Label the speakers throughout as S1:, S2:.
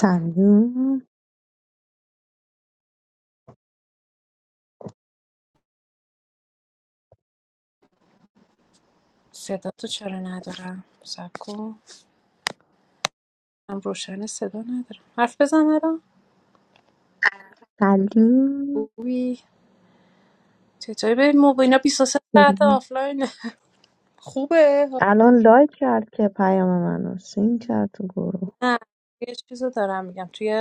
S1: سلام
S2: صدا تو چرا ندارم سب کن من روشن صدا ندارم حرف بزن الان
S1: سلام
S2: خوبی چطوری به موبینا 23 ساعت آفلاین خوبه
S1: الان لایک کرد که پیام منو سین کرد تو گروه
S2: نه یه چیزو دارم میگم توی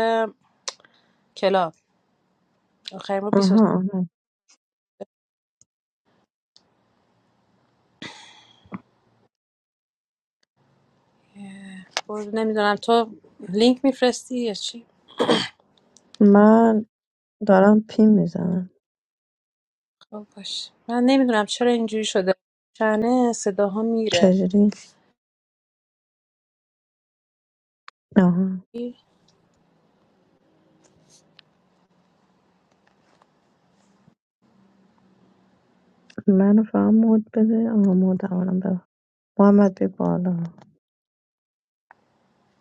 S2: کلاب آخر ما 23
S1: آها آها
S2: بود. نمیدونم تو لینک میفرستی یا چی
S1: من دارم پیم میزنم
S2: خب باش من نمیدونم چرا اینجوری شده چنه صداها میره
S1: چجوری آها منو فقط مود بده آها مود اولا ببر محمد بی بالا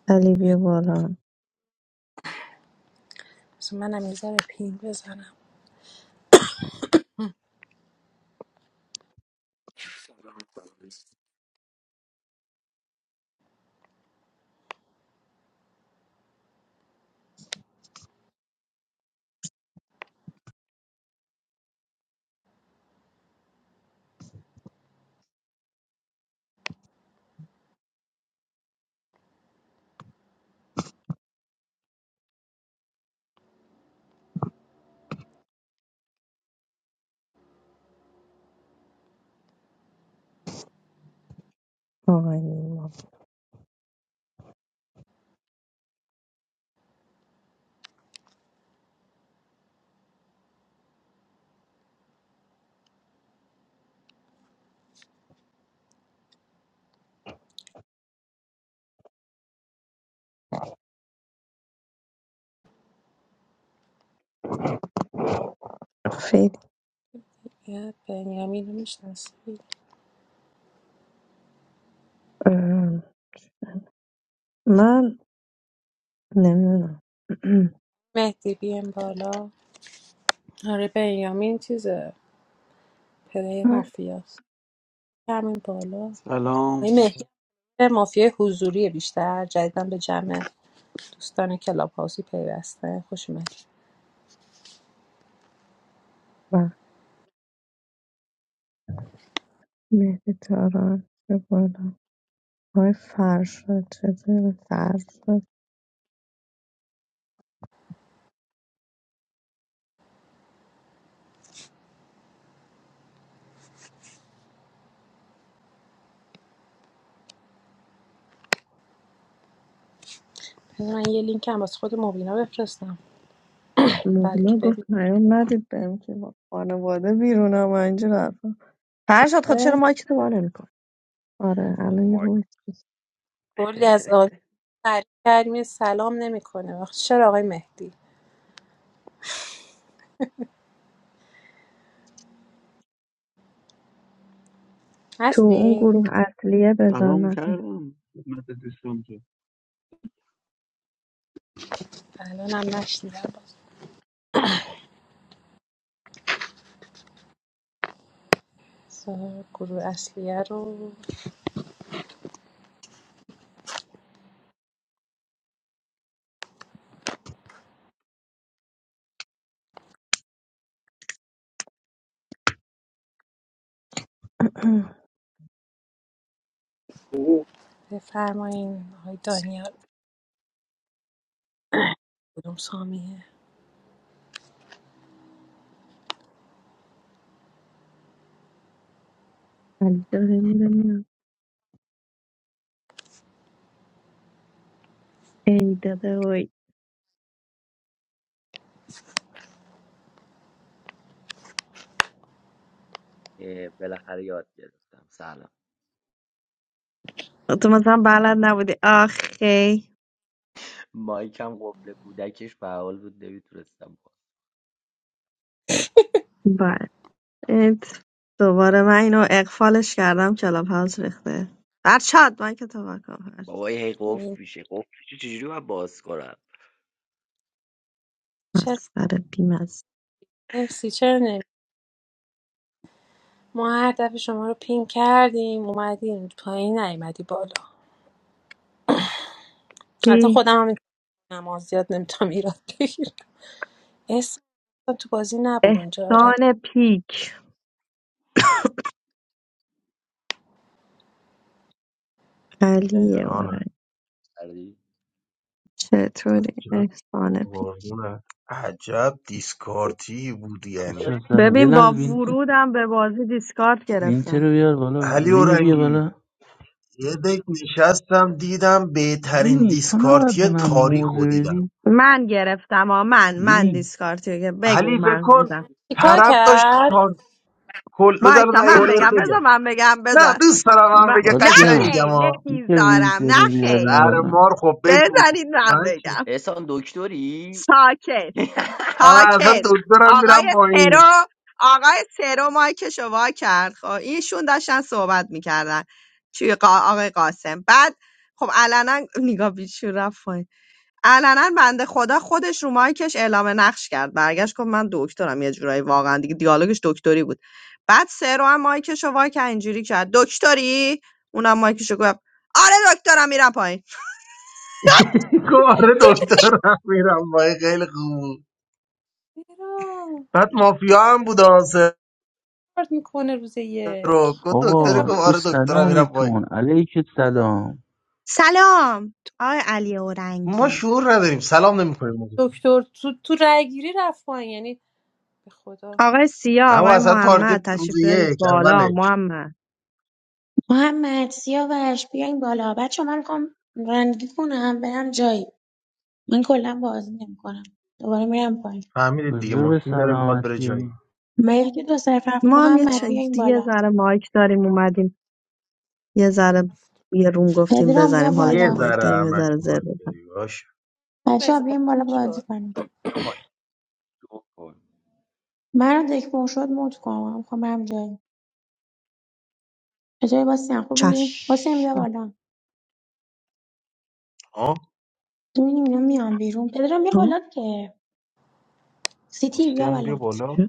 S1: علی بی بالا
S2: مثلا منم یه ذره پین بزنم
S1: آقای نیما فید
S2: یه بنیامین رو میشناسی
S1: ام، من نمیدونم
S2: مهدی بیم بالا آره بنیامین چیزه پلی مافیاست همین بالا
S3: سلام
S2: این مهدی به مافیای حضوری بیشتر جدیدا به جمع دوستان کلاب هاوسی پیوسته خوش اومدید
S1: و مهدی تاران به بالا آقای فرشاد چطوری فرشاد
S2: من یه لینک هم واسه خود مبینا بفرستم
S1: مبینا
S2: بلکه
S1: گفت پیام ندید بهم که با خانواده بیرونم و اینجور حرفا فرشاد خود چرا
S2: ببینه
S1: مایک تو باره میکن آره الان یه
S4: مایک
S1: وایس بس.
S2: کلی از آدم تعریف کردیم یه سلام نمیکنه وقت چرا آقای مهدی
S1: تو اون
S2: هستین
S1: گروه اصلیه بذار
S3: سلام
S1: نکن
S3: کردم خدمت دوستان که
S2: الان هم نشنیدم باز بذار گروه اصلیه رو
S5: Ooh.
S2: بفرمایین آقای دانیال کدوم سامیه
S1: علی چرا هی میره میاد ای داده وای
S4: اه، بالاخره یاد گرفتم سلام
S1: تو مثلا بلد نبودی آخی
S4: مایکم قفل کودکش فعال بود نمیتونستم باز
S1: بعد ات. دوباره من اینو اقفالش کردم کلاب هاوس ریخته فرشاد مایک تو بکن فرشاد
S4: بابای هی
S2: این
S4: قفل میشه قفل میشه چجوری باید باز کنم
S2: چرا
S1: مسخره بیمز
S2: مرسی چرا ما هر دفعه شما رو پین کردیم اومدیم پایین نیومدی بالا البته
S1: کی
S2: خودم هم نماز زیاد نمیتونم ایراد بگیرم اسم تو بازی نبود اونجا آره
S1: سان پیک
S4: حسین
S1: علیه
S4: رفت
S1: آره
S6: جانم
S4: کردی
S1: چطوری
S6: عجب
S1: احسان پی
S6: قربونت عجب دیسکارتی بود
S7: بچه
S6: یعنی
S4: داداش
S7: سلام یه
S1: ببین با
S7: لحظه وینتر
S1: ورودم به بازی دیسکارد
S7: وینتر
S1: گرفتم
S7: رو بیار بالا
S6: علی
S7: وینی بیا
S6: اورنگی
S7: بالا
S6: یه دک نشستم دیدم بهترین
S7: وینی تو نباید
S6: دیسکارتی
S7: به من
S6: تاریخ
S7: موزه
S6: رو دیدم
S7: بدی
S1: من گرفتم ها من من
S7: وینی
S1: دیسکارد که بگو
S6: علی فکر
S1: من
S6: کن
S1: بودم
S2: چیکار
S6: طرف داشت
S2: کرد
S6: تا کل بذار
S1: وایسا
S6: دقیق
S1: من
S6: بهت
S1: بگم بذار
S6: بگم
S1: من بگم
S6: نه
S1: بذار
S6: دوست دارم من
S1: من...
S6: بگه
S1: نه
S6: قشنگ
S7: باستیان
S6: میگم
S1: خیر
S6: ها
S7: این که
S1: نمیذارم
S7: وینتر رو
S1: نه
S7: بیاری
S1: خیر
S6: زهر
S7: بالا
S6: مار خب بگو
S1: بذارید
S6: به
S1: من
S6: من چی
S1: بگم
S4: احسان دکتری
S1: ساکت
S6: آره اصلا
S1: ساکت
S6: دکترم
S1: آقای
S6: میرم با این
S1: سرو آقای سرو مایکش رو وا کرد خب ایشون داشتن صحبت میکردن توی قا... آقای قاسم بعد خب علنا نگاه بیچون رفت پایین. علنا بنده خدا خودش رو مایکش اعلام نقش کرد برگشت گفت من دکترم یه جورایی واقعا دیگه دیالوگش دکتری بود بعد سرو هم مایکش رو وا کرد اینجوری کرد دکتری اونم مایکش رو گفت آره دکترم میرم پایین
S6: گفت آره دکترم میرم با این خیلی خوب بود.
S2: چرا
S6: بعد مافیا هم بود
S2: کارد میکنه روز
S6: رو
S2: یک
S6: گفت دکتری
S2: دفعه
S7: آقا
S2: هم
S6: گفت
S7: کو
S6: آره دکترم میرم پای
S7: سلامتون علیک سلام
S1: سلام آقای علی
S6: ما
S1: اورنگی
S6: شعور نداریم سلام نمیکنیم
S2: دکتر تو تو رای گیری رفت پایین یعنی به خدا
S1: آقای سیا
S6: نه و
S1: آقای
S6: اصلا
S1: محمد
S6: تارگت روز
S1: تشریف بیارید
S6: یک
S1: بالا
S6: اولش
S1: محمد
S8: محمد سیاوش بیاین بالا بچه من میخوام رانندگی کنم برم جایی من کلا بازی نمیکنم دوباره میرم پایین
S6: فهمیدید دیگه
S7: کجا به
S6: ماشین داره میخواد بره
S7: سلامتی
S6: جایی
S8: مهدی دو صرف هفت
S1: ما هم یه,
S8: محمد
S1: چ-
S8: بیاین
S1: یه
S8: بالا
S1: ذره مایک داریم اومدیم یه ذره یه روم گفتیم
S8: پدرام بیا
S1: بزنیم حالا که
S6: یه
S8: بالا
S1: مایک
S6: ذره
S1: داریم یه
S6: همش
S1: ذره زر بزن
S6: مایداری باش
S8: بچه ها
S2: بزن
S8: بیاین بالا بازی
S2: شد
S8: کنیم
S4: از بیا پایین تو کن
S8: من رو دک پر شد موت کنم من میخوام برم جایی چطوری باسم خوبی باسم
S1: چش
S8: بیا بالا
S6: آه
S8: میبینیم اینا میان بیرون پدرام بیا
S1: ها؟
S8: بالا که سیتی بیا
S6: بستیان بیا
S8: بالا
S6: بالا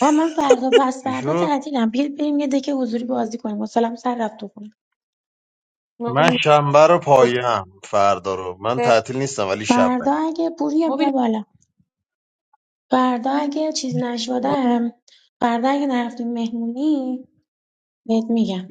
S8: آه من فردا پس
S6: چی
S8: فردا
S6: شد
S8: تعطیلم بیاید بریم یه دک حضوری بازی کنیم مثلا سر رفت تو خونه.
S6: من
S2: مبین
S6: شنبه رو
S2: کد
S6: پایم فردا رو من
S2: ب-
S6: تعطیل نیستم ولی شب
S8: فردا
S6: ولی
S8: اگه پوریا
S2: مبین
S8: بیا بالا فردا اگه چیز
S2: مبین
S8: نشدم فردا اگه نرفتیم مهمونی بهت میگم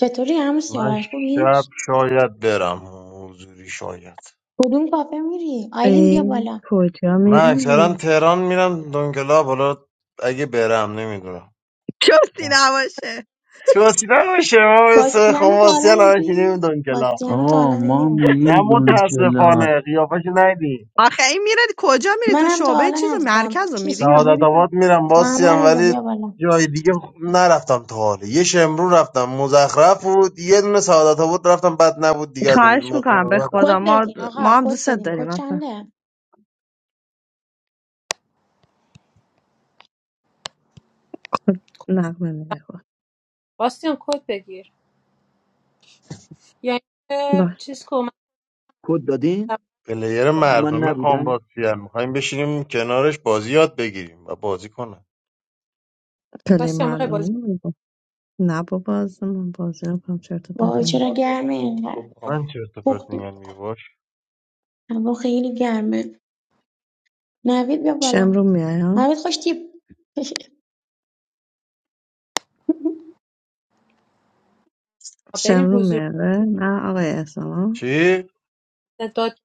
S8: چطوری عمو
S6: من
S8: سیاوش خوبی
S6: شب
S2: باش.
S6: شاید برم حضوری شاید
S8: کدوم کافه میری آیلین
S1: ای،
S8: بیا بالا
S1: کجا
S6: من اکثرا
S1: میری؟
S6: تهران میرم دونگلا بالا اگه برم نمیدونم
S1: کسی نباشه
S6: توصیدن میشه ما مثل
S8: باستیانو تا
S6: خماسی
S8: حالا
S6: الان شدیم
S8: دیدی
S6: دونکلا
S8: باستیانو تا
S7: آقا
S8: حالا دیدی
S7: ما
S6: نه
S7: میریم دون کلاب
S6: متاسفانه قیافش ندیدیم
S1: آخه این میره کجا میری تو
S8: منم تا
S1: شعبه
S8: حالا
S1: چیز و
S8: ندیدم
S1: مرکز رو میری یا
S6: سعادت
S1: میری سمت-
S6: آباد میرم
S8: محمد
S6: باسیم
S8: رضا
S6: ولی
S8: بیا بالا
S6: جای دیگه نرفتم تا حالا یه شمرو رفتم مزخرف بود یه دونه سعادت آباد رفتم بد نبود دیگه از اونجا
S1: خواهش میکنم
S6: مقام
S1: به
S6: بعد
S1: خدا
S8: کد
S6: رفتیم
S1: ما
S8: بدین
S1: ما
S8: آقا
S1: هم
S8: کد
S1: دوستت
S8: بدین
S1: داریم
S8: کد
S1: اصلا
S8: چنده
S1: نقمه میده خود
S2: باستیان کد بگیر یعنی
S1: باش
S2: چیز کمک
S3: کد دادین
S6: پلیر
S3: تو
S2: کمک
S3: من
S2: کن
S6: مردمی خان
S3: نبودم
S6: میخوایم بشینیم کنارش بازی یاد بگیریم و بازی کنن
S1: پلی
S2: باستیان میخوای بازی
S1: مردمی نه بابا اصلا من بازی نکنم چرت و پرت
S8: وای
S1: میگه
S8: چرا
S4: آره بابا
S8: گرمه
S4: گفت
S8: اینقدر
S6: من
S4: میخوام
S6: چرت و پرت
S8: پختیم
S6: میگم میگه باش
S8: هوا خیلی گرمه نوید بیا بالا
S1: شمرون میایم
S8: نوید خوش تیپ
S2: کنی؟
S1: شمرون
S2: بریم
S1: میاره نه آقای اسلام
S6: چی
S2: نه، داد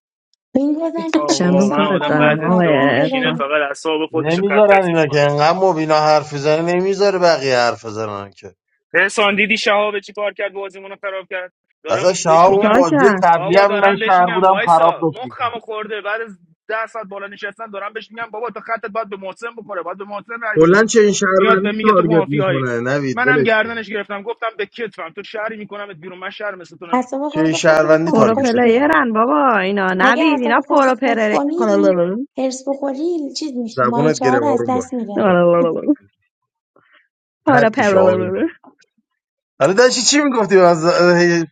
S8: پینگ بزنید
S9: آه
S8: دو
S1: شمرون
S8: سه
S9: واقعا
S1: کارت
S8: نفر
S9: آدم
S1: دارم
S9: بعضی از
S8: حرکت
S1: آقای
S9: جاها
S8: پینگ
S9: میشینه
S1: اسلام
S8: بزنید
S9: فقط اعصاب خودش رو خط
S6: نمیذارن
S9: خطی
S6: اینا که
S9: میکنه.
S6: انقدر مبینا حرف بزنه نمیذاره بقیه حرف بزنن که
S9: احسان دیدی شهاب چی کار کرد، بازیمون رو خراب کرد.
S6: اصلا
S9: دارم بهش
S6: شهاب اون
S1: چیکار
S9: میگم
S6: بازی
S1: کرد
S6: قبلی
S9: بابا،
S6: هم من
S9: دارم بهش
S6: شهر
S9: میگم
S6: بودم خراب
S9: وایسا،
S6: داشت میکنم
S9: مخم خورده بعد از ده ساعت بالا نشستن. دارم بهش میگم بابا تو خطت باید به محسن بخوره، باید به محسن رای بدی.
S6: کلا چه این
S9: میاد بهم
S6: شهروندی
S9: میگه تو
S6: تارگت
S9: مافیایی.
S6: میکنه نوید
S9: منم
S6: ولش کن
S9: گردنش گرفتم گفتم به کتفم، تو شهری میکنمت بیرون، من شهر مثل تو نمیکنم.
S8: اعصاب
S6: چه این
S8: خودتو خورد
S6: شهروندی
S8: نکن
S1: پرو
S6: تارگت میکنه
S8: کشتی
S1: پلیرن بابا اینا
S8: اگه
S1: نوید اینا
S8: اعصاب خودتو
S1: پرو
S8: خورد
S1: پر
S8: کنی هرس بخوری چیز میشی
S6: زبونت
S8: ماهیچه ها
S6: گره
S8: از
S6: آروم باش
S8: دست میره
S6: باش.
S1: پرو
S6: پد میشه آروم باش
S1: پر
S6: حالا داشتی چی میگفتی از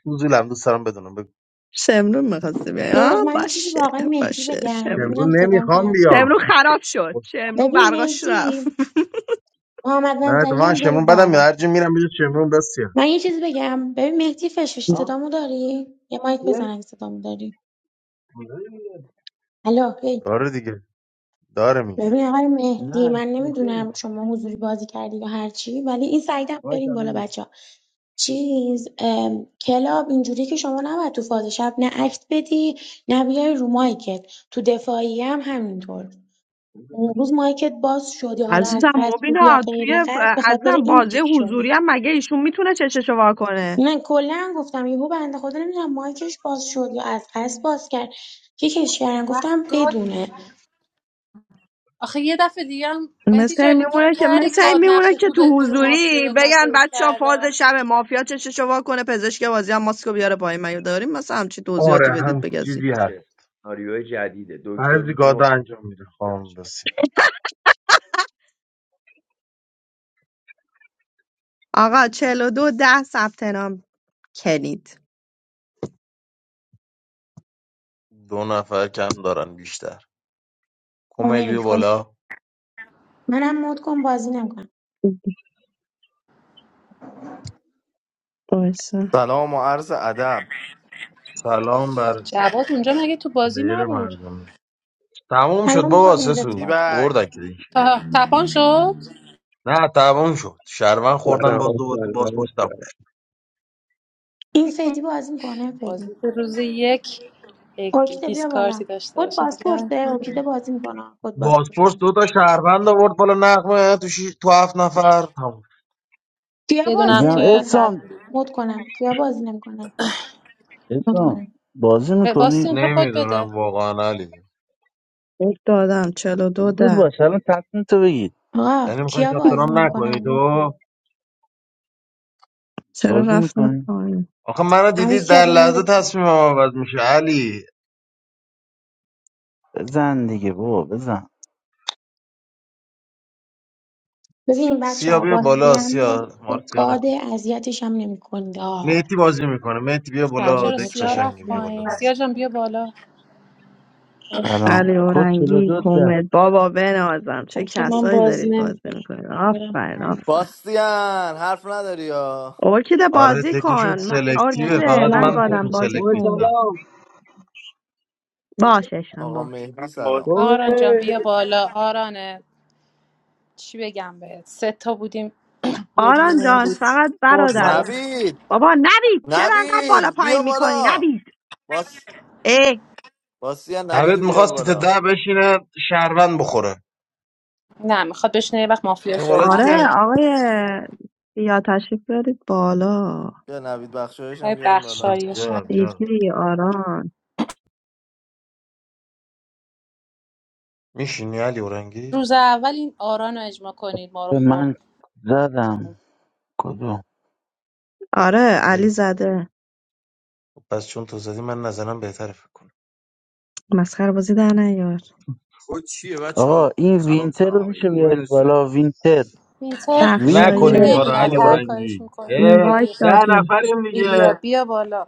S6: فضولم دوست دارم بدونم بگو
S1: شمرون میخواستی بیای
S8: بذار
S1: آه،
S8: من یه چیزی به
S1: باشه
S8: آقای مهدی
S1: باشه
S8: بگم
S1: شمرون
S8: ببینم
S6: شمرون
S8: صدام
S6: نمیخوام
S8: هست
S1: شمرون
S6: بیام
S1: خراب شد
S6: خب،
S1: شمرون
S8: ببین
S1: برقاش رفت
S8: مهدی محمد
S6: نه تو
S8: منصری
S6: من
S8: هم برید
S6: شمرون بدم میاد
S8: بالا
S6: هرچی میرم بجا شمرون بسیار
S8: من یه چیزی بگم ببین مهدی فشفش
S1: مم.
S3: آه
S8: صدامو داری یه مایک بزن
S3: یه؟
S8: اگه صدامو داری الو هی
S6: داره دیگه داره میگه
S8: ببین آقای مهدی
S3: نه
S8: من
S3: شوخی
S8: نمیدونم
S3: میکنم
S8: شما حضوری بازی کردی یا هر چی ولی این سعیدم
S3: وای
S8: بریم
S3: الان
S8: بالا
S3: میگم
S8: بچه‌ها چیز ام، کلاب اینجوری که شما نباید تو فاز شب نه اکت بدی نه بیای رو مایکت تو دفاعی هم همینطور اون روز مایکت باز شدی حالا از
S1: عزیزم
S8: قصد بود یا
S1: مبینا توی
S8: غیر
S1: ف-
S8: قصد به خاطر
S1: عزیزم
S8: این
S1: بازی
S8: کیک شدی
S1: حضوری هم مگه ایشون میتونه چششو وا کنه
S8: من کلا گفتم یهو بنده خدا نمیدونم مایکش باز شد یا از قصد باز کرد کیکش
S2: اون
S8: کردن
S2: وقت
S8: گفتم
S2: گاد
S8: بدونه
S2: آخه یه دفعه دیگه هم مهدی
S1: مثل این
S2: جانی کار
S1: میمونه که
S2: کردی
S1: مثل این
S2: گاد
S1: میمونه
S2: نقشه
S1: که
S2: تو
S1: تو
S2: به گروه مافیا
S1: حضوری
S2: داد
S1: بگن
S2: ناتوی
S1: بچه ها فاز
S2: کردن
S1: شب مافیا چششو وا کنه پزشک بازی هم ماسکو بیاره پایین مگه داریم مثلا همچی توضیحاتی
S6: آره
S1: بدید
S6: هم
S1: بگذی
S6: چیزی هست
S4: چه سناریو جدیده دکتر
S6: بعضی
S4: میتونه
S6: گادا
S4: واسه
S6: انجام میده خام بسیار
S1: آقا چهل و دو ده ثبت نام کلید
S6: دو نفر کم دارن بیشتر کمیل بیا
S8: کمک کن
S6: بالا
S8: منم مد کن بازی نمیکنم
S1: وایسا
S10: سلام و عرض ادب
S6: سلام بر
S2: جواد اونجا مگه تو بازی
S6: پلیر
S2: نبود
S6: مردمی تموم شد
S8: الان
S6: بابا
S8: میخواد اینجا تو
S6: سسو
S8: باز باشه.
S6: بردن
S10: تیبک
S6: که دیگه.
S2: تا- تپان شد
S6: نه تموم شد شهروند
S11: آره
S6: خوردن باز دوباره تو
S11: آفرین
S6: بازپرس تموم
S11: آفرین.
S6: شد
S8: این فدی بازی میکنه فدی
S2: بازی که روز یک یک
S8: ارکیده بیا بالا
S2: دیسکارتی داشته
S8: کد
S2: باشه دیگه
S8: پاسپورته ارکیده بازی میکنه کد پاسپورت
S6: بازپرس
S8: باشه
S6: دو تا شهروند آورد بالا نقمه تو شی... تو هفت نفر تموم شد.
S8: کیا
S2: یه
S8: بازی
S2: دونم
S7: میگم
S2: که
S8: نمیکنن
S7: احسان
S2: تدبیر
S8: مود کنم کیا بازی نمیکنن مود
S7: احسان
S8: کنم
S7: بازی
S2: به-
S7: میکنی
S2: باستین تو کد
S6: نمیدونم
S2: بده
S6: واقعا علی
S1: یک دادم چلو دو
S7: زود
S1: ده
S7: باش الان تصمیم تو بگید
S8: آقا
S6: یعنی میخوای
S8: کیا
S6: ثبت
S8: بازی
S6: نام
S8: نمیکنن
S6: نکنی
S8: مود
S6: تو
S8: کنم
S1: چرا
S7: بازی
S1: رفتم
S7: میکنی
S1: پایین
S6: آخه منو
S8: همون
S6: دیدی
S8: سیا
S6: در
S8: بیا
S6: لحظه
S8: مودت کن
S6: تصمیمم عوض میشه علی
S7: بزن دیگه بابا بزن
S8: ببین بچه
S6: سیا
S8: ها
S6: بیا
S8: بازی
S6: بالا
S8: هم
S6: سیا
S8: مود
S6: مارسیا
S8: گاد
S6: نکن
S8: اذیتش هم نمیکنید آه
S6: میتی بازی میکنه میتی بیا
S12: Salu
S6: بالا
S2: چرا
S6: دک
S12: mecha.
S2: سیا رفت
S6: قشنگه بیا
S12: We
S6: بالا
S2: پایین
S6: میتی
S2: سیا جان بیا بالا
S12: first
S7: سلام
S1: علی
S12: time.
S7: کد
S1: اورنگی
S7: 42 ده
S1: کومل بابا بنازم چه
S12: Actually, mom
S1: کسایی دارید
S12: doesn't.
S1: بازی میکنید
S12: But I'm
S1: آفرین
S12: fine.
S1: آفرین
S10: باستیان حرف نداری یا
S1: ارکیده
S6: آره
S1: بازی
S6: دکشون
S1: کن من
S12: First
S6: سلکتیوه
S12: time, how
S1: ارکیده
S6: فقط
S12: will
S1: من
S12: I
S6: من
S1: گادم
S6: توشون
S12: cook?
S1: بازی
S6: سلکت
S3: وای
S1: کن
S6: نیستم
S3: سلام
S1: باششم
S10: آقا
S1: باش
S10: مهدی
S9: من بازی
S10: سلام
S2: آران
S9: نمی‌کنم.
S2: جان
S3: خوبه
S2: بیا بالا آرانه چی بگم بهت سه تا بودیم یه
S1: آران
S2: دونه
S1: جان
S2: بود
S1: فقط
S2: برد ما
S1: برادر
S2: رو.
S10: نبید
S1: بابا نوید چرا انقدر بالا
S10: نبید بیا
S1: پایین میکنی
S10: بالا
S1: نوید
S10: باس
S1: ای
S10: باستیان نبید
S6: نوید
S10: رو بیار
S6: میخواست سیت
S10: بالا
S6: ده بشینه شهروند بخوره
S2: نه میخواد بشینه یه وقت مافیا
S6: این
S2: سر
S6: والا
S1: آره
S2: نخوره
S6: دیگه
S1: آقای یا تشریف دارید بالا
S10: بیا نبید بخشایش هم
S2: های
S10: بیاریم
S6: یا
S10: بالا
S2: بخشایش هم.
S6: سیاه بیا
S1: دیدی آران
S6: میشینی علی اورنگی
S2: روز اول این آران رو اجماع کنید ما رو خورد
S7: من زدم کدوم
S1: آره
S6: اه،
S1: علی زده
S6: پس چون تو زدی من نظرم بهتره فکر کنم
S1: مسخره بازی در نیار
S13: خود چیه بچه
S7: آقا
S13: ها
S7: این
S13: سلام
S7: وینتر
S13: سلام
S7: رو میشه
S13: علیکم مبین
S7: بیارید
S13: هستی
S7: بالا وینتر
S2: اینتر
S6: نکن این
S1: بخشایش
S7: وینتر
S6: کارو
S7: یه
S2: نمیاد
S6: علی
S2: هر
S7: بالا
S2: کارش
S6: اورنگی
S2: میکنید
S6: اه،
S1: اینوایت
S2: های
S6: ده
S1: دادیم
S6: نفریم
S2: ایلیا
S6: دیگه
S2: بیا بالا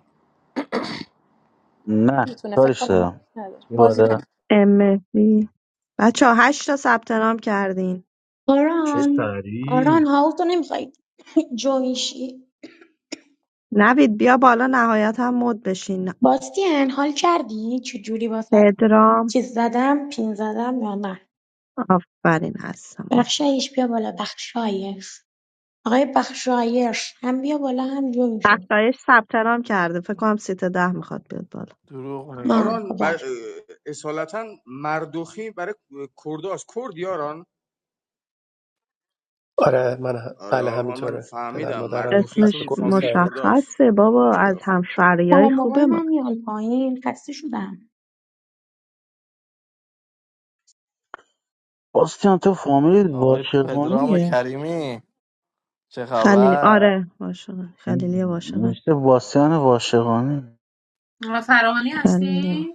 S7: نه
S2: میتونه فکر
S7: کارش
S2: کنم ما
S7: دارم
S2: نداره
S7: یه
S2: بازی
S7: بالا
S2: نمیکنه
S1: ام مهدی بچه ها هشت تا ثبت نام کردین
S6: چه
S8: آران آران
S6: سری
S8: هاوس رو نمیخوای جویشی
S1: نوید بیا بالا نهایت هم مد بشین
S8: باستین حال کردی چجوری واسه
S1: پدرام
S8: چیز زدم پین زدم یا نه
S1: آفرین هستم آفرین.
S8: بخشایش بیا بالا بخشایش آقای بخشایش هم بیا بالا هم جوین شو
S1: بخشایش ثبت نام کرده فکر کنم سیت ده میخواد بیاد بالا
S10: دروغ میگی
S8: آه خب
S13: آران ب...
S8: باشه
S13: اصالتا مردوخی برای کرداست کردی آران
S14: آره من
S13: آره
S14: بله
S13: من
S14: همینطوره پدر
S13: فهمیدم
S14: مادرم
S13: مردوخی
S14: از
S1: اسمش
S13: چون فامیلی
S14: کردستان
S13: کرداست
S1: مشخصه بابا
S13: اوکی
S1: از
S13: آفر
S1: همشهریای
S8: مامان بابای
S1: خوبه
S8: من میان پایین خسته شدم
S7: باستیان تو فامیلی
S10: آقای پدرام
S7: واشقانیه
S10: کریمی چه
S1: خلیلی
S10: خبر
S1: آره واشقان خلیلی واشقان
S7: نوشته باستیان واشقانی
S2: فرانی
S1: خلیلی
S2: هستی؟
S1: وا-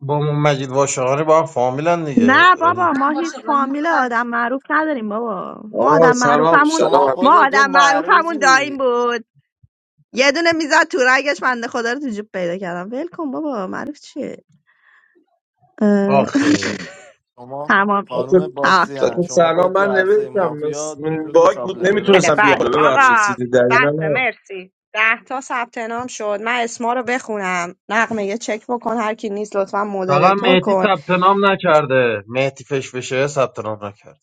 S6: با ما مجید واشقانی با هم فامیلن دیگه
S1: نه بابا
S6: علی
S2: نه
S1: ما
S2: باشه
S1: هیچ
S2: بازی
S1: فامیل
S2: می‌کنم.
S1: آدم معروف نداریم بابا ما
S15: آقا
S1: آدم
S15: سلام
S1: معروفمون
S15: سلام
S10: شما
S1: ما
S15: همگی
S10: خودتون
S1: آدم معروفمون دایم
S10: معروفی
S1: بود یه دونه میزد تو رگش بنده خدا رو تو جیب پیدا کردم ول کن بابا معروف چیه اه،
S6: آخه
S10: شما
S1: تمام شد.
S15: بچه
S10: خانم
S1: تمام.
S10: باستیان
S15: بچه
S10: شما
S15: سلام
S10: خود تو
S15: من
S10: عرصه
S15: نوشتم مس-
S10: مافیا
S15: من
S10: جز
S15: باگ
S10: تاپ
S15: بود
S1: بله
S15: نمیتونستم بیام
S1: بله
S15: بالا
S10: لیبرال
S15: ببخشید
S1: آقا
S15: سیدی دلیل
S1: بسه
S15: نه
S1: مرسی ده تا ثبت نام شد من اسما رو بخونم نقمه یه چک بکن هر کی نیست لطفا
S6: فقط
S1: مودریتور
S6: مهدی
S1: کن
S6: ثبت نام نکرده مهدی فش بشه ثبت نام نکرد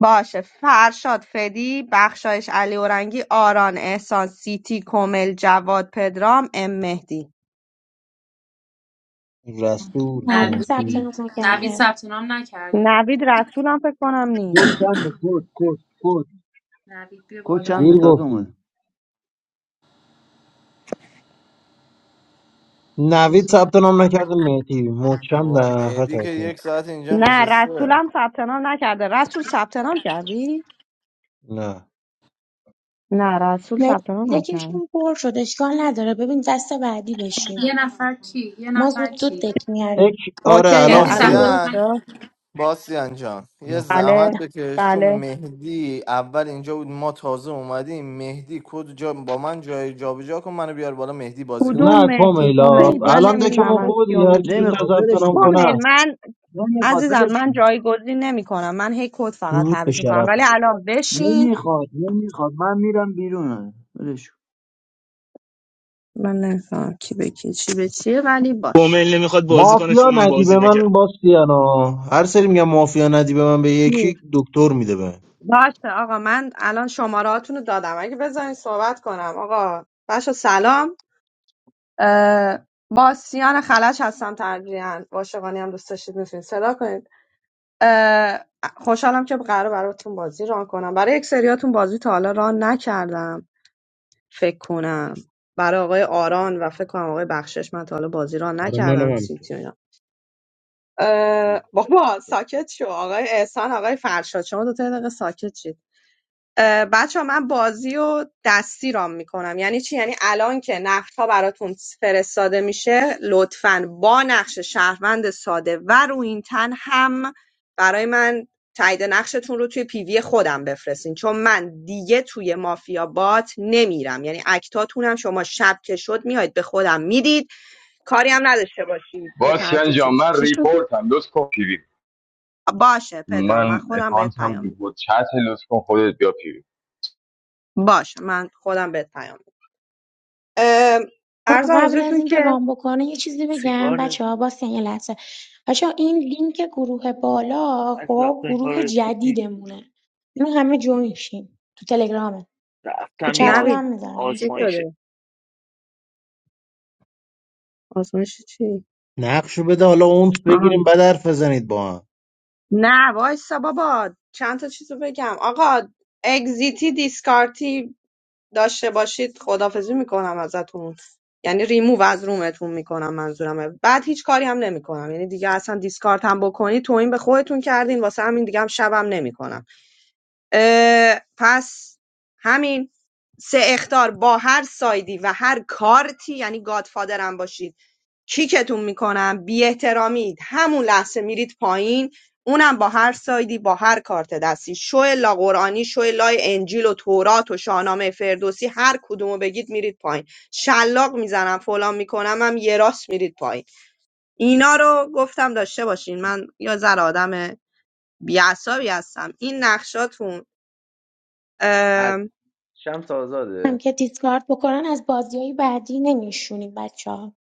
S1: باشه فرشاد فدی بخشایش علیرضایی آران احسان سیتی کمیل جواد پدرام ام مهدی
S6: رسول
S8: معلوم ثبت
S6: مهدی
S8: نام
S2: نوید نوید
S8: نکرده
S2: ثبت نام نکرده
S1: نوید رسولم فکر کنم
S3: کد
S1: نیست
S3: چنده کد کد کد
S2: نوید بیا
S3: کد چنده
S6: دیر
S2: بالا
S3: تازه اومده
S6: گفتی نوید
S2: بذار.
S6: ثبت نام نکرده مهدی مچم
S10: بابا
S6: در نفر
S10: مهدی که
S6: تکمیل
S10: یک ساعت اینجا
S1: نه
S10: نشسته
S1: رسولم ثبت نام نکرده رسول ثبت نام کردی
S6: نه
S1: نه رسول
S8: مرسی.
S1: ثبت نام نکرده
S8: دکشون پر شد اشکال نداره ببین دست بعدی
S2: یه
S8: بشین
S2: نفر کی یه
S8: ما
S2: نفر
S8: زود زود
S2: کی
S8: دک
S6: تک
S8: میاریم
S6: آره
S1: اوکیه
S6: الان
S2: مهدی
S1: الان
S2: ثبت
S6: خوبه
S2: نام
S10: باسیان
S1: درسته
S10: باسیان جان یه
S6: الان خوبه
S10: زحمت
S1: بله
S8: نه
S10: بکش چون
S1: بله
S10: مهدی اول اینجا بود ما تازه اومدیم مهدی کد جا با من جای جابجا کن منو بیار بالا مهدی بازی کنم
S1: کدوم
S6: نه
S1: مهدی
S10: نه.
S6: کمیلا
S1: کمیل
S8: میل
S1: من
S8: بشین
S6: الان دکمون
S1: نمیفهمم
S6: خوبه
S1: کیو
S6: دیگه هر
S8: بشین
S6: کی
S1: میگی
S6: زودتر
S3: نمیخواد
S6: ثبت
S3: ولش
S6: نام
S3: کن
S6: کنه
S1: کمیل
S6: است
S1: من
S3: نمیخواد
S1: عزیزم
S3: ولش
S1: من
S3: کن
S1: جایگزین نمیکنم من هی کد فقط
S6: درود به
S1: تعویض میکنم ولی
S6: شرفه
S1: الان بشین
S3: نمیخواد نمیخواد من میرم بیرون
S1: من نمیفهمم کی به کی چی به چیه ولی باش
S9: کومل نمیخواد بازی کنه چون
S6: مافیا
S9: من
S6: ندی
S9: بازی
S6: به
S9: نکردم.
S6: من باستیانا هر سری میگم مافیا ندی به من به
S1: می.
S6: یکی دکتر میده به
S1: باشه آقا من الان شمارهاتون رو دادم اگه بذارین صحبت کنم آقا بچه سلام اه، با سیان خلج هستم ترجیحاً عاشقانی هم دوست داشتید میتونید صدا کنید اه، خوشحالم که قرار براتون بازی ران کنم برای یک سریاتون بازی تا حالا ران نکردم فکر کنم برای آقای آران و فکر کنم آقای بخشش من تا حالا بازی ران
S6: برای منم
S1: نکردم
S6: همینطور
S1: سیتی و اینا. اه،
S4: اسم
S1: بابا ساکت شو آقای احسان آقای فرشاد شما دو تا دقیقه ساکت شید بچه ها من بازی و دستی رام میکنم یعنی چی یعنی الان که نقش ها براتون فرستاده میشه لطفا با نقش شهروند ساده و رو این تن هم برای من تایید نقشتون رو توی پیوی خودم بفرستین چون من دیگه توی مافیا بات نمیرم یعنی اکتاتونم شما شب که شد میایید به خودم میدید کاری هم نداشته باشید که
S13: باسکن
S1: ترتیب
S13: جان
S1: چه
S13: من
S1: چی شد
S13: ریپورت هم لطف کن پیوی
S1: باشه پدرام من
S13: من
S1: خودم بهت
S13: اکانت هم
S1: پیام میدم
S13: ریپورت چت لطف کن خودت بیا پیوی
S1: باشه من خودم بهت پیام میدم ام،
S8: آه،
S1: عرضم
S8: قبل از
S1: حضورتون
S8: اینکه
S1: که
S8: رام بکنه یه چیزی بگم
S9: سیگار
S8: بچه ها با
S9: نمیخوام،
S8: یه لحظه بچه ها. این لینک گروه بالا
S9: از
S8: خب
S9: وقتا این
S8: گروه
S9: کار
S8: جدیدمونه اینو همه جوین شین تو تلگرامه تو
S9: رفتم این
S8: چت رو
S9: آز...
S1: نوید
S8: هم میذارمش
S1: چی
S9: آزمایشه
S1: شده آزمایش چی
S6: نقشو بده حالا اونس
S1: آها
S6: بگیریم بعد حرف بزنید با
S1: نه وایسا بابا چند تا چیزو بگم آقا اگزیتی دیسکارتی داشته باشید خدافزی میکنم ازتون یعنی ریموو از رومتون میکنم منظورمه بعد هیچ کاری هم نمیکنم یعنی دیگه اصلا دیسکارت هم بکنی تو این به خودتون کردین واسه همین دیگه هم شبم نمیکنم اه، پس همین سه اختار با هر سایدی و هر کارتی یعنی گادفادر هم باشید کیکتون میکنم بی احترامید همون لحظه میرید پایین اونم با هر سایدی با هر کارت دستی شو لا قرآنی شو لای انجیل و تورات و شاهنامه فردوسی هر کدومو بگید میرید پایین شلاق میزنم فلان میکنم هم یه راست میرید پایین اینا رو گفتم داشته باشین من یا زر آدم بیعصابی هستم این نقشاتون
S4: از شمس
S8: هم
S4: آزاده
S8: که دیسکارد بکنن از بازی های بعدی نمیشونیم بچه ها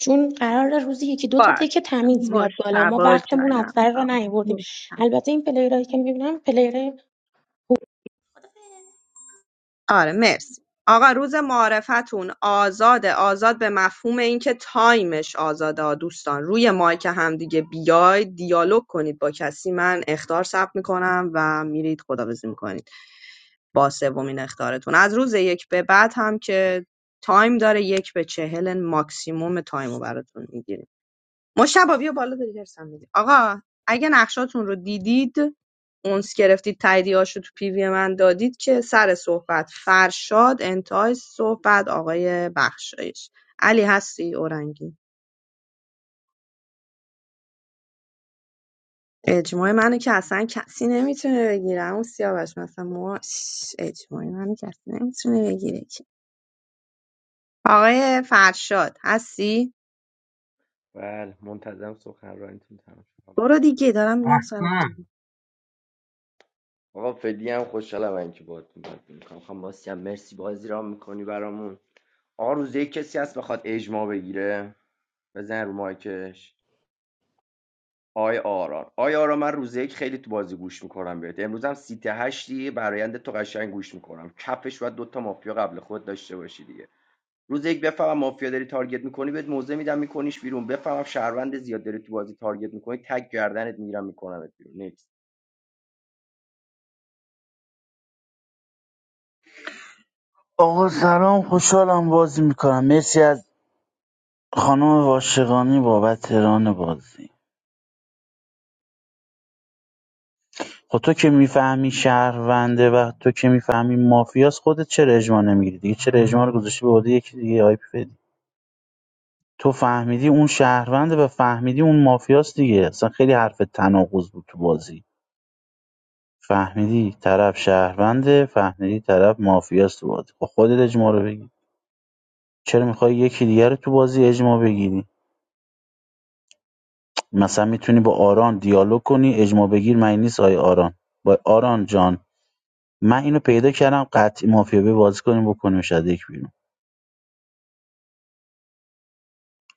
S8: چون قرار روزی یکی دو تا
S1: باش
S8: دک تمیز بیاد بالا ما
S1: مجتبا
S8: وقتمون از
S1: جانم
S8: سر را نیاوردیم
S1: مجتبی.
S8: البته این پلیرایی که میبینم پلیر
S1: آره مرسی آقا روز معارفتون آزاده آزاد به مفهوم اینکه تایمش آزاده آ دوستان روی مایک هم دیگه بیاید دیالوگ کنید با کسی من اختار ثبت میکنم و میرید خداحافظی میکنید با سومین اختارتون از روز یک به بعد هم که تایم داره یک به چهل ماکسیموم تایم رو براتون میگیرم مشتبه بیا بالا داری درسم میدی آقا اگه نقشاتون رو دیدید اونس گرفتید تاییدیهاش رو تو پیوی من دادید که سر صحبت فرشاد انتهای صحبت آقای بخشایش علی هستی اورنگی اجماع منو که اصلا کسی نمیتونه بگیره اون سیاوش مثلا ما شش، اجماع منو کسی نمیتونه بگیره که. آقای فرشاد هستی
S4: بله منتظم سخنرانیتون تمام شد
S1: برو دیگه دارم میگم سر
S6: هم
S1: خودم.
S4: آقا فدی هم خوشحالم من که باهات صحبت میکنم خانم باسی هم مرسی بازی را میکنی برامون آقا روزه کسی هست بخواد اجماع بگیره بزن رو مایکش آی آرار آی آرار من روزه یک خیلی تو بازی گوش میکنم بهت امروز هم سیت هشتی برایند تو قشنگ گوش میکنم کفش باید دوتا مافیا قبل خود داشته باشی دیگه روز یک بفهمم مافیا داری تارگت میکنی بهت موزه میدم میکنیش بیرون بفهمم شهروند زیاد داری تو بازی تارگت میکنی تک گردنت میگیرم میکنمت بیرون نیکس
S7: آقا سلام خوشحالم بازی میکنم مرسی از خانم واشقانی بابت ران بازی خب تو که میفهمی شهرونده و تو که میفهمی مافیاس خودت چرا اجماع نمیگیری دیگه چرا اجماع رو گذاشتی به عهده یکی دیگه آی تو فهمیدی اون شهرونده و فهمیدی اون مافیاست دیگه اصلا خیلی حرف تناقض بود تو بازی فهمیدی طرف شهرونده فهمیدی طرف مافیاست تو بازی با خودت اجماع رو بگی چرا میخوای یکی دیگر رو تو بازی اجماع بگیری مثلا میتونی با آران دیالوگ کنی اجماع بگیر من نیست آی آران با آران جان من اینو پیدا کردم قطعی مافیا به بازی کنیم بکنیم شده یک بیرون.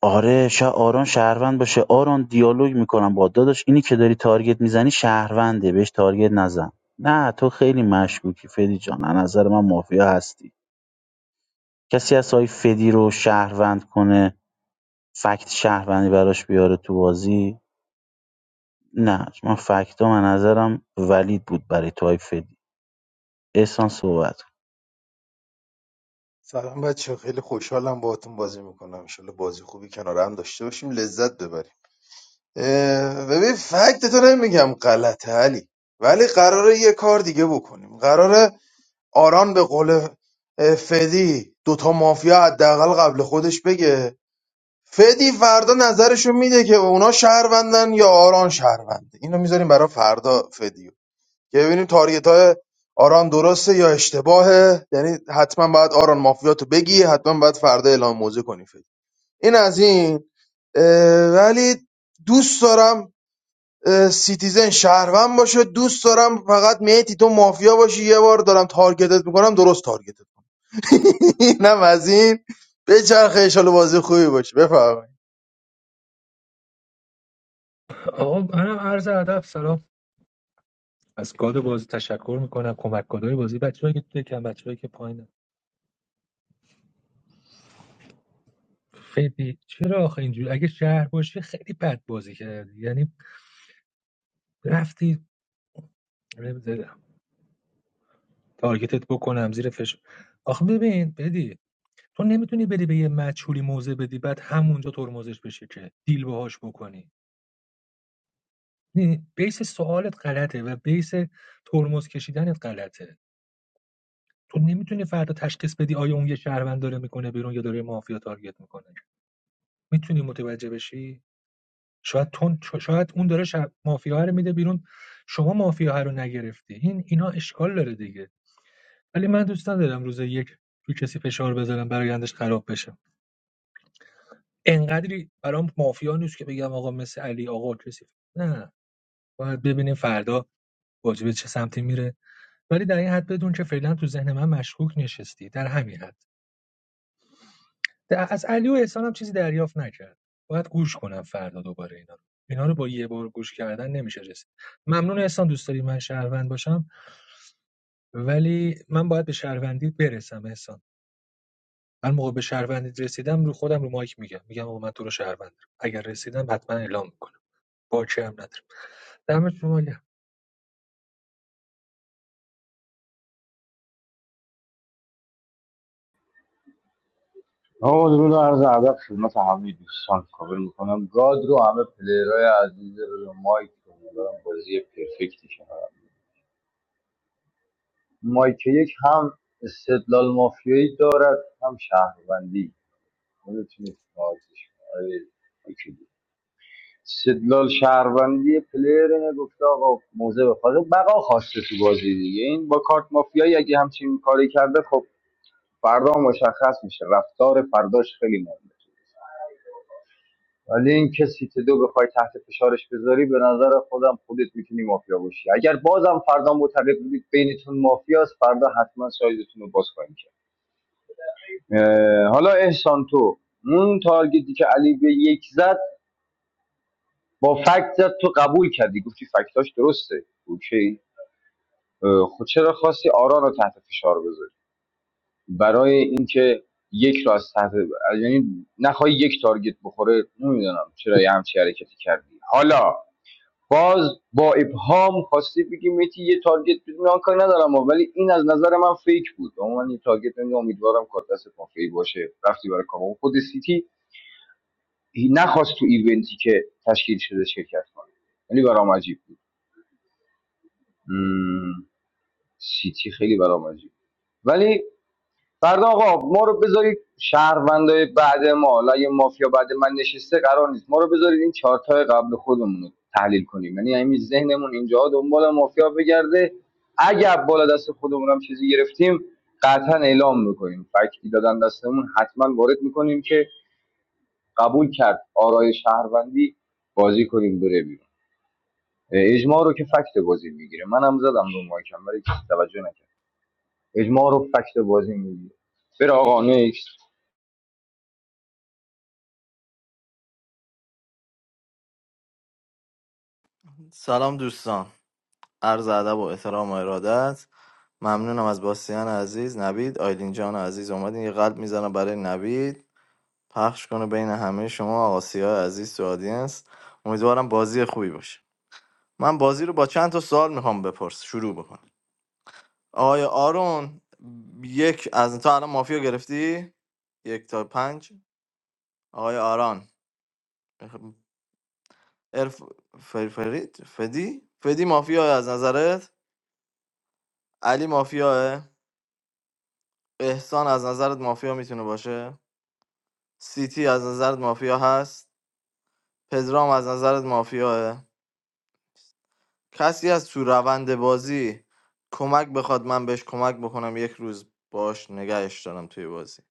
S7: آره شا آرون شهروند باشه آرون دیالوگ میکنم با داداش اینی که داری تارگت میزنی شهرونده بهش تارگت نزن نه تو خیلی مشکوکی فدی جان از نظر من مافیا هستی کسی از های فدی رو شهروند کنه فکت شهروندی براش بیاره تو بازی نه من فکت من نظرم ولید بود برای تو های فدی احسان صحبت کن.
S6: سلام بچه خیلی خوشحالم باهاتون بازی میکنم انشالله بازی خوبی کنار هم داشته باشیم لذت ببریم اه، ببین فکت تو نمیگم غلطه علی ولی قراره یه کار دیگه بکنیم قراره آران به قول اه، فدی دوتا مافیا حداقل قبل خودش بگه فدی فردا نظرشو میده که اونا شهروندن یا آران شهرونده اینو میذاریم برای فردا فدی که ببینیم تارگت های آران درسته یا اشتباهه یعنی حتما باید آران مافیاتو بگی حتما باید فردا اعلام موضع کنی فکر این از این اه، ولی دوست دارم اه، سیتیزن شهروند باشه دوست دارم فقط میتی تو مافیا باشی یه بار دارم تارگتت میکنم درست تارگتت اینم از این بچرخه ایشالا بازی خوبی باشه بفرمایید
S16: آقا منم عرض ادب سلام از گاد بازی تشکر میکنم کمک گادای بازی بچه‌ای که تو کم بچه‌ای که پایینن فدی چرا آخه اینجوری اگه شهر باشی خیلی بد بازی کردی یعنی رفتی نمی‌دونم، تارگتت بکنم زیر فشار آخه ببین بدی تو نمیتونی بری به یه مجهولی موزه بدی بعد همونجا ترمزش بشه که دیل باهاش بکنی نه، بیس سوالت غلطه و بیس ترمز کشیدنت غلطه تو نمیتونی فردا تشخیص بدی آیا اون یه شهروند داره میکنه بیرون یا داره مافیا تارگت میکنه میتونی متوجه بشی شاید تون شاید اون داره شب مافیا رو میده بیرون شما مافیا رو نگرفتی این اینا اشکال داره دیگه ولی من دوست ندارم روز یک رو کسی فشار بذارم برایندش خراب بشه انقدری برام مافیا نیست که بگم آقا مثل علی آقا کسی نه باید ببینیم فردا واجبه چه سمتی میره ولی در این حد بدون که فعلا تو ذهن من مشکوک نشستی در همین حد د- از علی و احسان هم چیزی دریافت نکرد باید گوش کنم فردا دوباره اینا رو اینا رو با یه بار گوش کردن نمیشه رسید ممنون احسان دوست داری من شهروند باشم ولی من باید به شهروندی برسم احسان من موقع به شهروندیت رسیدم رو خودم رو مایک میگم میگم آقا من تو رو شهروند دارم. اگر رسیدم حتما اعلام میکنم باکی هم ندارم دمت شما گرم
S13: آقا درود و عرض ادب خدمت همه دوستان کابل میکنم گاد رو همه پلیرهای عزیز رو مایک رو می‌برم بازی پرفکتی کنم مایکیک هم استدلال مافیایی دارد هم شهروندی خودتون راضیش آقای مایکیک. استدلال شهروندی پلیر اینه گفته آقا موزه بخواد بقا خواسته تو بازی دیگه این با کارت مافیایی اگه همچین کاری کرده خب فردا مشخص میشه رفتار فرداش خیلی مهمه ولی این که سیت دو بخوای تحت فشارش بذاری به نظر خودم خودت میتونی مافیا باشی اگر بازم فردا معتقد بودید بینتون مافیاست فردا حتما سایزتون رو باز کنید حالا احسان تو اون تارگتی که علی به یک زد با فکت زد تو قبول کردی گفتی فکتاش درسته اوکی اه، خب چرا خواستی آرا رو تحت فشار بذاری برای اینکه یک را از تحت یعنی نخوای یک تارگت بخوره نمیدونم چرا یه همچی حرکتی کردی حالا باز با ابهام خواستی بگی میتی یه تارگت بدون آن کاری ندارم ولی این از نظر من فیک بود اما من یه تارگت بدون امیدوارم کار دست مافیایی باشه رفتی برای کامو خود سیتی نخواست تو ایونتی که تشکیل شده شرکت کنه خیلی برام عجیب بود مم، سیتی خیلی برام عجیب ولی فردا آقا ما رو بذارید شهروندای بعد ما حالا مافیا بعد من نشسته قرار نیست ما رو بذارید این چارتای قبل خودمون رو تحلیل کنیم یعنی همین ذهنمون اینجا دنبال مافیا بگرده اگر بالا دست خودمون هم چیزی گرفتیم قطعا اعلام میکنیم فکتی دادن دستمون حتما وارد میکنیم که قبول کرد آرای شهروندی بازی کنیم بره بیرون. اجماع رو که فکت بازی میگیره منم زدم دو ماهی ولی کسی توجه نکرد اجماع رو فکت بازی میگیره بره آقا نیکس
S10: سلام دوستان عرض ادب و احترام و ارادت ممنونم از باسیان عزیز نوید آیلین جان عزیز اومدین یه قلب میزنم برای نوید پخش کنه بین همه شما آسیا عزیز تو آدینس امیدوارم بازی خوبی باشه من بازی رو با چند تا سوال میخوام بپرس شروع بکن آقای آرون یک از تا الان مافیا گرفتی یک تا پنج آقای آران ارف فر- فرید فدی فدی مافیا از نظرت علی مافیاه احسان از نظرت مافیا میتونه باشه سیتی از نظرت مافیا هست پدرام از نظرت مافیاه کسی از تو روند بازی کمک بخواد من بهش کمک بکنم یک روز باش نگهش دارم توی بازی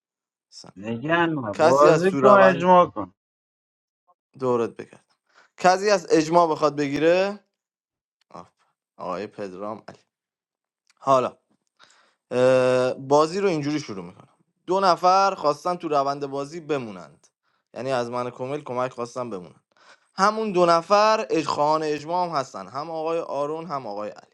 S7: نگن
S10: کسی از
S7: بازی
S10: تو
S7: کن
S10: روند
S7: اجماع کن
S10: دورت بکرد کسی از اجماع بخواد بگیره آه. آقای پدرام علی حالا اه، بازی رو اینجوری شروع میکنم دو نفر خواستن تو روند بازی بمونند یعنی از من کمیل کمک خواستن بمونند همون دو نفر اج- خواهان اجماع هم هستن هم آقای آرون هم آقای علی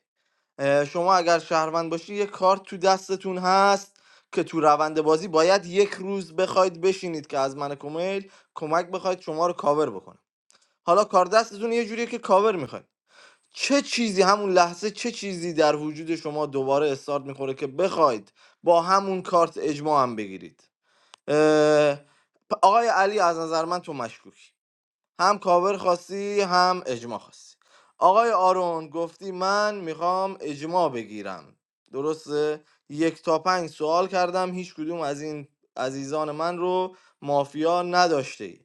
S10: اه، شما اگر شهروند باشی یه کارت تو دستتون هست که تو روند بازی باید یک روز بخواید بشینید که از من کمیل کمک بخواید شما رو کاور بکنه حالا کار دستتون یه جوریه که کاور میخواید چه چیزی همون لحظه چه چیزی در وجود شما دوباره استارت میخوره که بخواید با همون کارت اجماع هم بگیرید اه، آقای علی از نظر من تو مشکوکی هم کاور خواستی هم اجماع خواستی آقای آرون گفتی من میخوام اجماع بگیرم درسته یک تا پنج سوال کردم هیچ کدوم از این عزیزان من رو مافیا نداشته ای.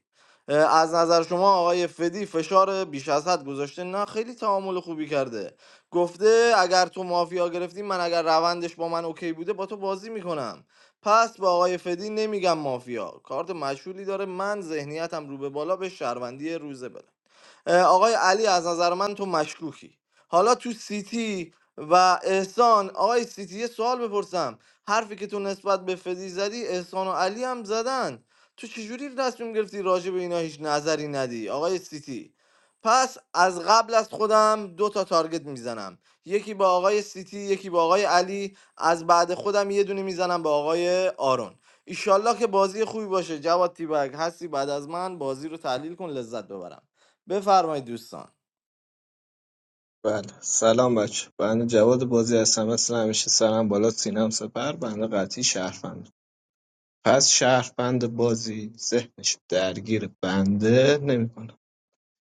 S10: از نظر شما آقای فدی فشار بیش از حد گذاشته نه خیلی تعامل خوبی کرده گفته اگر تو مافیا گرفتی من اگر روندش با من اوکی بوده با تو بازی میکنم پس به آقای فدی نمیگم مافیا کارت مشهولی داره من ذهنیتم رو به بالا به شهروندی روزه بره آقای علی از نظر من تو مشکوکی حالا تو سیتی و احسان آقای سیتی یه سوال بپرسم حرفی که تو نسبت به فدی زدی احسان و علی هم زدن تو چجوری تصمیم گرفتی راجع به اینا هیچ نظری ندی آقای سیتی پس از قبل از خودم دو تا تارگت میزنم یکی با آقای سیتی یکی با آقای علی از بعد خودم یه دونه میزنم با آقای آرون ایشالله که بازی خوبی باشه جواد تیبک هستی بعد از من بازی رو تحلیل کن لذت ببرم بفرمایید دوستان
S11: بله سلام بچه بنده جواد بازی هستم مثل همیشه سرم بالا سینم سپر بنده قطعی شهروند پس شهروند بازی ذهنش درگیر بنده نمیکنه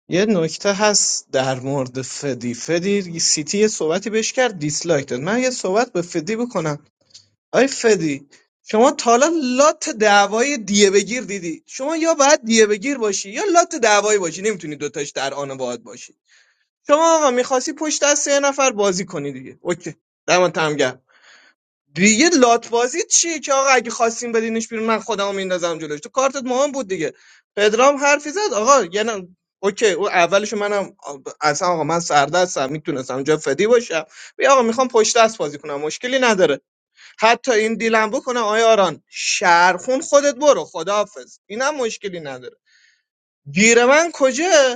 S11: یه نکته هست در مورد فدی فدی سیتی یه صحبتی بهش کرد دیسلایک داد من یه صحبت به فدی بکنم آی فدی شما تا حالا لات دعوای دیه بگیر دیدی شما یا باید دیه بگیر باشی یا لات دعوایی باشی نمیتونی دوتاش در آن باهات باشی شما آقا میخواستی پشت دست یه نفر بازی کنی دیگه اوکی دمت هم گرم دیگه لات بازی چیه که آقا اگه خواستیم بدینش بیرون من خودمو میندازم جلوش تو کارتت مهم بود دیگه پدرام حرفی زد آقا یعنی اوکی او اولشو منم اصلا آقا من سردستم میتونستم اونجا فدی باشم بیا آقا میخوام پشت دست بازی کنم مشکلی نداره حتی این دیلم بکنم آیا آران شهرخون خودت برو خداحافظ اینم مشکلی نداره گیر من کجا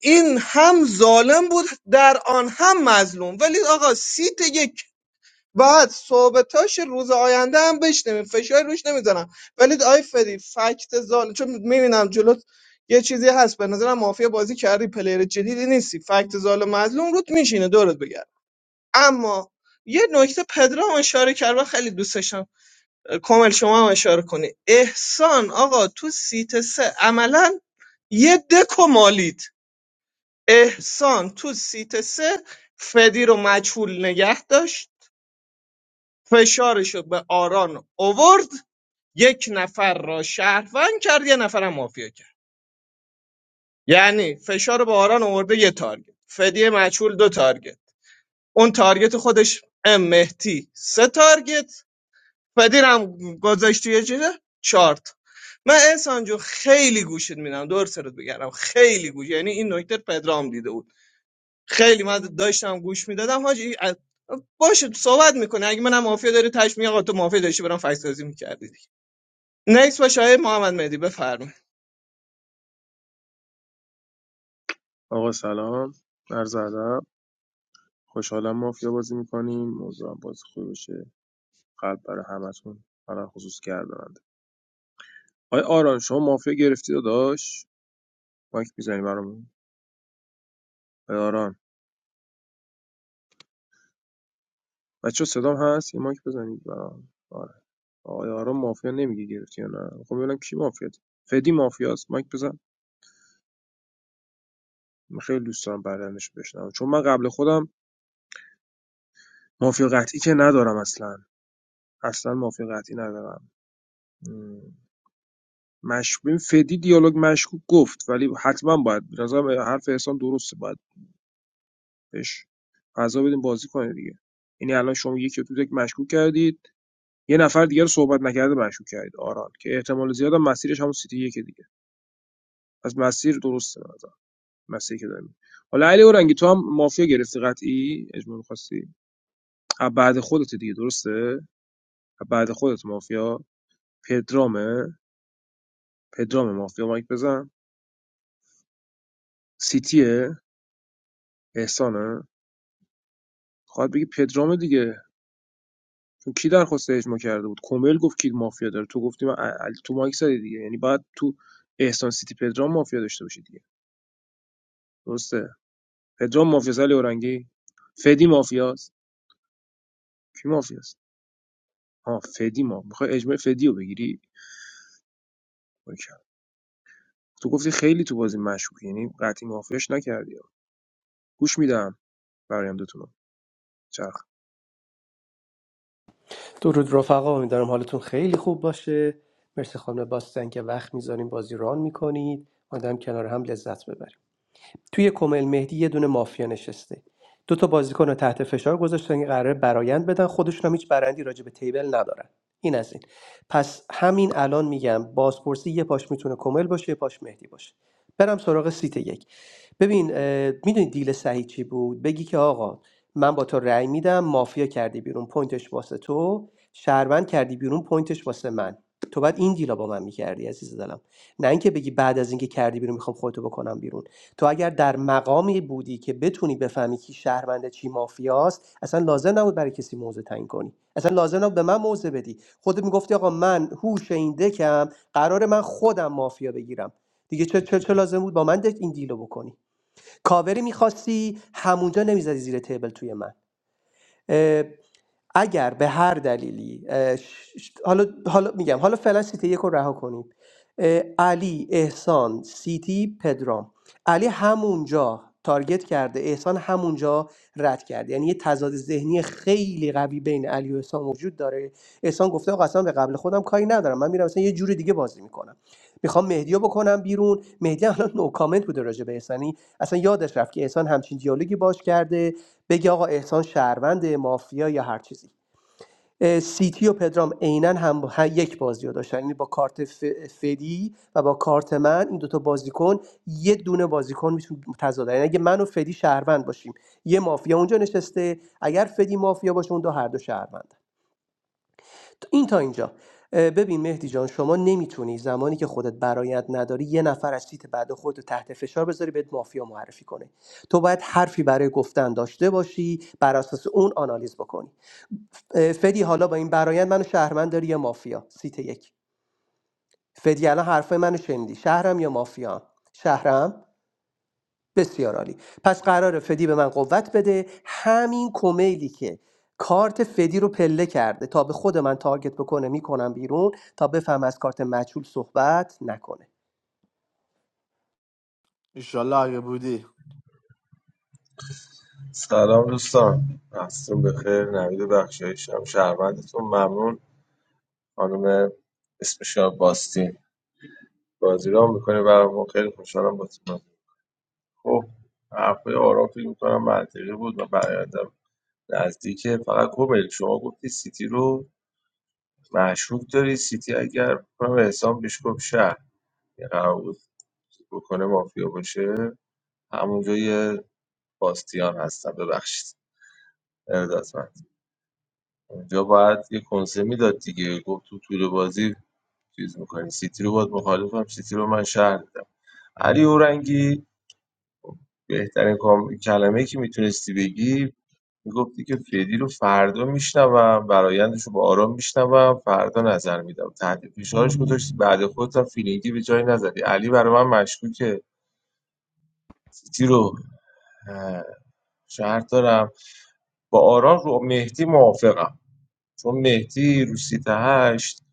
S11: این هم ظالم بود در آن هم مظلوم ولی آقا سیت یک بعد صحبتاش روز آینده هم بشنویم فشار روش نمیذارم ولی آی فدی فکت ظالم چون میبینم جلوت یه چیزی هست به نظرم مافیا بازی کردی پلیر جدیدی نیستی فکت ظالم مظلوم روت میشینه دورت بگرد اما یه نکته پدرام اشاره کرد و خیلی دوست داشتم کامل شما هم اشاره کنی احسان آقا تو سیت سه عملا یه دکو مالید احسان تو سیت سه فدی رو مجهول نگه داشت فشارش رو به آران اوورد یک نفر را شهروند کرد یه نفرم مافیا کرد یعنی فشار رو به آران اوورده یه تارگت فدی مجهول دو تارگت اون تارگت خودش ام مهدی سه تارگت فدی رو هم گذاشت توی چیزه چارت من احسان جو خیلی گوشت میدم دور سرت بگردم خیلی گوش یعنی این نکته پدرام دیده بود خیلی من داشتم گوش میدادم حاجی از- باشه صحبت میکنه اگه منم مافیا داره تش میگه آقا تو مافیا داشتی برام فکس سازی میکردی دیگه نکس باشه آقای محمد مهدی بفرمایید
S17: آقا سلام عرض ادب خوشحالم مافیا بازی میکنیم موضوعم بازی خوبی باشه قلب برای همتون برای خصوص گرداننده آقای آران شما مافیا گرفتی داداش مایک میزنی برامون آقای آران بچه صدام هست یه مایک بزنید برام آره آقای آران مافیا نمیگه گرفتی یا نه خب ببینم کی مافیا فدی مافیاست مایک بزن من خیلی دوست دارم برندش بشنوم چون من قبل خودم مافیا قطعی که ندارم اصلا اصلا مافیا قطعی ندارم مشکوک فدی دیالوگ مشکوک گفت ولی حتما باید به نظرم حرف احسان درسته باید بهش فضا بدیم بازی کنه دیگه یعنی الان شما یکی رو تو یک مشکوک کردید یه نفر دیگه رو صحبت نکرده مشکوک کردید آران که احتمال زیاد هم مسیرش همون سیتی یکی دیگه پس مسیر درسته به مسیری که داریم حالا علی اورنگی تو هم مافیا گرفتی قطعی اجماع می‌خواستی بعد خودت دیگه درسته بعد خودت مافیا پدرامه پدرام مافیا مایک بزن سیتیه احسانه خواهد بگی پدرام دیگه کی درخواست اجماع کرده بود کمیل گفت کی مافیا داره تو گفتی من تو مایک زدی دیگه یعنی باید تو احسان سیتی پدرام مافیا داشته باشی دیگه درسته پدرام مافیا علی اورنگی فدی مافیاست کی مافیاست ها فدی ما میخوای اجماع فدی رو بگیری اوکی. تو گفتی خیلی تو بازی مشکوک یعنی قطعی مافیاش نکردی گوش میدم برایندتون رو. چرخ
S14: درود رفقا امیدوارم حالتون خیلی خوب باشه مرسی خانم باستن که وقت میذاریم بازی ران میکنید آدم کنار هم لذت ببریم توی کمیل مهدی یه دونه مافیا نشسته دو تا بازیکن رو تحت فشار گذاشتن که قراره برایند بدن خودشون هم هیچ برندی راجع به تیبل ندارن این از این پس همین الان میگم بازپرسی یه پاش میتونه کمیل باشه یه پاش مهدی باشه برم سراغ سیت یک ببین میدونی دیل صحیح چی بود بگی که آقا من با تو رأی میدم مافیا کردی بیرون پوینتش واسه تو شهروند کردی بیرون پوینتش واسه من تو بعد این دیلا با من میکردی عزیز دلم نه اینکه بگی بعد از اینکه کردی بیرون میخوام خودتو بکنم بیرون تو اگر در مقامی بودی که بتونی بفهمی کی شهرونده چی مافیاست اصلا لازم نبود برای کسی موضع تعیین کنی اصلا لازم نبود به من موضع بدی خودت میگفتی آقا من هوش این دکم قرار من خودم مافیا بگیرم دیگه چه چه, چه لازم بود با من دک این دیلو بکنی کاوری میخواستی همونجا نمیزدی زیر تیبل توی من اگر به هر دلیلی اه، ش- ش- حالا حالا میگم حالا فعلا سیتی یک رو رها کنیم اه، علی احسان سیتی پدرام علی همونجا تارگت کرده احسان همونجا رد کرده یعنی یه تضاد ذهنی خیلی قوی بین علی و احسان وجود داره احسان گفته آقا اصلا به قبل خودم کاری ندارم من میرم مثلا یه جور دیگه بازی میکنم میخوام مهدی رو بکنم بیرون مهدی الان نو کامنت بوده راجع به احسان یعنی اصلا یادش رفت که احسان همچین دیالوگی باش کرده بگه آقا احسان شهروند مافیا یا هر چیزی سیتی و پدرام عینا هم با- هم یک بازی رو داشتن یعنی با کارت ف- فدی و با کارت من این دوتا بازیکن یه دونه بازیکن میتونه تضاد یعنی اگه من و فدی شهروند باشیم یه مافیا اونجا نشسته اگر فدی مافیا باشه اون دو هر دو شهروند این تا اینجا ببین مهدی جان شما نمیتونی زمانی که خودت برایت نداری یه نفر از سیت بعد خودت تحت فشار بذاری بهت مافیا معرفی کنه تو باید حرفی برای گفتن داشته باشی بر اساس اون آنالیز بکنی فدی حالا با این برایت منو شهرمند داری یا مافیا سیت یک فدی الان حرفای منو شنیدی شهرم یا مافیا شهرم بسیار عالی پس قرار فدی به من قوت بده همین کمیلی که کارت فدی رو پله کرده تا به خود من تارگت بکنه میکنم بیرون تا بفهم از کارت مجهول صحبت نکنه
S10: ایشالله اگه بودی
S15: سلام دوستان محصتون بخیر نوید بخشایشم شهروندتون ممنون خانم اسمش باستین بازی رو میکنه برامون خیلی خوشحالم باتون خب حرفای آرام فکر میکنم منطقی بود و برایندم نزدیکه فقط کومیل شما گفتی سیتی رو مشروب داری سیتی اگر کنم احسان بهش گفت شهر بکنه مافیا باشه همونجا یه باستیان هستم ببخشید ارادتمند اونجا باید یه کنسه میداد دیگه گفت تو طول بازی چیز میکنی سیتی رو باید مخالفم سیتی رو من شهر دیدم علی اورنگی بهترین کام- کلمه که میتونستی بگی میگفتی که فدی رو فردا میشنوم برایندش رو با آرام میشنوم فردا نظر میدم تحت فشارش گذاشتی بعد خودت هم فیلینگی به جایی نزدی علی برای من مشکوکه سیتی رو اه، شهر دارم با آران رو مهدی موافقم چون مهدی رو سیت هشت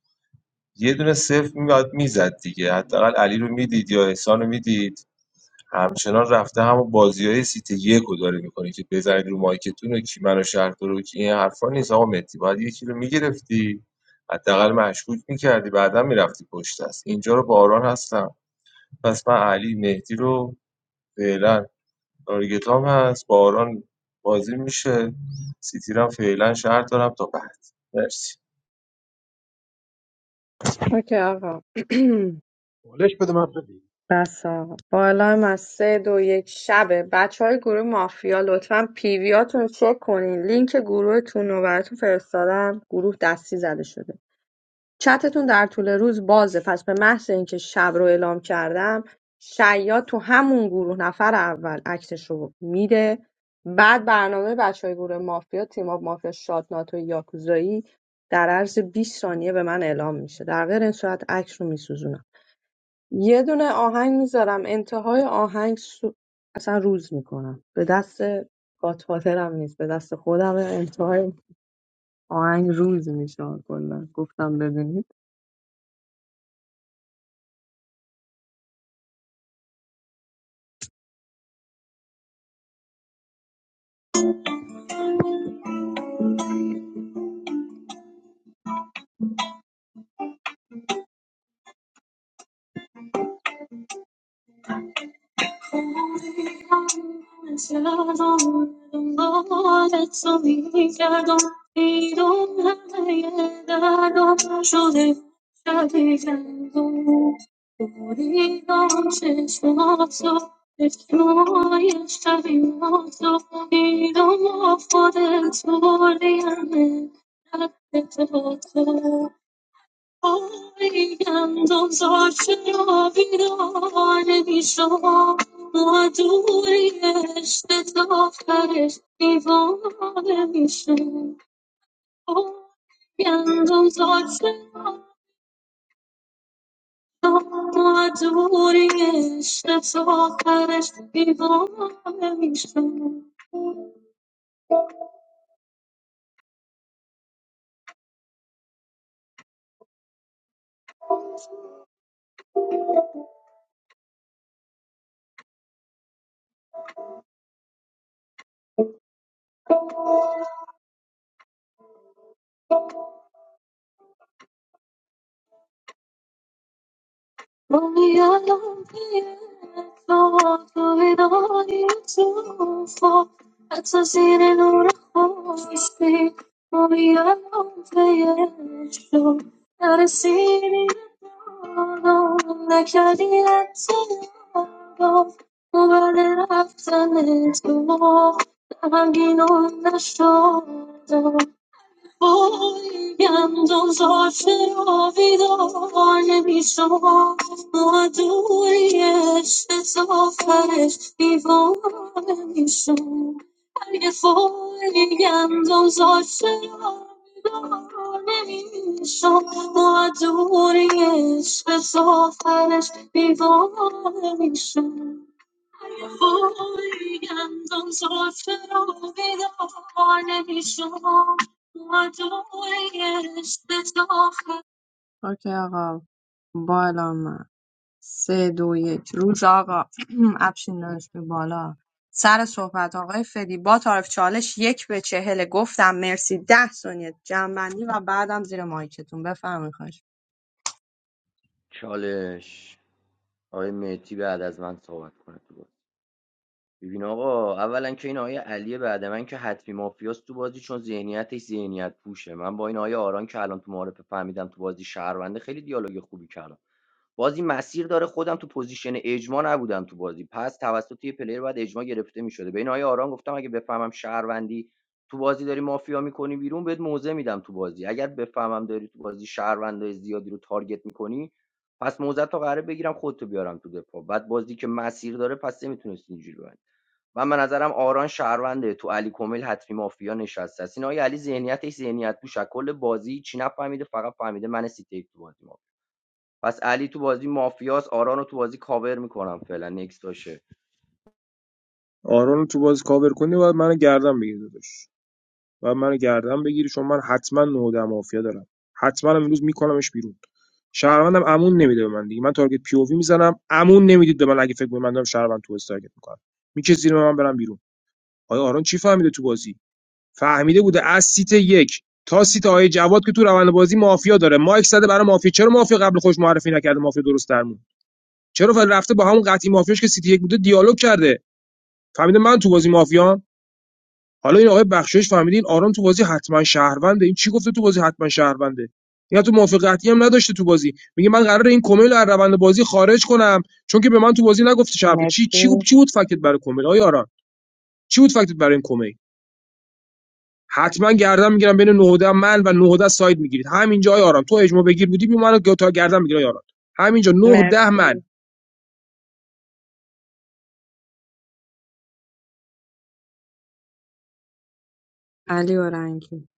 S15: یه دونه صفر میاد میزد دیگه حداقل علی رو میدید یا احسان رو میدید همچنان رفته همون بازی های سیت یک رو داره میکنه که بزنید رو مایکتون و کی منو شهر رو کی این حرفا نیست آقا مهدی باید یکی رو میگرفتی حداقل مشکوک میکردی بعدا میرفتی پشت است اینجا رو با آران هستم پس من علی مهدی رو فعلا تارگت هم هست با آران بازی میشه سیتی رو هم فعلا شهر دارم تا بعد مرسی
S1: اوکی آقا
S6: بالش بده من بده
S1: بس آقا با الان از سه دو یک شبه بچه های گروه مافیا لطفا پیویاتون رو چک کنین لینک گروهتون رو براتون فرستادم گروه دستی زده شده چتتون در طول روز بازه پس به محض اینکه شب رو اعلام کردم شیاد تو همون گروه نفر اول عکسش رو میده بعد برنامه بچه های گروه مافیا تیم آف مافیا شاد شادناتو یاکوزایی در عرض 20 ثانیه به من اعلام میشه در غیر این صورت عکس رو میسوزونم یه دونه آهنگ میذارم انتهای آهنگ سو... اصلا روز میکنم به دست گاتفادرم نیست به دست خودم انتهای آهنگ روز میشه کلا گفتم بدونی Freedom for the ای دندان زار چرا بیدانه میشم معدوی عشق تا آخرش دیوانه میشه گندم زار چرا معدوی عشق تا آخرش دیوانه میشه Movi alon kaiyeh shu, shu binariyeh shu. At sazine nurakhoo si si. Movi alon kaiyeh shu, dar si ne no no. Ne kiani siyoo shu, mubarek zameet shu. Taqinoo na shu. فاییم دم زرش رویدار نمیشم مادریه سپسوفرش نیفونیم شم اگر فاییم دم زرش رویدار نمیشم مادریه سپسوفرش نیفونیم شم وای گندم سفره و بیدار نمیشم مدویش به داخل اوکی آقا بالا من سه دو یک روز آقا افشین داشت به بالا سر صحبت آقای فدی با تعارف چالش یک به چهل گفتم مرسی ده ثانیه جنبندی و بعدم زیر مایکتون بفرمایید خواهش
S4: چالش آقای مهدی بعد از من صحبت کنه تو ببین آقا اولا که این آیه علی بعد من که حتمی مافیاست تو بازی چون ذهنیتش ذهنیت پوشه من با این آیه آران که الان تو معارفه فهمیدم تو بازی شهرونده خیلی دیالوگ خوبی کردم بازی مسیر داره خودم تو پوزیشن اجماع نبودم تو بازی پس توسط یه پلیر بعد اجماع گرفته میشده به این آیه آران گفتم اگه بفهمم شهروندی تو بازی داری مافیا میکنی بیرون بهت موزه میدم تو بازی اگر بفهمم داری تو بازی شهروندای زیادی رو تارگت میکنی پس موزه تا قراره بگیرم خودتو بیارم تو دفاع بعد بازی که مسیر داره پس نمیتونستی اینجوری ببری. من به نظرم آران شهرونده تو علی کمیل حتمی مافیا نشسته است این آقای علی ذهنیتش ذهنیت بوش از کل بازی چی نفهمیده فقط فهمیده من سیتی تو بازی مافیا پس علی تو بازی مافیاس آران رو تو بازی کاور میکنم فعلا نکس باشه
S17: آرون تو بازی کاور کنی و منو گردن بگیر داداش و منو گردن بگیری چون من حتما نهاده مافیا دارم حتما هم امروز میکنمش بیرون شهروندم امون نمیده به من دیگه من تارگت پی او وی میزنم امون نمیدید به من اگه فکر کنید من دارم شهروند تو تارگت میکنم میکشه زیر من برم بیرون آیا آرون چی فهمیده تو بازی فهمیده بوده از سیت یک تا سیت آیه جواد که تو روند بازی مافیا داره مایک زده برای مافیا چرا مافیا قبل خوش معرفی نکرده مافیا درست درمون چرا رفته با همون قطعی مافیاش که سیتی یک بوده دیالوگ کرده فهمیده من تو بازی مافیام حالا این آقای بخشش فهمیده این آرام تو بازی حتما شهرونده این چی گفته تو بازی حتما شهرونده یا تو موافقتی هم نداشته تو بازی میگه من قراره این کمیل رو از روند بازی خارج کنم چون که به من تو بازی نگفته شهر چی چی گفت
S1: مرسی
S17: چی بود فکت برای کمیل آیا آرام چی بود فکت برای این کمیل حتما گردن میگیرم بین 9 من و 9 ساید میگیرید همینجا آیا آرام تو اجماع بگیر بودی بی منو تا گردن میگیره آرام همینجا 9 10 من
S1: مرسی علی اورنگی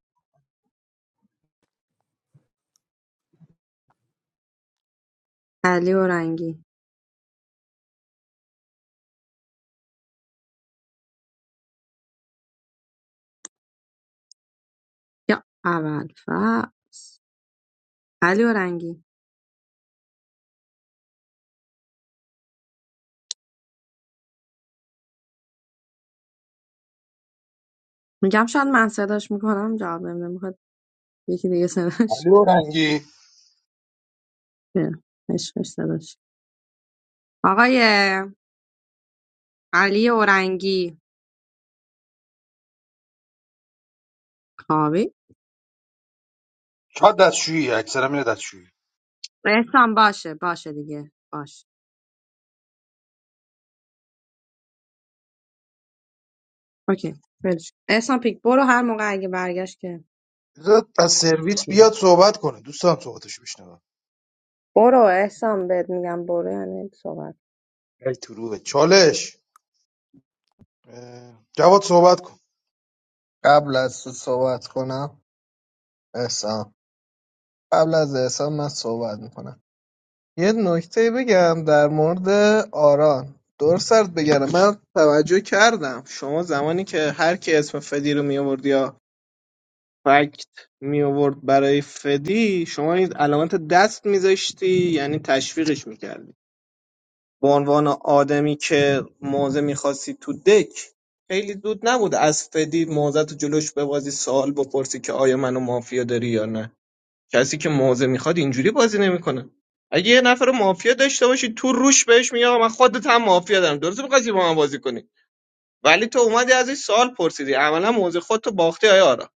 S1: علی اورنگی یا اول علی اورنگی میگم شاید من صداش میکنم جواب نمیده میخواد یکی دیگه صداش
S6: علی و رنگی
S1: کنه. عشقش صداش آقای علی اورنگی خوابی
S6: چقدر دستشویی اکثرا میره دستشویی
S1: احسان باشه باشه دیگه باشه اوکی ولش کن. احسان پیک برو هر موقع اگه برگشت که
S6: بذار از سرویس بیاد
S1: میره
S6: صحبت کنه دوست دارم صحبتش بشنوم
S1: برو احسان بهت میگم برو یعنی صحبت
S6: ای تو روحت. چالش اه، جواد صحبت کن
S11: قبل از تو صحبت کنم احسان قبل از احسان من صحبت میکنم یه نکته بگم در مورد آران دور سرد بگم من توجه کردم شما زمانی که هر کی اسم فدی رو می آورد یا فکت می آورد برای فدی شما این علامت دست میذاشتی یعنی تشویقش میکردی به عنوان آدمی که موضع میخواستی تو دک خیلی زود نبود از فدی موضع تو جلوش ببازی سوال بپرسی که آیا منو مافیا داری یا نه کسی که موضع میخواد اینجوری بازی نمیکنه اگه یه نفر رو مافیا داشته باشی تو روش بهش میگه آقا من خودت هم مافیا دارم درسته میخواستی با من بازی کنی ولی تو اومدی از این سوال پرسیدی عملا موضع خودتو باختی آیا آرا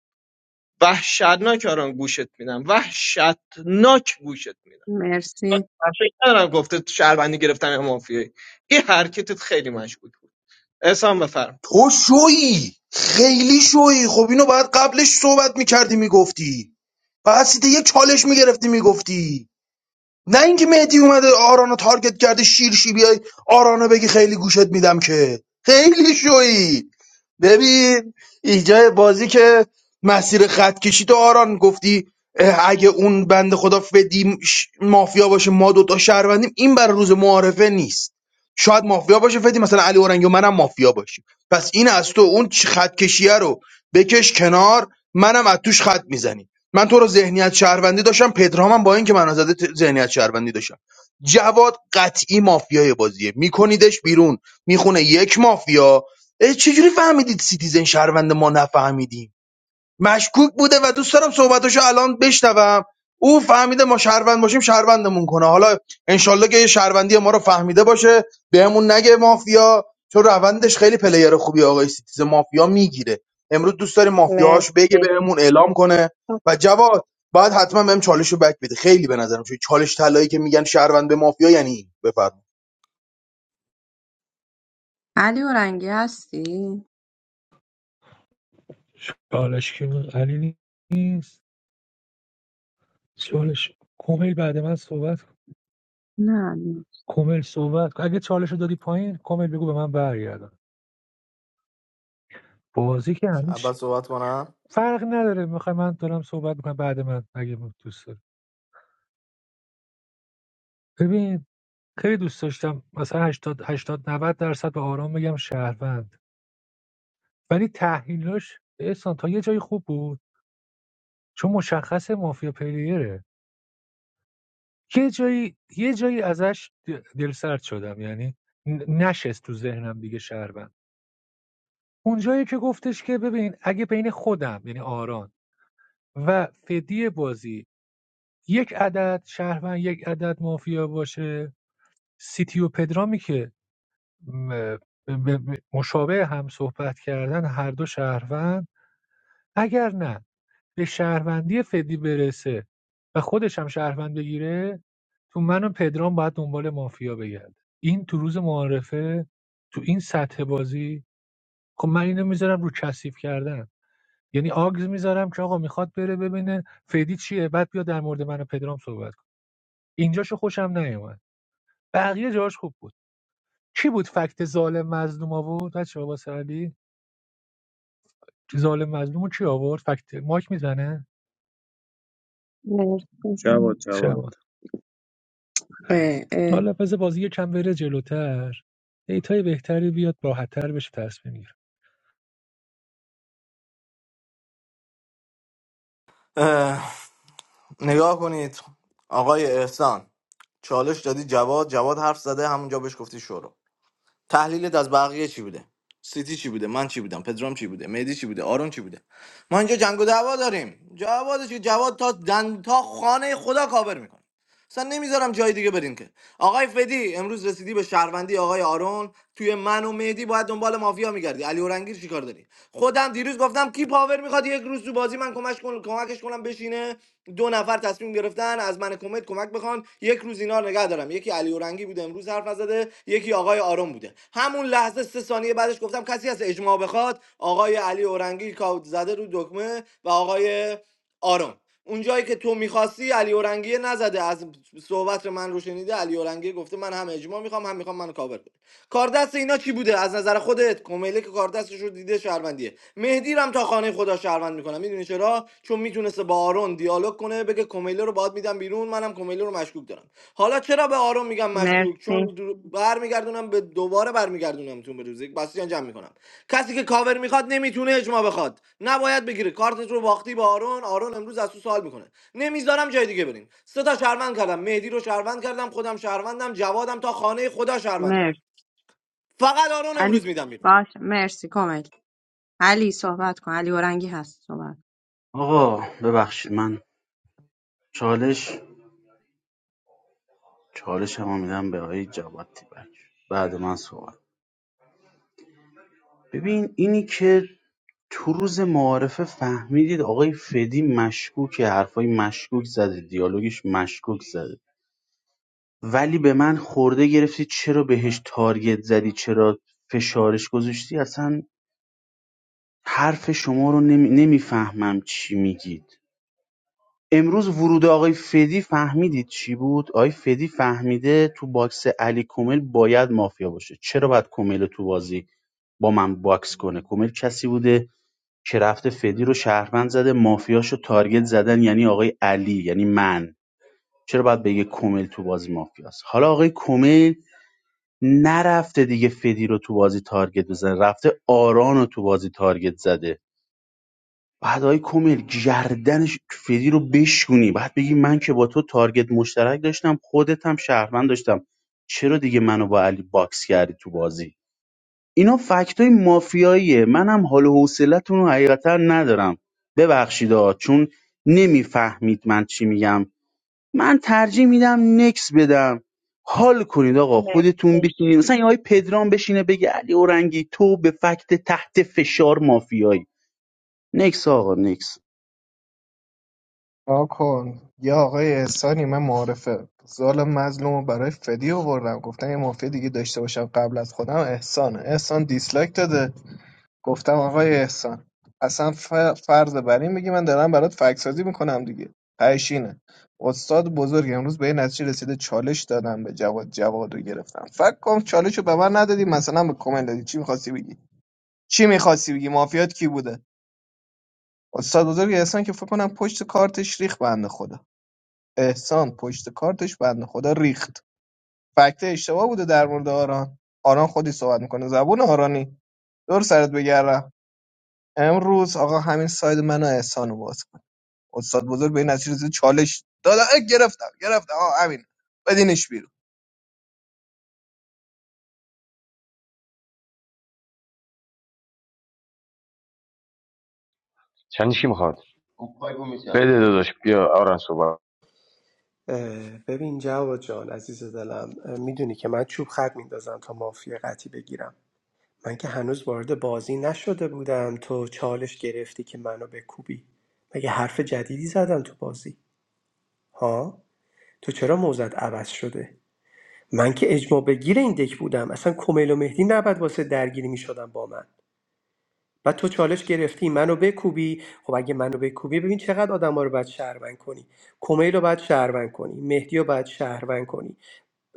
S11: وحشتناک آرام گوشت میدم وحشتناک گوشت میدم
S1: مرسی
S11: من فکر ندارم گفته شهروندی گرفتن یا مافیایی این حرکتت خیلی مشکوک بود احسان بفرم
S6: ای، خیلی شوی خب اینو باید قبلش صحبت میکردی میگفتی بعد سیده یک چالش میگرفتی میگفتی نه اینکه مهدی اومده آرانو تارگت کرده شیرشی بیای آرانو بگی خیلی گوشت میدم که خیلی شوی ببین اینجا بازی که مسیر خط کشی تو آران گفتی اه، اگه اون بنده خدا فدی ش- مافیا باشه ما دوتا شهروندیم این بر روز معارفه نیست شاید مافیا باشه فدی مثلا علی اورنگ و منم مافیا باشیم پس این از تو اون چ- خط کشیه رو بکش کنار منم از توش خط میزنیم من تو رو ذهنیت شهروندی داشتم پدرامم با اینکه من زده ت- ذهنیت شهروندی داشتم جواد قطعی مافیای بازیه میکنیدش بیرون میخونه یک مافیا اه، چجوری فهمیدید سیتیزن شهروند ما نفهمیدیم مشکوک بوده و دوست دارم صحبتاشو الان بشنوم او فهمیده ما شهروند باشیم شهروندمون کنه حالا انشالله که یه شهروندی ما رو فهمیده باشه بهمون نگه مافیا چون روندش خیلی پلیر خوبی آقای سیتیزن مافیا میگیره امروز دوست داریم مافیاهاش بگه
S1: مرسی
S6: بهمون اعلام کنه
S1: خب.
S6: و جواد باید حتما بهم چالش رو بک بده خیلی به نظرم چون چالش طلایی که میگن شهروند به مافیا یعنی این. بفرمایید
S1: علی اورنگی هستی
S16: چالش که علی نیست چالش کمیل بعد من صحبت کن.
S1: نه نه.
S16: کمیل صحبت اگه چالش رو دادی پایین کمیل بگو به من برگردم بازی که همیشه
S10: اول صحبت کنم
S16: فرق نداره میخوای من دارم صحبت میکنم بعد من اگه دوست داری ببین خیلی دوست داشتم مثلا 80 80 90 درصد به آرام بگم شهروند ولی تحلیلاش احسان تا یه جایی خوب بود چون مشخص مافیا پلیره یه جایی یه جایی ازش د- دلسرد شدم یعنی ن- نشست تو ذهنم دیگه شهروند اونجایی که گفتش که ببین اگه بین خودم یعنی آران و فدی بازی یک عدد شهروند یک عدد مافیا باشه سیتی و پدرامی که مشابه هم صحبت کردن هر دو شهروند اگر نه به شهروندی فدی برسه و خودش هم شهروند بگیره تو من و پدرام باید دنبال مافیا بگرد این تو روز معارفه تو این سطح بازی خب من اینو میذارم رو کثیف کردن یعنی آگز میذارم که آقا میخواد بره ببینه فدی چیه بعد بیا در مورد من و پدرام صحبت کن اینجاشو خوشم نیومد بقیه جاش خوب بود کی بود فکت ظالم مظلوم آورد بچه ها واسه علی چی ظالم مظلوم رو کی آورد فکت مایک میزنه
S1: مرسی
S17: جواد جواد
S16: شبان
S1: اه، اه.
S16: حالا پس بازی یکم بره جلوتر دیتای بهتری بیاد راحتتر بشه تصمیم میگیره
S10: اه، نگاه کنید آقای احسان چالش دادی جواد جواد حرف زده همونجا بهش گفتی شورو تحلیلت از بقیه چی بوده سیتی چی بوده من چی بودم پدرام چی بوده مهدی چی بوده آرون چی بوده ما اینجا جنگ و دعوا داریم جواد چی جواد تا دن تا خانه خدا کابر میکنه اصلا نمیذارم جای دیگه برین که آقای فدی امروز رسیدی به شهروندی آقای آرون توی من و مهدی باید دنبال مافیا میگردی علی اورنگیر چیکار داری خودم دیروز گفتم کی پاور میخواد یک روز تو بازی من کمکش کن... کمکش کنم بشینه دو نفر تصمیم گرفتن از من کمد کمک بخوان یک روز اینا رو نگه دارم یکی علی اورنگی بوده امروز حرف نزده یکی آقای آرون بوده همون لحظه سه ثانیه بعدش گفتم کسی از اجماع بخواد آقای علی اورنگی کاود زده رو دکمه و آقای آرون اونجایی که تو میخواستی علی اورنگی نزده از صحبت من رو شنیده علی اورنگی گفته من هم اجماع میخوام هم میخوام منو کاور کنی کاردست اینا چی بوده از نظر خودت کومیله که کاردستش رو دیده شهروندیه مهدی رو هم تا خانه خدا شهروند میکنم میدونی چرا چون میتونسته با آرون دیالوگ کنه بگه کومیله رو باید میدم بیرون منم کومیله رو مشکوک دارم حالا چرا به آرون میگم مشکوک
S1: مرسی
S10: چون برمیگردونم به دوباره برمیگردونم تو به روز یک بسیجان جمع میکنم کسی که کاور میخواد نمیتونه اجماع بخواد نباید بگیره کارتت رو باختی با آرون آرون امروز از تو سوال میکنه نمیذارم جای دیگه بریم سه تا شهروند کردم مهدی رو شهروند کردم خودم شهروندم جوادم تا خانه خدا شهروند میکنم
S1: مرسی
S10: فقط آرون
S1: علی
S10: امروز میدم بیرون
S1: باش مرسی کامل علی صحبت کن علی اورنگی هست صحبت
S7: آقا ببخشید من چالش چالش هم میدم به آقای جواد تیبک بعد من صحبت ببین اینی که تو روز معارفه فهمیدید آقای فدی مشکوکه حرفای مشکوک زده دیالوگش مشکوک زده ولی به من خورده گرفتی چرا بهش تارگت زدی چرا فشارش گذاشتی اصلا حرف شما رو نمی... نمیفهمم چی میگید امروز ورود آقای فدی فهمیدید چی بود؟ آقای فدی فهمیده تو باکس علی کومل باید مافیا باشه چرا باید کومل رو تو بازی با من باکس کنه کومل کسی بوده که رفته فدی رو شهروند زده مافیاشو تارگت زدن یعنی آقای علی یعنی من چرا باید بگه کومل تو بازی مافیاست حالا آقای کومل نرفته دیگه فدی رو تو بازی تارگت بزنه رفته آران رو تو بازی تارگت زده بعد های کومیل گردنش فدی رو بشونی بعد بگی من که با تو تارگت مشترک داشتم خودت هم شهروند داشتم چرا دیگه منو با علی باکس کردی تو بازی اینا فکت های مافیاییه منم حال و حوصلتون رو حقیقتا ندارم ببخشید آ چون نمیفهمید من چی میگم من ترجیح میدم نکس بدم حال کنید آقا خودتون
S1: مرسی
S7: بشینید مثلا یه آقای پدرام بشینه بگه علی اورنگی تو به فکت تحت فشار مافیایی نکس آقا نکس
S11: آ کن یا آقای احسانی من معارفه ظالم مظلوم رو برای فدی آوردم گفتم یه مافیا دیگه داشته باشم قبل از خودم احسانه احسان دیسلایک داده گفتم آقای احسان اصلا ف- فرض بر این میگی من دارم برات فکسازی میکنم دیگه تهشینه استاد بزرگ امروز به این نتیجه رسیده چالش دادم به جواد جواد رو گرفتم فکر کن چالش رو به من ندادی مثلا به کمل دادی چی میخواستی بگی چی می‌خواستی بگی مافیات کی بوده استاد بزرگ احسان که فکر کنم پشت کارتش ریخ بنده خدا احسان پشت کارتش بنده خدا ریخت فکت اشتباه بوده در مورد آران آران خودی صحبت میکنه زبون آرانی دور سرت بگردم امروز آقا همین ساید منو احسان رو باز کن استاد بزرگ به این نتیجه رسید. چالش دادا اه، گرفتم گرفتم آه همین بدینش بیرون
S13: بده داداش بیارن صحبت
S14: اه، ببین جواد جان عزیز دلم اه، میدونی که من چوب خط میندازم تا مافیا قطعی بگیرم من که هنوز وارد بازی نشده بودم تو چالش گرفتی که منو بکوبی مگه حرف جدیدی زدم تو بازی ها تو چرا موزت عوض شده من که اجماع بگیر این دک بودم اصلا کمیل و مهدی نباید واسه درگیری میشدن با من و تو چالش گرفتی منو بکوبی خب اگه منو بکوبی ببین چقدر آدما رو باید شهروند کنی کمیل رو باید شهروند کنی مهدی رو باید شهروند کنی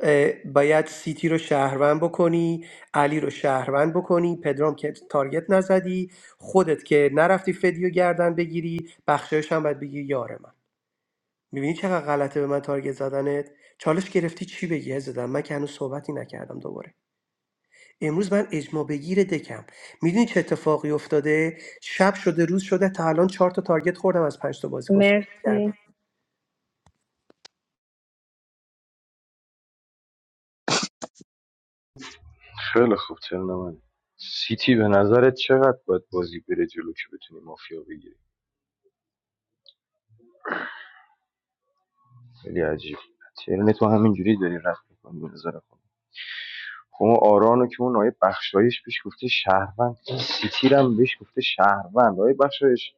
S14: اه، باید سیتی رو شهروند بکنی علی رو شهروند بکنی پدرام که تارگت نزدی خودت که نرفتی فدیو گردن بگیری بخشایش هم باید بگی یار من میبینی چقدر غلطه به من تارگت زدنت چالش گرفتی چی بگی زدم من که هنوز صحبتی نکردم دوباره امروز من اجماع بگیر دکم میدونی چه اتفاقی افتاده شب شده روز شده تا الان چهار تا تارگت خوردم از پنج تا بازیکن صحبت کردم
S1: مرسی
S13: خیلی خوب چرا سیتی به نظرت چقدر باید بازی بره جلو که بتونی مافیا بگیری خیلی عجیب ترن تو همینجوری داری رد میکنی به نظر خود خب آرانو که اون آیه بخشایش بهش گفته شهروند سیتی رو هم بهش گفته شهروند آیه بخشایش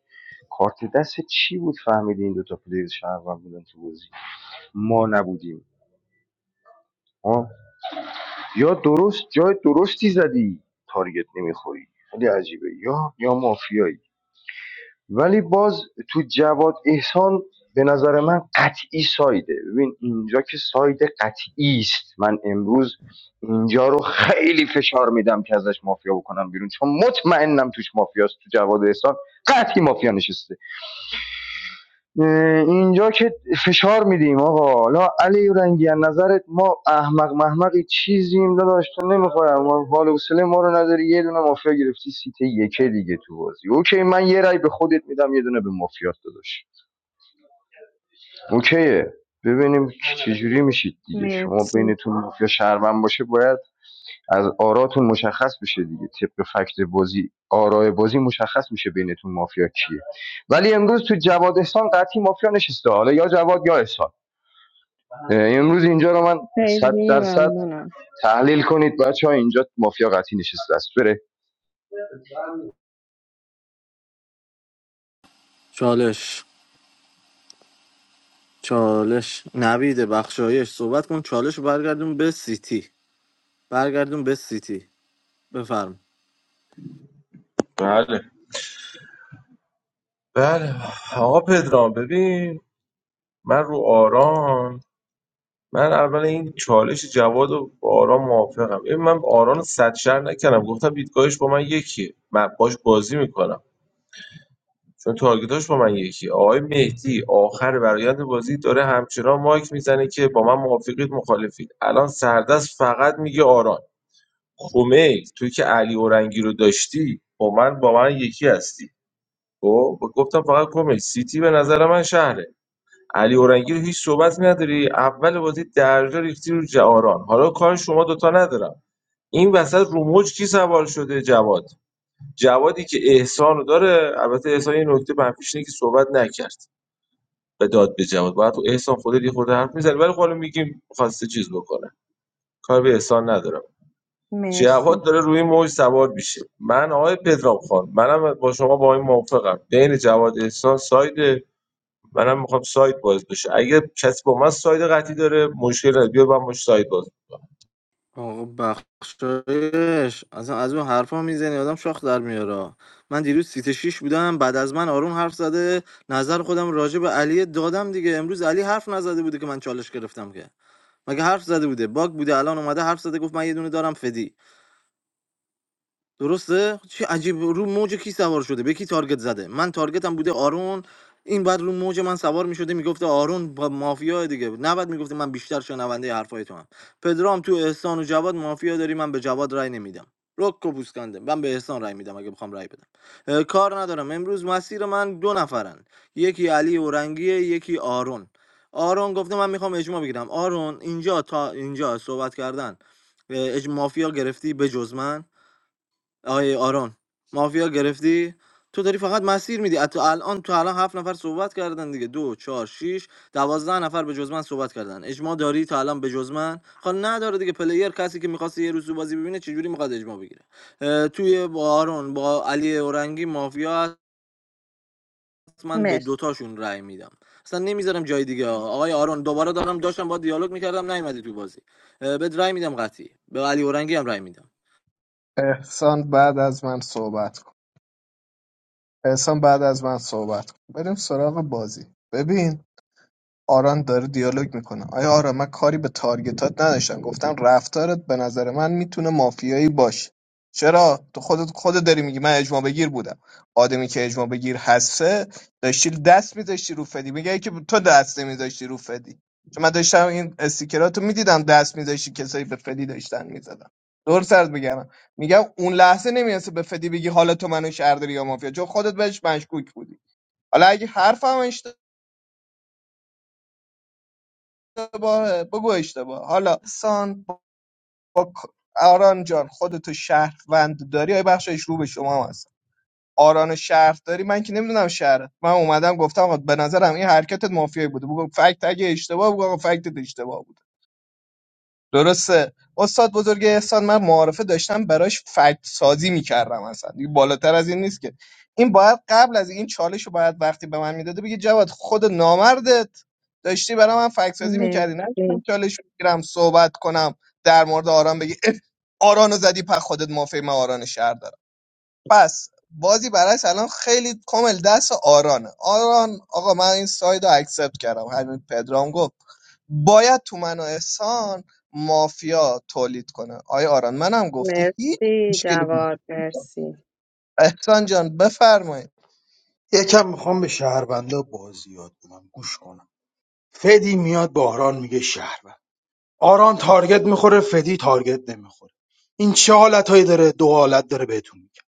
S13: کارت دست چی بود فهمیدی این دو تا پلیر شهروند بودن تو بازی ما نبودیم آه. یا درست جای درستی زدی تارگت نمیخوری خیلی عجیبه یا یا مافیایی ولی باز تو جواد احسان به نظر من قطعی سایده ببین اینجا که ساید قطعی است من امروز اینجا رو خیلی فشار میدم که ازش مافیا بکنم بیرون چون مطمئنم توش مافیاست تو جواد احسان قطعی مافیا نشسته اینجا که فشار میدیم آقا حالا علی رنگی از نظرت ما احمق محمقی چیزیم داداش تو نمیخورم ما حال و حوصله ما رو نداری یه دونه مافیا گرفتی سیته یکه دیگه تو بازی اوکی من یه رای به خودت میدم یه دونه به مافیات داداش اوکیه ببینیم چجوری میشید دیگه شما
S1: مرسی
S13: بینتون مافیا شهروند باشه باید از آراتون مشخص بشه دیگه طبق فکت بازی آرای بازی مشخص میشه بینتون مافیا کیه ولی امروز تو جواد احسان قطعی مافیا نشسته حالا یا جواد یا احسان امروز اینجا رو من صد
S1: خیلی
S13: درصد
S1: ممنونم
S13: تحلیل کنید بچه ها اینجا مافیا قطعی نشسته است بره
S10: چالش چالش نوید بخشایش صحبت کن چالش رو برگردون به سیتی برگردون به سیتی بفرم
S15: بله بله آقا پدرام ببین من رو آران من اول این چالش جواد و با آران موافقم ببین من آران رو صد شهر نکردم گفتم دیدگاهش با من یکیه من باش بازی میکنم چون تارگتاش با من یکیه آقای مهدی آخر برایند بازی داره همچنان مایک میزنه که با من موافقید مخالفید الان سردست فقط میگه آران خمید تو که علی اورنگی رو داشتی با من با من یکی هستی خب گفتم فقط کمیل سیتی به نظر من شهره علی اورنگی رو هیچ صحبت نداری اول بازی درجا ریختی رو جاران حالا کار شما دوتا ندارم این وسط روموج کی سوار شده جواد جوادی که احسان رو داره البته احسان یه نکته منفیش اینه که صحبت نکرد به داد به جواد باید تو احسان خودت یه خورده حرف میزنی ولی خب حالا میگیم خواسته چیز بکنه کار به احسان ندارم جواد
S1: مرسی
S15: داره روی موج سوار میشه من آقای پدرام خان منم با شما با این موافقم بین جواد احسان سایده منم میخوام ساید باز بشه اگه کسی با من ساید قطعی داره مشکل نداره بیا با من ساید باز
S10: آقا ب- اصلا از اون حرفا میزنی آدم شاخ در میاره من دیروز سیت شیش بودم بعد از من آرون حرف زده نظر خودم راجع به علی دادم دیگه امروز علی حرف نزده بوده که من چالش گرفتم که مگه حرف زده بوده باگ بوده الان اومده حرف زده گفت من یه دونه دارم فدی درسته چه عجیب رو موج کی سوار شده به کی تارگت زده من تارگتم بوده آرون این بعد رو موج من سوار میشده میگفته آرون با مافیا دیگه نباید میگفته من بیشتر شنونده حرفای تو هم پدرام تو احسان و جواد مافیا داری من به جواد رای نمیدم رک و پوسکنده من به احسان رای میدم اگه بخوام رای بدم اه، کار ندارم امروز مسیر من دو نفرن یکی علی اورنگیه یکی آرون آرون گفته من میخوام اجماع بگیرم آرون اینجا تا اینجا صحبت کردن اه، اج مافیا گرفتی به جز من آقای آرون مافیا گرفتی تو داری فقط مسیر میدی تو الان تو الان هفت نفر صحبت کردن دیگه دو چهار شیش دوازده نفر به جز من صحبت کردن اجماع داری تا الان به جز من خب نداره دیگه پلیر کسی که میخواست یه روز تو بازی ببینه چجوری میخواد اجماع بگیره اه، توی با آرون با علی اورنگی مافیا هست من به
S1: مرسی
S10: دوتاشون رأی میدم اصلا نمیذارم جای دیگه آقای آرون دوباره دارم داشتم با دیالوگ میکردم نیومدی تو بازی اه، بهت رأی میدم قطعی به علی اورنگی هم رأی میدم
S11: احسان بعد از من صحبت کن احسان بعد از من صحبت کن بریم سراغ بازی ببین آران داره دیالوگ میکنه آیا آران من کاری به تارگتات نداشتم گفتم رفتارت به نظر من میتونه مافیایی باشه چرا تو خودت خودت داری میگی من اجماع بگیر بودم آدمی که اجماع بگیر هسته داشتی دست میذاشتی رو فدی میگه که تو دست نمیذاشتی رو فدی چون من داشتم این استیکراتو میدیدم دست میذاشتی کسایی به فدی داشتن میزدن دور سرت بگم میگم اون لحظه نمیرسه به فدی بگی حالا تو منو شهر داری یا مافیا چون خودت بهش مشکوک بودی حالا اگه حرفم اشتباه اشتباهه بگو اشتباه حالا سان با آران جان خودتو شهروند داری آیه بخشایش رو به شما هم هست آران شهر داری من که نمیدونم شهر من اومدم گفتم آقا به نظرم این حرکتت مافیایی بوده بگو فکت اگه اشتباه بگو آقا فکتت اشتباه بود درسته استاد بزرگ احسان من معارفه داشتم براش فکت سازی میکردم اصلا دیگه بالاتر از این نیست که این باید قبل از این چالش رو باید وقتی به من میداده بگه جواد خود نامردت داشتی برای من فکت سازی میکردی نه که من
S1: مرسی
S11: چالش رو بگیرم صحبت کنم در مورد آران بگی اه، آرانو زدی په خودت مافی من آران شهر دارم. پس بازی براش الان خیلی کامل دست آرانه آران آقا من این ساید رو اکسپت کردم همین پدرام گفت باید تو من و احسان مافیا تولید کنه آیا آران منم گفتی هیچ
S1: مرسی
S11: مشکلی نیست.
S1: جواد مرسی
S11: احسان جان بفرمایید
S6: یکم میخوام به شهروندا بازی یاد کنم گوش کنم فدی میاد به آران میگه شهروند آران تارگت میخوره فدی تارگت نمیخوره این چه حالتهایی داره دو حالت داره بهتون میگه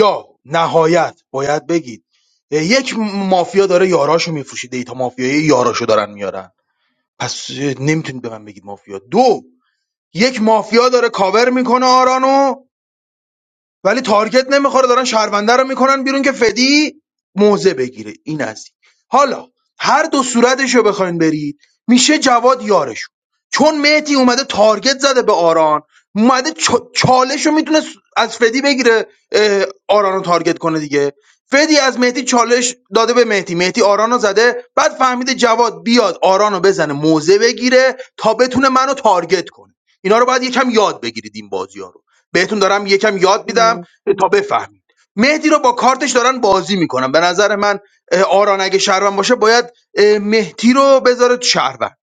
S6: یا نهایت باید بگید یک مافیا داره یاراشو میفروشه دیتا مافیایی یاراشو دارن میارن پس نمیتونید به من بگید مافیا دو یک مافیا داره کاور میکنه آرانو ولی تارگت نمیخوره دارن شهرونده رو میکنن بیرون که فدی موزه بگیره این از این. حالا هر دو صورتش رو بخواین برید میشه جواد یارشون چون مهدی اومده تارگت زده به آران اومده چ- چالش رو میتونه از فدی بگیره اه، آران رو تارگت کنه دیگه فدی از مهدی چالش داده به مهدی مهدی آران رو زده بعد فهمیده جواد بیاد آران رو بزنه موزه بگیره تا بتونه منو تارگت کنه اینا رو باید یکم یاد بگیرید این بازی بهتون دارم یکم یاد میدم
S1: مرسی
S6: تا بفهمید مهدی رو با کارتش دارن بازی میکنن به نظر من اه، آران اگه شهروند باشه باید اه، مهدی رو بذاره تو شهروند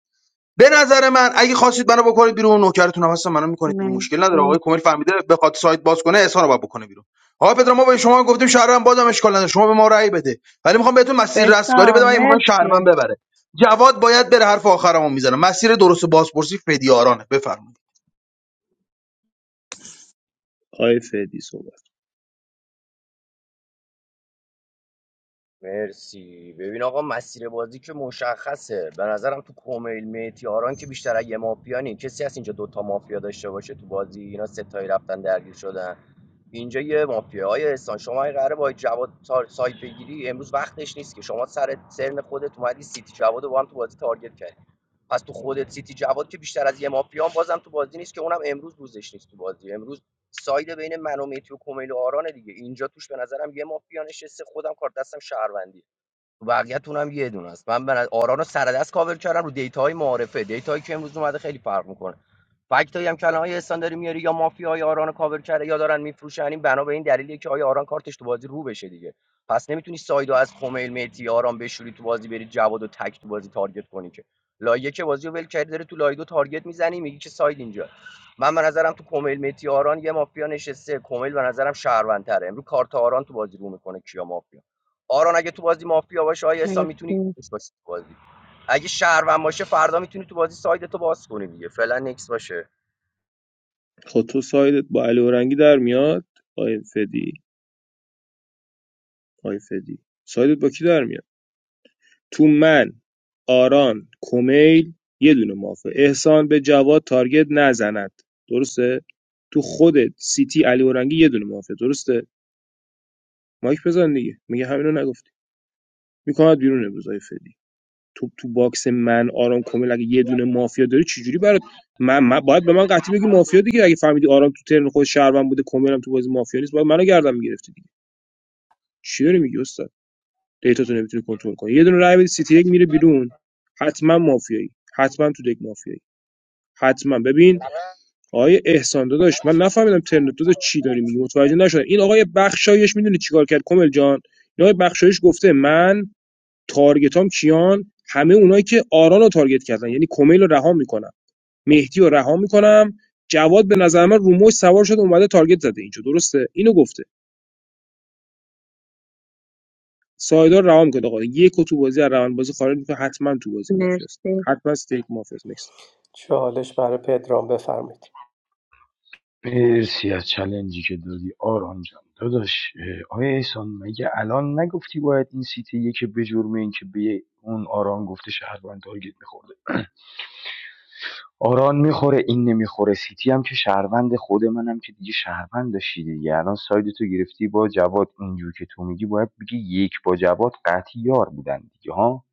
S6: به نظر من اگه خواستید منو بکنید بیرون نوکرتون هم هستم منو میکنید بیرون مشکل نداره آقای
S1: مرسی
S6: کمیل فهمیده بخواد سایت باز کنه احسان رو باید بکنه بیرون آقا پدر ما به شما گفتیم شهروند بازم اشکال نداره شما به ما رأی بده ولی میخوام بهتون مسیر رستگاری
S1: بهتان
S6: بدم اگه میخوام
S1: مرسی
S6: شهروند ببره جواد باید بره حرف آخرمو میزنم مسیر درست بازپرسی فدیارانه بفرمایید
S17: آقای فدی صحبت
S4: مرسی ببین آقا مسیر بازی که مشخصه به نظرم تو کومیل میتیاران که بیشتر از یه مافیا نی کسی هست اینجا دوتا مافیا داشته باشه تو بازی اینا ستایی رفتن درگیر شدن اینجا یه مافیا های احسان شما این قراره با جواد تا- سایت بگیری امروز وقتش نیست که شما سر سرن خودت اومدی سیتی جواد رو با هم تو بازی تارگت کردی پس تو خودت سیتی جواد که بیشتر از یه مافیا هم بازم تو بازی نیست که اونم امروز روزش نیست تو بازی امروز ساید بین من و میتی و کمیل و آرانه دیگه اینجا توش به نظرم یه مافیا نشسته خودم کار دستم شهروندی تو بقیه‌تون هم یه دونه است من به نظر- آران رو سر دست کاور کردم رو دیتاهای معارفه دیتاهایی که امروز اومده خیلی فرق میکنه فکتایی هم که الان های استان میاری یا مافیا آران رو کاور کرده یا دارن میفروشن این بنا به این دلیلیه که آیا آران کارتش تو بازی رو بشه دیگه پس نمیتونی سایدو از خمیل مهدی آران بشوری تو بازی بری جواد و تک تو بازی تارگت کنی که لایه که بازی رو ول کردی داره تو لایه دو تارگت میزنی میگی که ساید اینجا من به نظرم تو کمیل مهدی آران یه مافیا نشسته کمیل به نظرم شهروندتره امروز کارت آران تو بازی رو میکنه کیا مافیا آران اگه تو بازی مافیا باشه آیا احسان میتونی
S1: مرسی
S4: بازی اگه شهروند باشه فردا میتونی تو بازی ساید باز کنی دیگه فعلا نکس باشه
S17: خب تو سایدت با علی اورنگی در میاد آقای فدی آقای فدی سایدت با کی در میاد تو من، آران، کمیل یه دونه مافیا احسان به جواد تارگت نزند درسته تو خودت سیتی علی اورنگی یه دونه مافیا درسته مایک بزن دیگه میگه همینو نگفتی میکنات بیرون امروز های فدی تو تو باکس من آران کمیل اگه یه دونه مافیا داری چجوری برات من, من باید به من قطعی بگی مافیا دیگه اگه فهمیدی آرام تو ترن خود شهروند بوده کمیلم تو بازی مافیا نیست باید منو گردن میگرفتی دیگه چی داری میگی استاد دیتاتون نمیتونی کنترل کنی یه دونه رای بدی سیتی یک میره بیرون حتما مافیایی حتما تو دک مافیایی حتما ببین آقای احسان داداش من نفهمیدم ترن داداش چی داری میگی متوجه نشدم این آقای بخشایش میدونی چیکار کرد کامل جان این آقای بخشایش گفته من تارگتام کیان همه اونایی که آران رو تارگت کردن یعنی کمیل رو رها میکنم مهدی رو رها میکنم جواد به نظر من روموش سوار شده اومده تارگت زده اینجا درسته اینو گفته سایدار رها میکنه آقا یکو تو بازی از روند بازی خارج میکنه حتما تو بازی مافیاست
S1: مرسی
S17: حتما استیک مافیاست نکست
S14: چالش برای پدرام بفرمایید
S13: مرسی از چلنجی که دادی آرام جان داداش اه، آیا احسان مگه الان نگفتی باید این سیتی که به جرم اینکه به اون آرام گفته شهروند تارگت میخورده آران میخوره این نمیخوره سیتی هم که شهروند خود منم که دیگه شهروند داشتی دیگه الان ساید تو گرفتی با جواد اینجور که تو میگی باید بگی یک با جواد قطعی یار بودن دیگه ها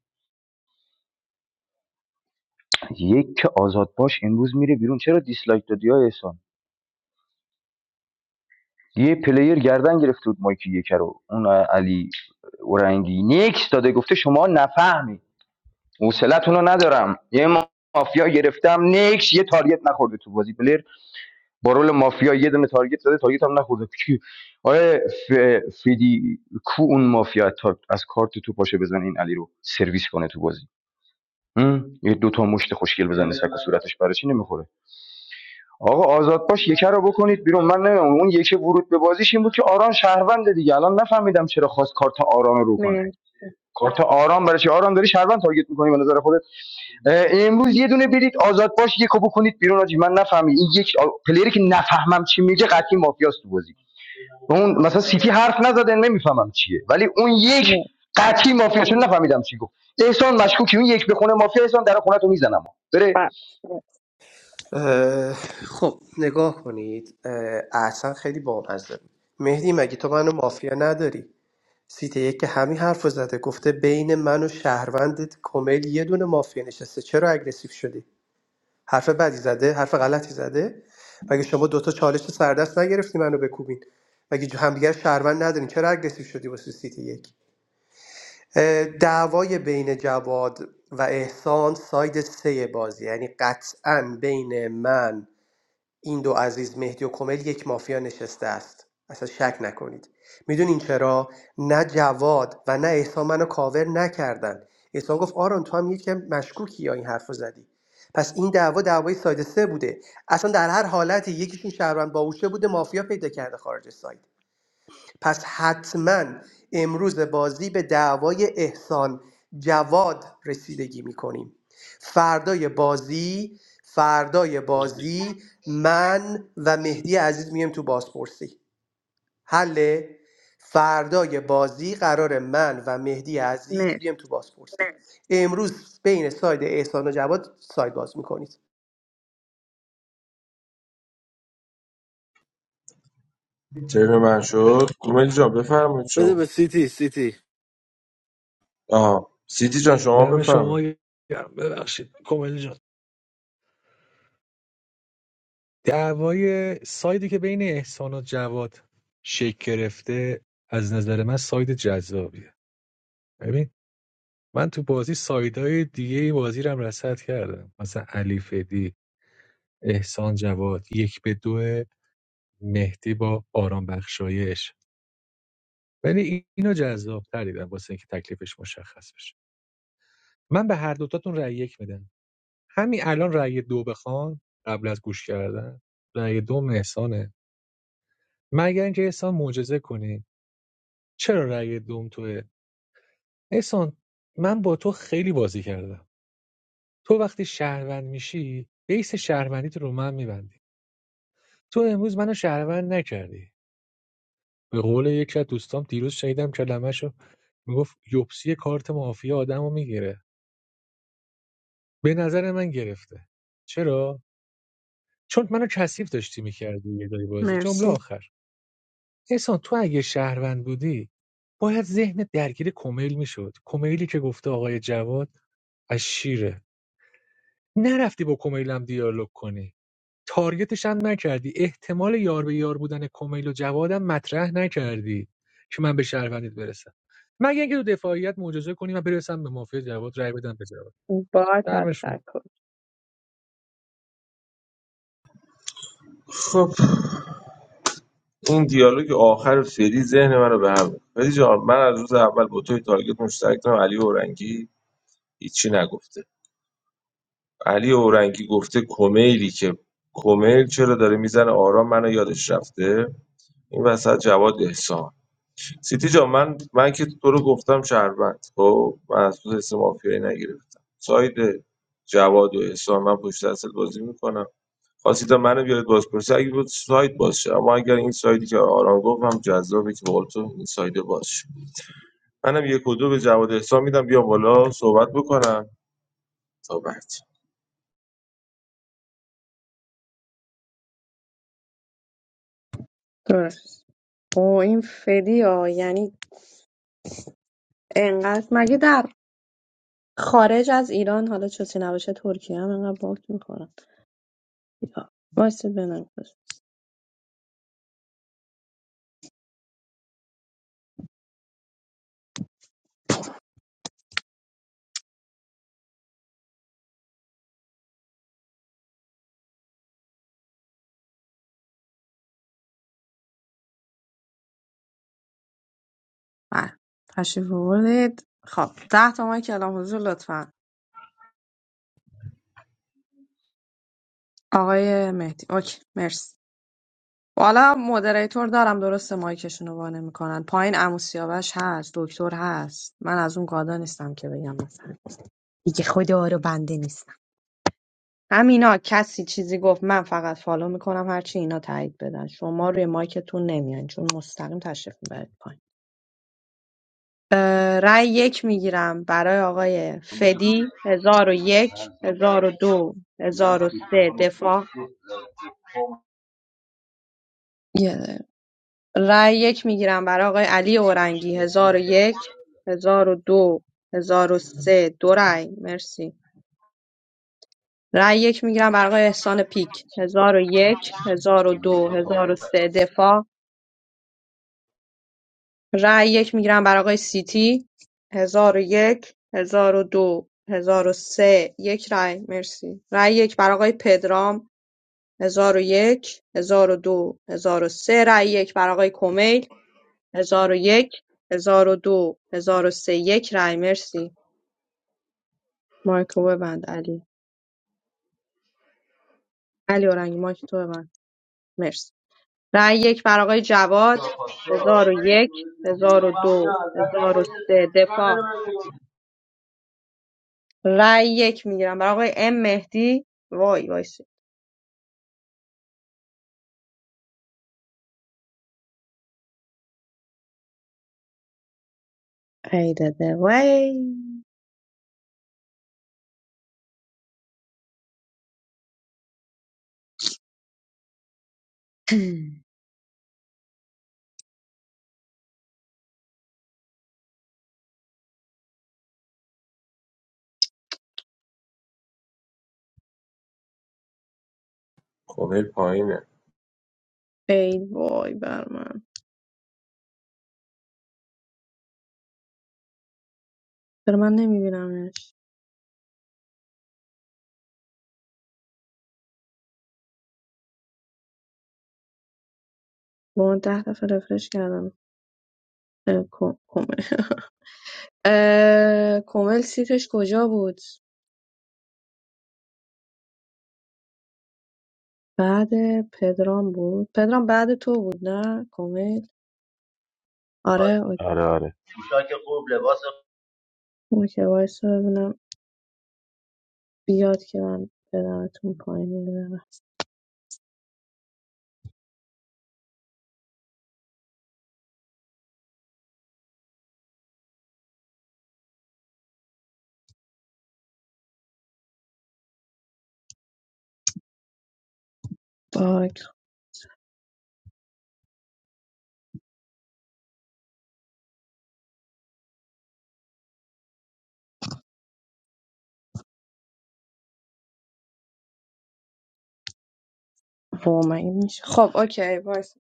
S13: یک که آزاد باش امروز میره بیرون چرا دیسلایک دادی های احسان یه پلیر گردن گرفته بود مایکی یک رو اون علی اورنگی نیکس داده گفته شما نفهمی حوصلتون رو ندارم یه مافیا گرفتم نیکس یه تارگت نخورده تو بازی پلیر با رول مافیا یه دونه تارگت زده تارگت هم نخورده کی آره ف... فیدی کو اون مافیا تا از کارت تو پاشه بزنه این علی رو سرویس کنه تو بازی هم؟ یه دو تا مشت خوشگل بزنه سک و صورتش برای چی نمیخوره آقا آزاد باش یکه رو بکنید بیرون من نمیدونم اون یکی ورود به بازیش این بود که آران شهروند دیگه الان نفهمیدم چرا خواست کارت آران رو رو کنه
S1: مرسی
S13: کارت آرام برای چی آرام داری شهروند تارگت میکنی به نظر خودت امروز یه دونه برید آزاد باش یکو بکنید بیرون آجی من نفهمی این یک آ- پلیری که نفهمم چی میگه قطعی مافیاست تو بازی اون مثلا سیتی حرف نزده نمیفهمم چیه ولی اون یک
S1: نه،
S13: قطعی مافیا چون نفهمیدم چی گفت احسان مشکوکی اون یک بخونه مافیا احسان در خونتو میزنم بره
S1: بس
S14: اه، خب نگاه کنید اه، اصلا خیلی بامزه بود مهدی مگه تو منو مافیا نداری سیت یک که همین حرف رو زده گفته بین من و شهروندت کمیل یه دونه مافیا نشسته چرا اگریسیو شدی حرف بدی زده حرف غلطی زده مگه شما دوتا چالش سردست نگرفتی منو بکوبین مگه همدیگر شهروند ندارین چرا اگریسیو شدی واسه سیتی یک اه، دعوای بین جواد و احسان ساید سه بازی یعنی قطعا بین من این دو عزیز مهدی و کمیل یک مافیا نشسته است اصلا شک نکنید میدونین چرا نه جواد و نه احسان منو کاور نکردن احسان گفت آرون تو هم یکم مشکوکی یا این حرف زدی پس این دعوا دعوای ساید سه بوده اصلا در هر حالتی یکیشون شهروند باوشه بوده مافیا پیدا کرده خارج از سایت پس حتما امروز بازی به دعوای احسان جواد رسیدگی میکنیم فردای بازی فردای بازی من و مهدی عزیز میم تو بازپرسی حله فردای بازی قرار من و مهدی عزیز
S1: مرسی
S14: بیام تو بازپرسی امروز بین ساید احسان و جواد ساید باز میکنید
S15: ترن من شد کومل جان بفرمایید
S10: بده
S15: شما
S10: به سیتی سیتی
S15: آها سیتی جان شما
S16: دم
S15: بفرمایید
S16: شما گرم. ببخشید کومل جان دعوای سایدی که بین احسان و جواد شکل گرفته از نظر من ساید جذابیه ببین من تو بازی سایدهای دیگه بازی رو هم رصد کردم مثلا علی فدی احسان جواد یک به دو مهدی با آرام بخشایش ولی اینو جذاب‌تر دیدم واسه اینکه تکلیفش مشخص بشه من به هر دوتاتون رأی یک میدم همین الان رأی دو بخوان قبل از گوش کردن رأی دوم احسانه مگر اینکه احسان معجزه کنی چرا رأی دوم توه احسان من با تو خیلی بازی کردم تو وقتی شهروند میشی بیس شهروندیت رو من میبندی تو امروز منو شهروند نکردی به قول یکی از دوستام دیروز شنیدم کلمه‌شو میگفت یوبسی کارت مافیا آدمو میگیره به نظر من گرفته چرا چون منو کثیف داشتی میکردی یه جای بازی جمله
S1: مرسی
S16: آخر احسان تو اگه شهروند بودی باید ذهن درگیر کمیل میشد کمیلی که گفته آقای جواد از شیره نرفتی با کمیلم دیالوگ کنی تارگتش هم نکردی احتمال یار به یار بودن کمیل و جوادم مطرح نکردی که من به شهروندیت برسم مگه اینکه تو دفاعیت معجزه کنی من برسم به مافیا جواد رای بدم به جواد
S1: با
S16: دم شما
S1: تشکر
S15: خب این دیالوگ آخر فری ذهن من رو به هم ریخت. فری جان من از روز اول با توی تارگت مشترک دارم علی اورنگی هیچی نگفته علی اورنگی گفته کمیلی که کمیل چرا داره میزنه آرام منو یادش رفته این وسط جواد احسان سیتی جان من من که تو رو گفتم شهروند خب من از تو حس مافیایی نگرفتم ساید جواد و احسان من پشت اصل بازی میکنم خواستید منو بیارید بازپرسی اگه بود ساید باز شه اما اگر این سایدی که آرام گفتم جذابه که بقول تو این ساید باز شه منم یک و دو به جواد احسان میدم بیا بالا صحبت بکنم تا بعد
S1: درست او این فدی ها یعنی انقدر مگه در خارج از ایران حالا چوسی نباشه ترکیه هم انقدر باک میخورن وایسید بنام بله تشریف آوردید خب ده تا مایک کلام حضور لطفا آقای مهدی اوکی مرسی والا مودریتور دارم درسته مایکشون رو وانه میکنن پایین عمو سیاوش هست دکتر هست من از اون گادا نیستم که بگم مثلا دیگه خدا رو بنده نیست همینا کسی چیزی گفت من فقط فالو میکنم هرچی اینا تایید بدن شما روی مایکتون نمیان چون مستقیم تشریف میبرید پایین اه، رأی یک میگیرم برای آقای فدی هزار و یک هزار و دو هزار و سه دفاع یه دقیقه. رأی یک میگیرم برای آقای علی اورنگی هزار و یک هزار و دو هزار و سه دو رأی مرسی رأی یک میگیرم برای آقای احسان پیک هزار و یک هزار و دو هزار و سه دفاع رای یک میگیرم برای آقای سیتی هزار و یک هزار و دو هزار و سه یک رای مرسی رای یک برای آقای پدرام هزار و یک هزار و دو هزار و سه رای یک برای آقای کمیل هزار و یک هزار و دو هزار و سه یک رای مرسی مایک رو ببند علی علی اورنگ مایک تو ببند مرسی رای یک برای آقای جواد هزار و یک هزار و دو هزار و سه دفاع رای یک میگیرم برای آقای ام مهدی وای وایسی ای داده وای
S15: کمیل پایینه
S1: ای وای بر من چرا من نمیبینمش با من ده دفعه رفرش کردم اه، کو- کومل اه، کومل سیتش کجا بود بعد پدرام بود پدرام بعد تو بود نه کومل آره اوکی اوکی، وایسا ببینم بیاد که من بدمتون پایین یه دقیقه. باگ. وای، مگه میشه؟ خب اوکی وایسا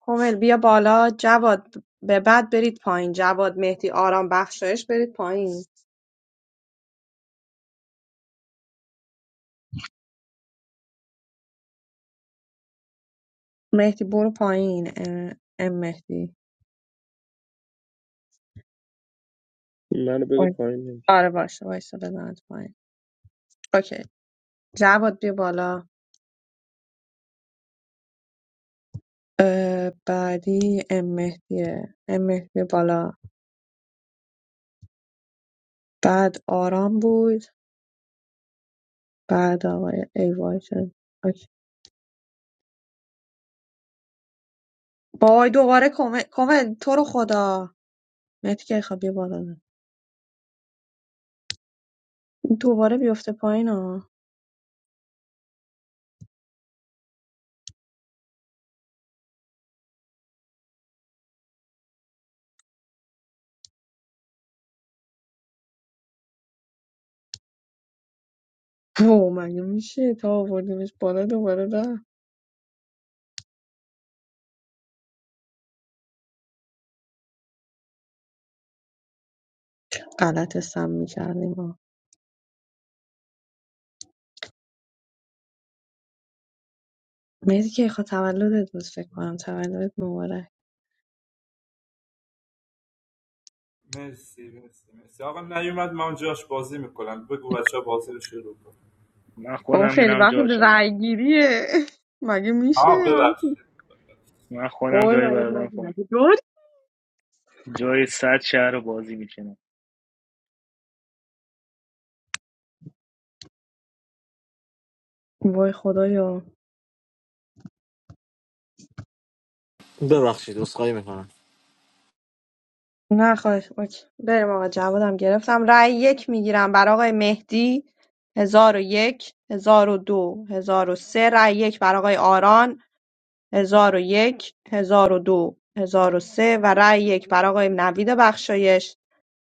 S1: کمیل بیا بالا جواد به بعد برید پایین جواد مهدی آرام بخشایش برید پایین مهدی برو پایین اه، ام مهدی
S17: منو بده
S1: وای-
S17: پایین نمیشه
S1: آره باشه وایسا بزنت پایین اوکی جواد بیا بالا اه، بعدی ام مهدیه ام مهدی بیا بالا بعد آرام بود بعد آقای ای وای شد اوکی. بای دوباره کمل کمل تو رو خدا مهدی که خواب بیا بالا دوباره بیفته پایین ها او مگه میشه تا آوردیمش بالا دوباره رفت غلط سم میکردیم ما مهدی که خواه تولدت بود فکر کنم تولدت مبارک
S18: مرسی مرسی مرسی آقا نیومد من جاش بازی میکنم بگو بچه ها بازی رو شروع کن
S9: من
S1: اون
S9: خودم
S1: خیلی
S9: میرم
S1: وقت
S9: جاش اگه
S1: رای گیریه مگه میشه
S18: آه
S1: هم-
S18: ببخشید
S9: من خودم
S1: وای
S9: جایی
S1: مگه
S9: برادرم پایین
S1: نگیره. دور؟
S9: جای صد شهر رو بازی میکنم
S1: وای خدایا
S10: ببخشید اسخایی میکنم
S1: نه خواهش اوکی. بریم آقا جوادم گرفتم رای یک میگیرم برای آقای مهدی هزار و یک هزار و دو هزار و سه رای یک برای آقای آران هزار و یک، هزار و دو، هزار و سه و رأی یک برای آقای نوید بخشایش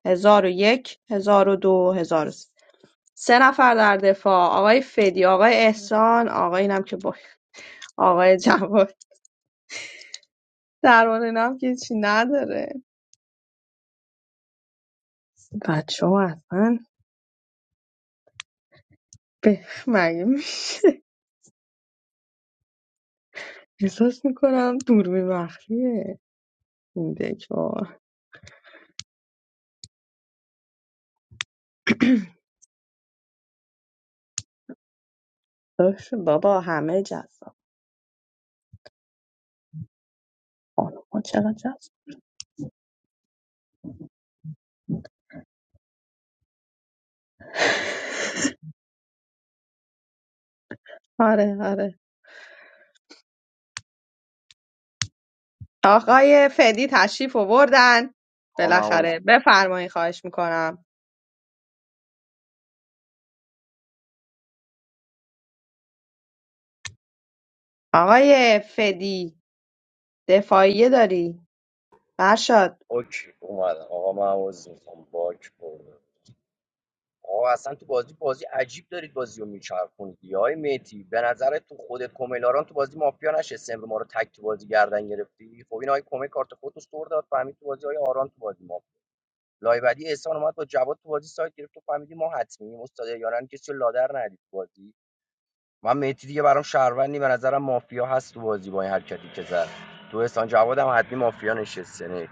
S1: هزار و یک، هزار و دو، هزار و سه سه نفر در دفاع آقای فدی آقای احسان آقای اینم که با آقای جواد درمان هم که چی نداره بچه ها اصلا به مگه می- احساس میکنم دوربین مخفیه این دکوا اوه، بابا همه جذاب ما چقدر جذاب آره آره آقای فدی تشریف آوردن
S4: آقا من عوض
S1: بالاخره بفرمایید خواهش میکنم آقای فدی دفاعیه داری برشاد
S4: اوکی اومدم آقا من عوض میخوام باک بردم آقا اصلا تو بازی بازی عجیب دارید بازی رو میچرخونید یا های میتی به نظر تو خودت کوملاران تو بازی مافیا نشسته امرو ما رو تک تو بازی گردن گرفتی خب این های کومل کارت خودت رو سر داد فهمید تو بازی های آران تو بازی مافیا لای بعدی احسان اومد با جواد تو بازی سایت گرفت تو فهمیدی ما حتمی استاد یاران کسی رو لادر ندید تو بازی من میتی دیگه برام شهروندی به نظرم مافیا هست تو بازی با این حرکتی که زد تو احسان جواد هم حتمی مافیا نشسته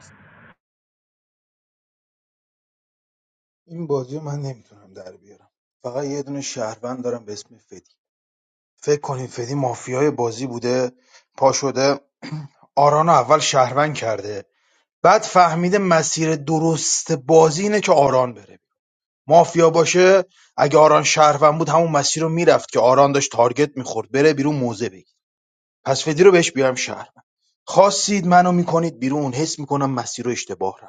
S6: این بازی رو من نمیتونم در بیارم فقط یه دونه شهروند دارم به اسم فدی فکر کنین فدی مافیای بازی بوده پا شده آران رو اول شهروند کرده بعد فهمیده مسیر درست بازی اینه که آران بره مافیا باشه اگه آران شهروند بود همون مسیر رو میرفت که آران داشت تارگت میخورد بره بیرون موزه بگیر پس فدی رو بهش بیارم شهروند خواستید منو میکنید بیرون حس میکنم مسیر رو اشتباه رفت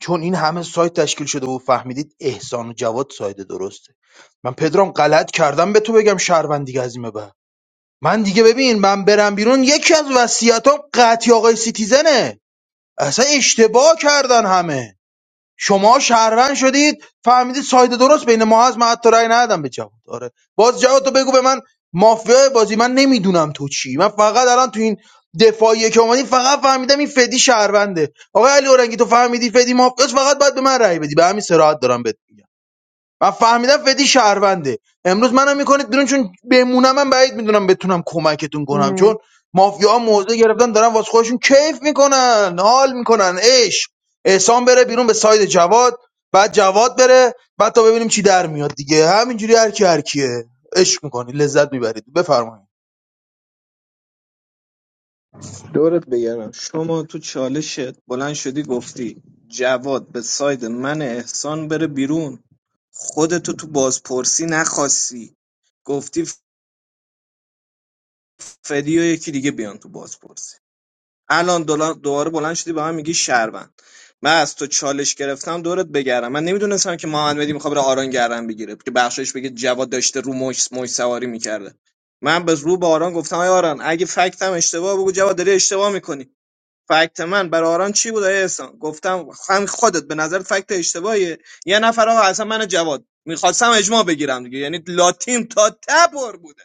S6: چون این همه سایت تشکیل شده و فهمیدید احسان و جواد سایت درسته من پدرام غلط کردم به تو بگم شهروند دیگه از این به بعد من دیگه ببین من برم بیرون یکی از وصیتام قطعی آقای سیتیزنه اصلا اشتباه کردن همه شما شهروند شدید فهمیدید ساید درست بین ما هست من حتی رأی ندادم به جواد آره باز جواد تو بگو به من مافیای بازی من نمیدونم تو چی من فقط الان تو این دفاعیه که اومدی فقط فهمیدم این فدی شهرونده آقای علی اورنگی تو فهمیدی فدی مافیاس فقط باید به من رأی بدی به همین سراحت دارم بهت میگم و فهمیدم فدی شهرونده امروز منم میکنید بیرون چون بمونم من بعید میدونم بتونم کمکتون کنم
S1: مر-
S6: چون مافیا ها موضع گرفتن دارن واسه خودشون کیف میکنن حال میکنن عشق احسان بره بیرون به ساید جواد بعد جواد بره بعد تا ببینیم چی در میاد دیگه همینجوری هر کی هر کیه عشق میکنی لذت میبرید بفرمایید
S11: دورت بگردم شما تو چالشت بلند شدی گفتی جواد به ساید من احسان بره بیرون خودتو تو بازپرسی نخواستی گفتی فدی و یکی دیگه بیان تو بازپرسی الان دولا- دوباره بلند شدی به من میگی شهروند من از تو چالش گرفتم دورت بگردم من نمیدونستم که محمد مهدی میخواد بره آران گردن بگیره که بخشش بگه جواد داشته رو مش مش سواری میکرده من به رو به آران گفتم آی آران اگه فکتم اشتباه بگو جواد داری اشتباه میکنی فکت من برای آران چی بود آیه احسان گفتم هم خودت به نظر فکت اشتباهیه یه نفر آقا اصلا من و جواد میخواستم اجماع بگیرم دیگه یعنی لاتیم تا تبر بوده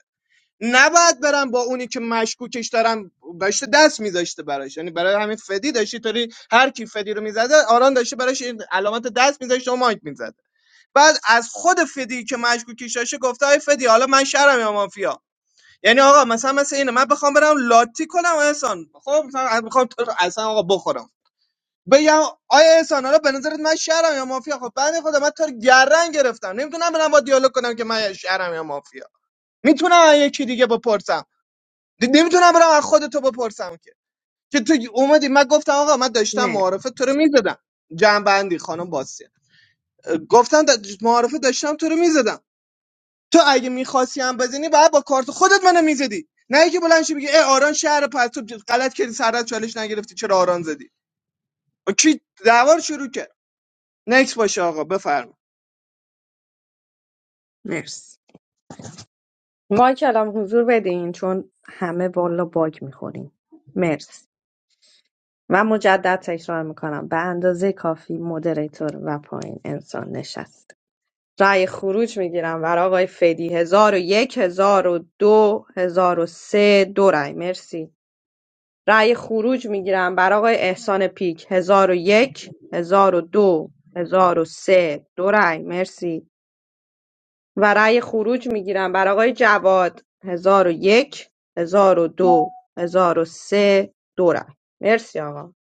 S11: نباید برم با اونی که مشکوکش دارم داشته دست میذاشته براش یعنی برای همین فدی داشتی طوری هر کی فدی رو میزده آران داشته براش این علامت دست میذاشته و مایک میزده بعد از خود فدی که مشکوکش داشته گفته ای فدی حالا من شرم یا مافیا یعنی آقا مثلا مثل اینه من بخوام برم لاتی کنم احسان خب مثلا بخوام تو رو اصلا آقا بخورم بگم آیا احسان حالا به نظرت من شهرم یا مافیا خب بنده خدا من تو رو گردن گرفتم نمیتونم برم با دیالوگ کنم که من شهرم یا مافیا میتونم یکی دیگه بپرسم دی- نمیتونم برم از خودتو بپرسم که که تو اومدی من گفتم آقا من داشتم
S1: نه
S11: معارفه تو رو میزدم جنبندی خانم باسی گفتم دا- معارفه داشتم تو رو میزدم تو اگه میخواستی هم بزنی باید با کارت خودت منو میزدی نه اینکه بلند شی بگی ای آران شهر پس تو غلط کردی سرت چالش نگرفتی چرا آران زدی با کی دعوا رو شروع کرد نکس باشه آقا بفرما
S1: مرسی مایکلام حضور بدین چون همه والا باگ میخوریم مرسی و مجدد تکرار میکنم به اندازه کافی مدریتور و پایین انسان نشست رأی خروج میگیرم برای آقای فدی هزار و یک هزار و دو هزار و سه دو رأی مرسی رای خروج میگیرم برای آقای احسان پیک هزار و یک هزار و دو هزار و سه دو رای مرسی و رای خروج میگیرم برای آقای جواد هزار و یک هزار و دو هزار و سه دو رای مرسی آقا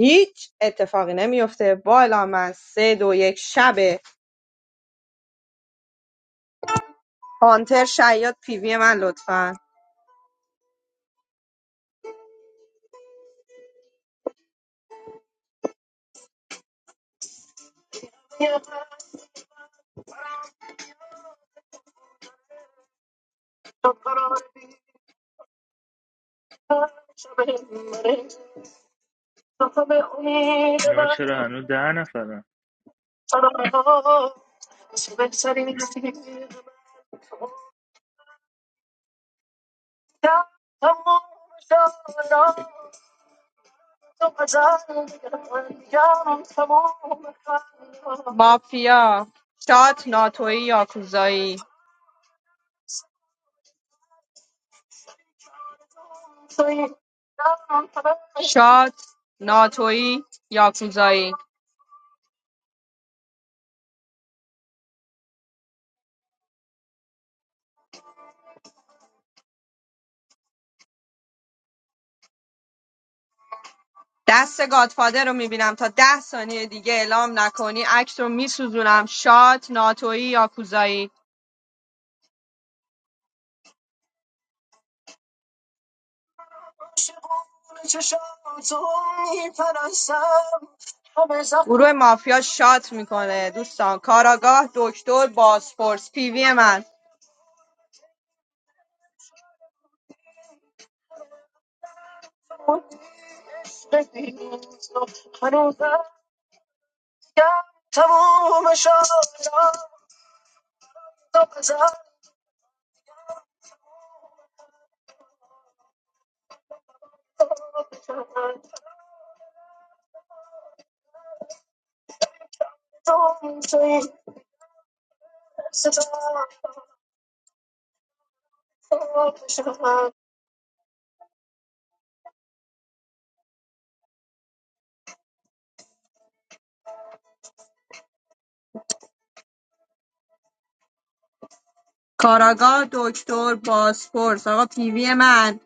S1: هیچ اتفاقی نمیفته بالا من سه دو یک شبه هانتر شیاد پیوی من لطفا
S9: اینا چرا هنوز ده نفرن
S1: مافیا شات ناتویی یاکوزایی شات ناتویی یاکوزایی دست گادفادر رو میبینم تا ده ثانیه دیگه اعلام نکنی عکس رو میسوزونم شات ناتویی یاکوزایی گروه مافیا شات میکنه دوستان کاراگاه دکتر باسپورس پیوی من هنوزم یاد تموم شاید تو بزن تو می‌تونی ستاره بشم. کاراگاه دکتر بازپرس آقا پیوی من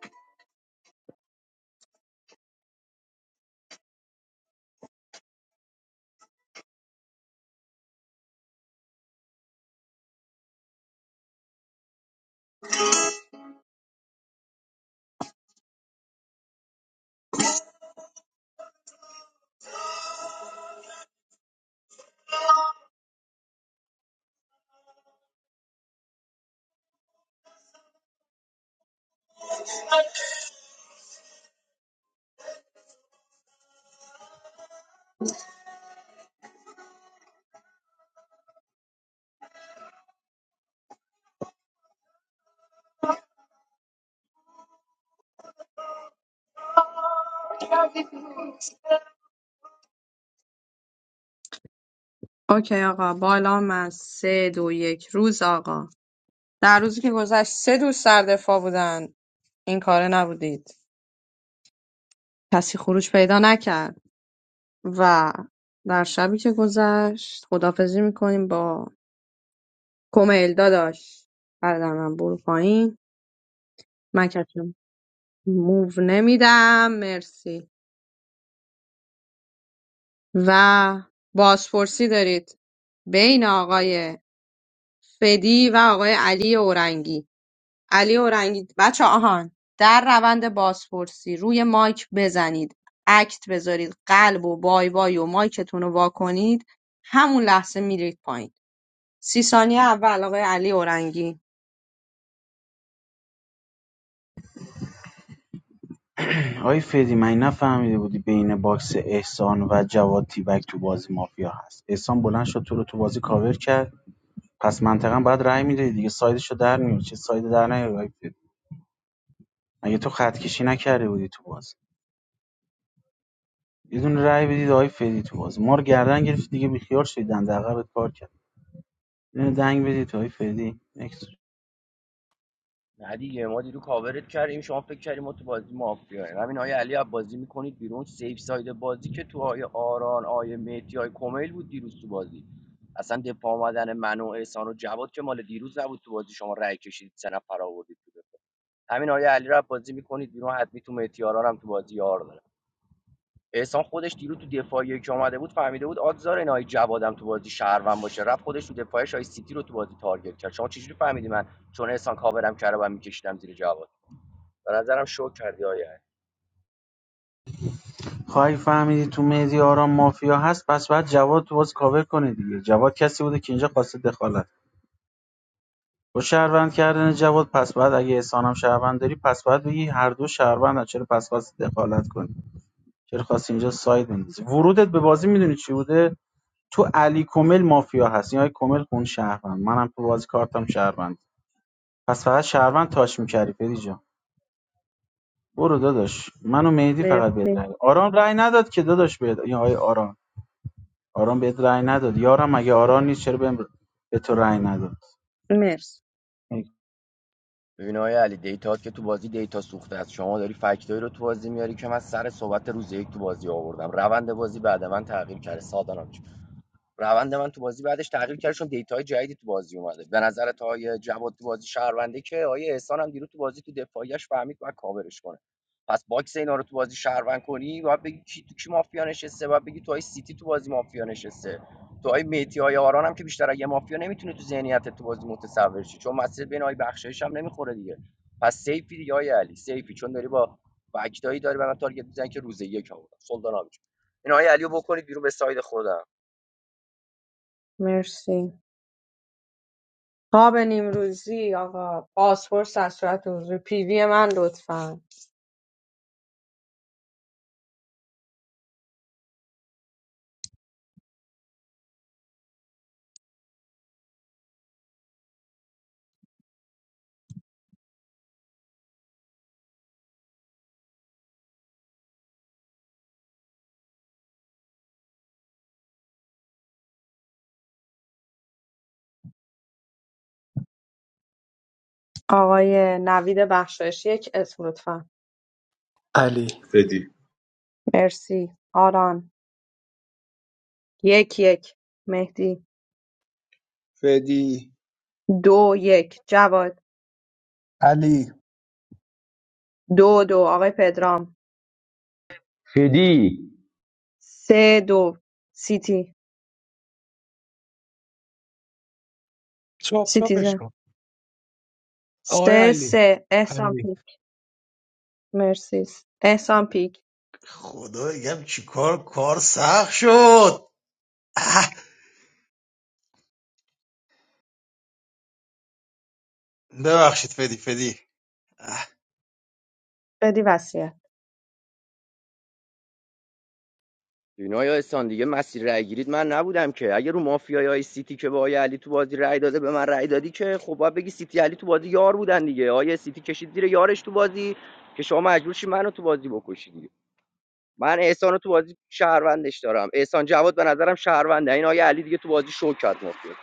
S1: اوکی آقا بالا من سه دو یک روز آقا در روزی که گذشت سه دوست در دفاع بودن این کاره نبودید کسی خروج پیدا نکرد و در شبی که گذشت خدافزی میکنیم با کمیل داداش عزیزم برو پایین من کسی موو نمیدم مرسی و بازپرسی دارید بین آقای فدی و آقای علی اورنگی علی اورنگی بچه آهان در روند بازپرسی روی مایک بزنید اکت بذارید قلب و بای بای و مایکتون رو وا کنید همون لحظه میرید پایین سی ثانیه اول آقای علی اورنگی
S7: آقای فدی من نفهمیده بودی بین باکس احسان و جواد تیبک تو بازی مافیا هست احسان بلند شد تو رو تو بازی کاور کرد پس منطقا باید رأی میدادی دیگه سایدشو در میاری چه ساید در نیاری آقای فدی مگه تو خط کشی نکرده بودی تو بازی یه دونه رأی بدید آقای فدی تو بازی ما رو گردن گرفت دیگه بیخیال شدید دنده عقبت پار کرد یه دنگ بدید آقای فدی نکس
S4: نه دیگه ما دیرو کاورت کردیم شما فکر کردیم ما تو بازی مافیاییم همین آیه علی از بازی میکنید بیرون سیف ساید بازی که تو آیه آران آیه مهدی آیه کمیل بود دیروز تو بازی اصلا دفاع آمدن من و احسان و جواد که مال دیروز نبود تو بازی شما رأی کشیدید سه نفر آوردید تو دفاع. همین آیه علی رو بازی میکنید بیرون حتمی تو مهدی آران هم تو بازی یار داره احسان خودش دیروز تو دفاعی که آمده بود فهمیده بود آگزار این آیه جوادم تو بازی شهروند باشه رفت خودش تو دفاعش آیه سیتی رو تو بازی تارگت کرد شما چجوری فهمیدی من چون احسان کاورم کرده و میکشیدم زیر جواد به نظرم شو کردی آیا
S7: خواهی فهمیدی تو مهدی آرام مافیا هست پس بعد جواد تو بازی کاور کنه دیگه جواد کسی بوده که اینجا قاصد دخالت با شهروند کردن جواد پس بعد اگه احسانم شهروند داری پس بعد بگی هر دو شهروندن چرا پس خواستی دخالت کنی چرا خواستی اینجا ساید بندازی ورودت به بازی میدونی چی بوده تو علی کمل مافیا هست این های کمل خون شهروند منم تو بازی کارتم شهروند پس فقط شهروند تاش می‌کردی فدی جان برو داداش منو مهدی فقط بهت
S1: مرسی
S7: رأی آرام رأی نداد که داداش بهت این آقای آرام آرام بهت رأی نداد یارم اگه آرام نیست چرا بهم به تو رأی نداد
S1: مرسی
S4: ببین آقای علی دیتات که تو بازی دیتا سوخته است شما داری فکتایی رو تو بازی میاری که من سر صحبت روز یک تو بازی آوردم روند بازی بعد من تغییر کرده سادانم روند من تو بازی بعدش تغییر کرد چون دیتاهای جدیدی تو بازی اومده به نظر تا آیه جواد تو بازی شهرونده که آیه احسان هم دیروز تو بازی تو دفاعیش فهمید باید کاورش کنه پس باکس اینا رو تو بازی شهروند کنی باید بگی کی تو کی مافیا نشسته باید بگی تو آیه سیتی تو بازی مافیا نشسته تو آیه میتی آیه آران هم که بیشتر از یه مافیا نمیتونه تو ذهنیت تو بازی متصور شی چون مسیر بین آیه بخشایش هم نمیخوره دیگه پس سیفی دیگه آیه علی سیفی چون داری با فکتایی داری به تارگت میزنی که روز یک آوردم سلطان آبی جون. آیه علی بکنید بیرون به ساید خودم
S1: مرسی خواب نیمروزی آقا بازپرس در صورت حضور پیوی من لطفا آقای نوید بخشایش یک اسم لطفا
S14: علی
S15: فدی
S1: مرسی آران یک یک مهدی
S17: فدی
S1: دو یک جواد دو دو آقای پدرام
S13: فدی
S1: سه دو سیتی
S16: چاپ چاپش
S1: سیتیزن
S16: کن آقای
S1: سه
S16: علی
S1: سه احسان
S16: علی
S1: پیک مرسی احسان پیک
S6: خدا بگم چیکار کار سخت شد ببخشید فدی فدی
S1: بدی وسیعت
S4: اینا یا احسان دیگه مسیر رای گیرید من نبودم که اگه رو مافیای سیتی که به آیه علی تو بازی رای داده به من رای دادی که خب باید بگی سیتی علی تو بازی یار بودن دیگه آیه سیتی کشید زیر یارش تو بازی که شما مجبور شی منو تو بازی بکشی دیگه من احسان رو تو بازی شهروندش دارم احسان جواد به نظرم شهرونده این آیه علی دیگه تو بازی شو کرد مافیا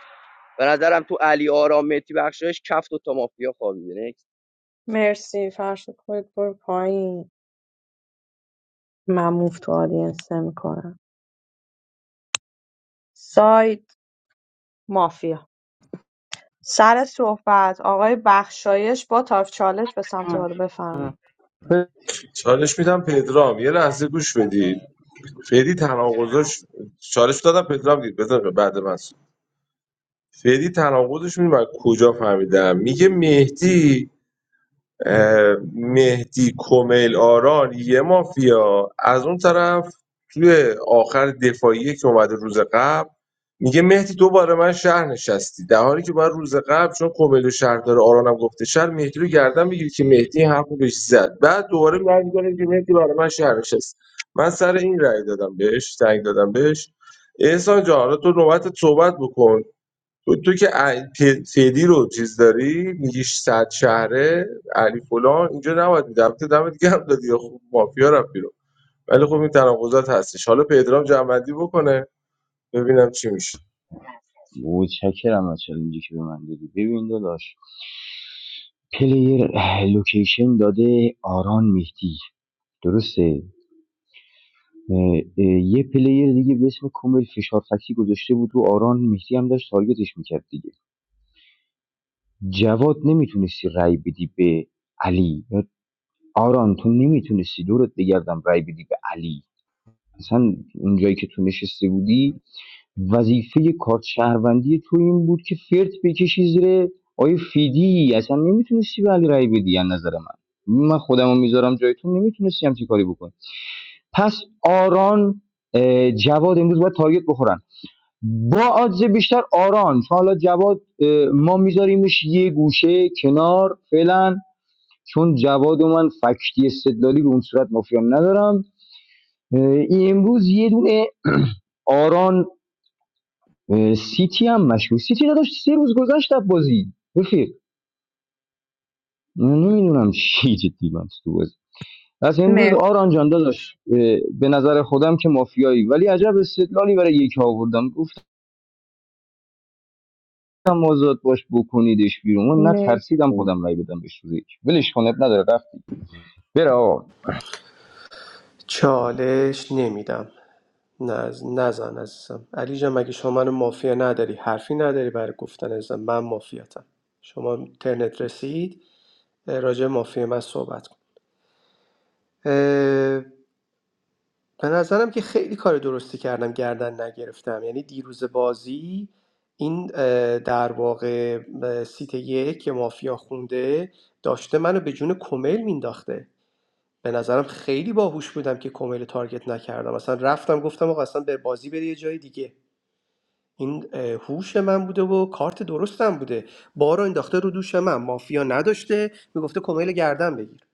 S4: به نظرم تو علی آرام متی بخشش کفت و تا مافیا خوابیده نکس.
S1: مرسی فرشت خود برو پایین من موف تو آدینسه میکنم ساید مافیا سر صحبت آقای بخشایش با طرف چالش به سمت بالا بفرمایید
S15: چالش میدم پدرام یه لحظه گوش بدید فدی تناقضش چالش دادم پدرام دید بذار بعد من صحبت. فدی تناقضش میدونی من کجا فهمیدم میگه مهدی مهدی کمیل آران یه مافیا از اون طرف توی آخر دفاعیه که اومده روز قبل میگه مهدی تو برای من شهر نشستی در حالی که باید روز قبل چون کمیل و شهر داره آرانم گفته شهر مهدی رو گردن بگیری که مهدی این حرف رو بهش زد بعد دوباره برمیگردیم که مهدی برای من شهر نشست من سر این رأی دادم بهش تنگ دادم بهش احسان جان حالا تو نوبت صحبت بکن تو, تو که ع- ت- تدی رو چیز داری میگیش صد شهره علی فلان اینجا نباید میده البته دمت گرم دادی یا خوب مافیا رفت بیرون ولی خب این تناقضات هستش حالا پدرام جنبندی بکنه ببینم چی میشه
S13: متشکرم از چالنجی که به من دادی ببین داداش پلیر اه، لوکیشن داده آران مهدی درسته اه، اه، یه پلیر دیگه به اسم کومل فشار فکسی گذاشته بود رو آران مهدی هم داشت تارگتش میکرد دیگه جواد نمیتونستی رای بدی به علی یا آران تو نمیتونستی دورت بگردم رای بدی به علی اصلا اونجایی که تو نشسته بودی وظیفه کارت شهروندی تو این بود که فرت بکشی زیر آیه فیدی اصلا نمیتونستی به علی رأی بدی از نظر من من خودمو میذارم جای تو نمیتونستی همچین کاری بکنی پس آران اه، جواد امروز باید تارگت بخورن با آدز بیشتر آران حالا جواد اه، ما میذاریمش یه گوشه کنار فعلا چون جواد و من فکتی استدلالی به اون صورت مافیام ندارم امروز یه دونه آران اه، سیتی هم مشهور سیتی نداشت سه روز گذشت از بازی رفیق نمیدونم چی جدی من تو بازی از امروز
S1: مر...
S13: آران جان داداش به نظر خودم که مافیایی ولی عجب استدلالی برای یکی آوردم گفت هم مواظبت باش بکنیدش بیرون من ترسیدم
S1: مرسی
S13: خودم رای بدم بهش روز یک ولش کن اب نداره رفت. بره آقا
S14: چالش نمیدم نز... نزن عزیزم علی جان مگه شما من مافیا نداری حرفی نداری برای گفتن عزیزم من مافیاتم شما ترنت رسید راجع مافیا من صحبت کن اه، به نظرم که خیلی کار درستی کردم گردن نگرفتم یعنی دیروز بازی این اه، در واقع اه، سیت یک که مافیا خونده داشته منو به جون کمیل مینداخته به نظرم خیلی باهوش بودم که کمیل تارگت نکردم اصلا رفتم گفتم آقا اصلا به بازی بری یه جای دیگه این اه، هوش من بوده و کارت درستم بوده بارو انداخته رو دوش من مافیا نداشته میگفته کمیل گردن بگیر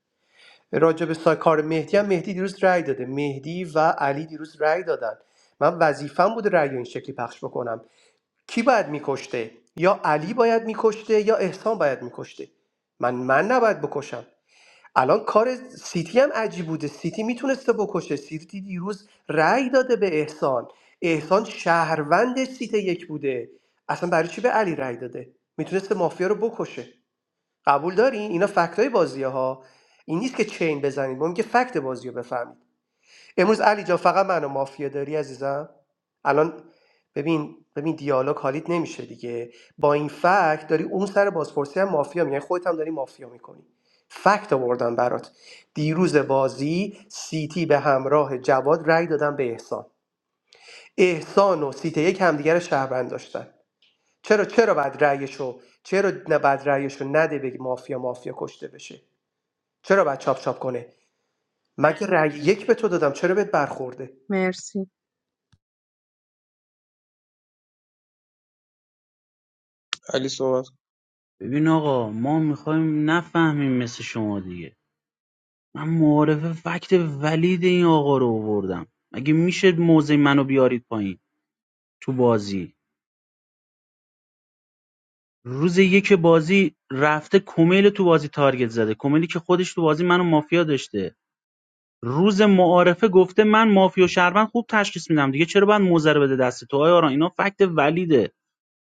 S14: راجع به سا- کار مهدی هم مهدی دیروز رأی داده مهدی و علی دیروز رأی دادن من وظیفم بوده رأی رو این شکلی پخش بکنم کی باید میکشته یا علی باید میکشته یا احسان باید میکشته من من نباید بکشم الان کار سیتی هم عجیب بوده سیتی میتونسته بکشه سیتی دیروز رأی داده به احسان احسان شهروند سیت یک بوده اصلا برای چی به علی رأی داده میتونسته مافیا رو بکشه قبول دارین اینا فکتای بازی ها این نیست که چین بزنید ما میگه فکت بازی رو بفهمید امروز علی جا فقط منو مافیا داری عزیزم الان ببین ببین دیالوگ حالیت نمیشه دیگه با این فکت داری اون سر بازپرسی هم مافیا میگن خودت هم داری مافیا میکنی فکت آوردم برات دیروز بازی سیتی به همراه جواد رأی دادن به احسان احسان و سیتی یک همدیگر رو شهروند داشتن چرا چرا بعد رأیشو چرا نه بعد رأیشو نده بگی مافیا مافیا کشته بشه چرا بعد چاپ چاپ کنه مگه رأی یک به تو دادم چرا بهت برخورده
S1: مرسی
S17: علی صحبت کن.
S7: ببین آقا ما میخوایم نفهمیم مثل شما دیگه من معارف فکت ولید این آقا رو آوردم مگه میشه موزه منو بیارید پایین تو بازی روز یک بازی رفته کمیل تو بازی تارگت زده کمیلی که خودش تو بازی منو مافیا داشته روز معارفه گفته من مافیا و شهروند خوب تشخیص میدم دیگه چرا باید موزه رو بده دست تو آیا آران اینا فکت ولیده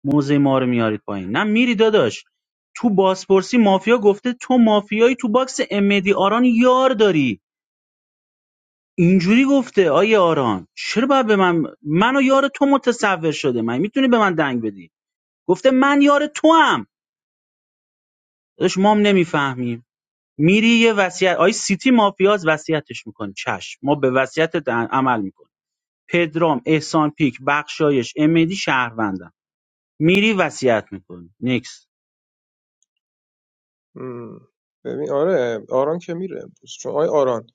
S7: موزه ما رو میارید پایین نه میری داداش تو بازپرسی مافیا گفته تو مافیایی تو باکس امدی آران یار داری اینجوری گفته آیه آران چرا باید به من من یار تو متصور شده من میتونی به من دنگ بدی گفته من یار تو هم داداش ما هم نمیفهمیم میری یه وصیت آی سیتی مافیاز وصیتش میکنه چشم ما به وصیت عمل میکنیم پدرام احسان پیک بخشایش امیدی شهروندم میری وصیت میکنی نیکس
S17: مم. ببین آره آران که میره امروز چون آی آران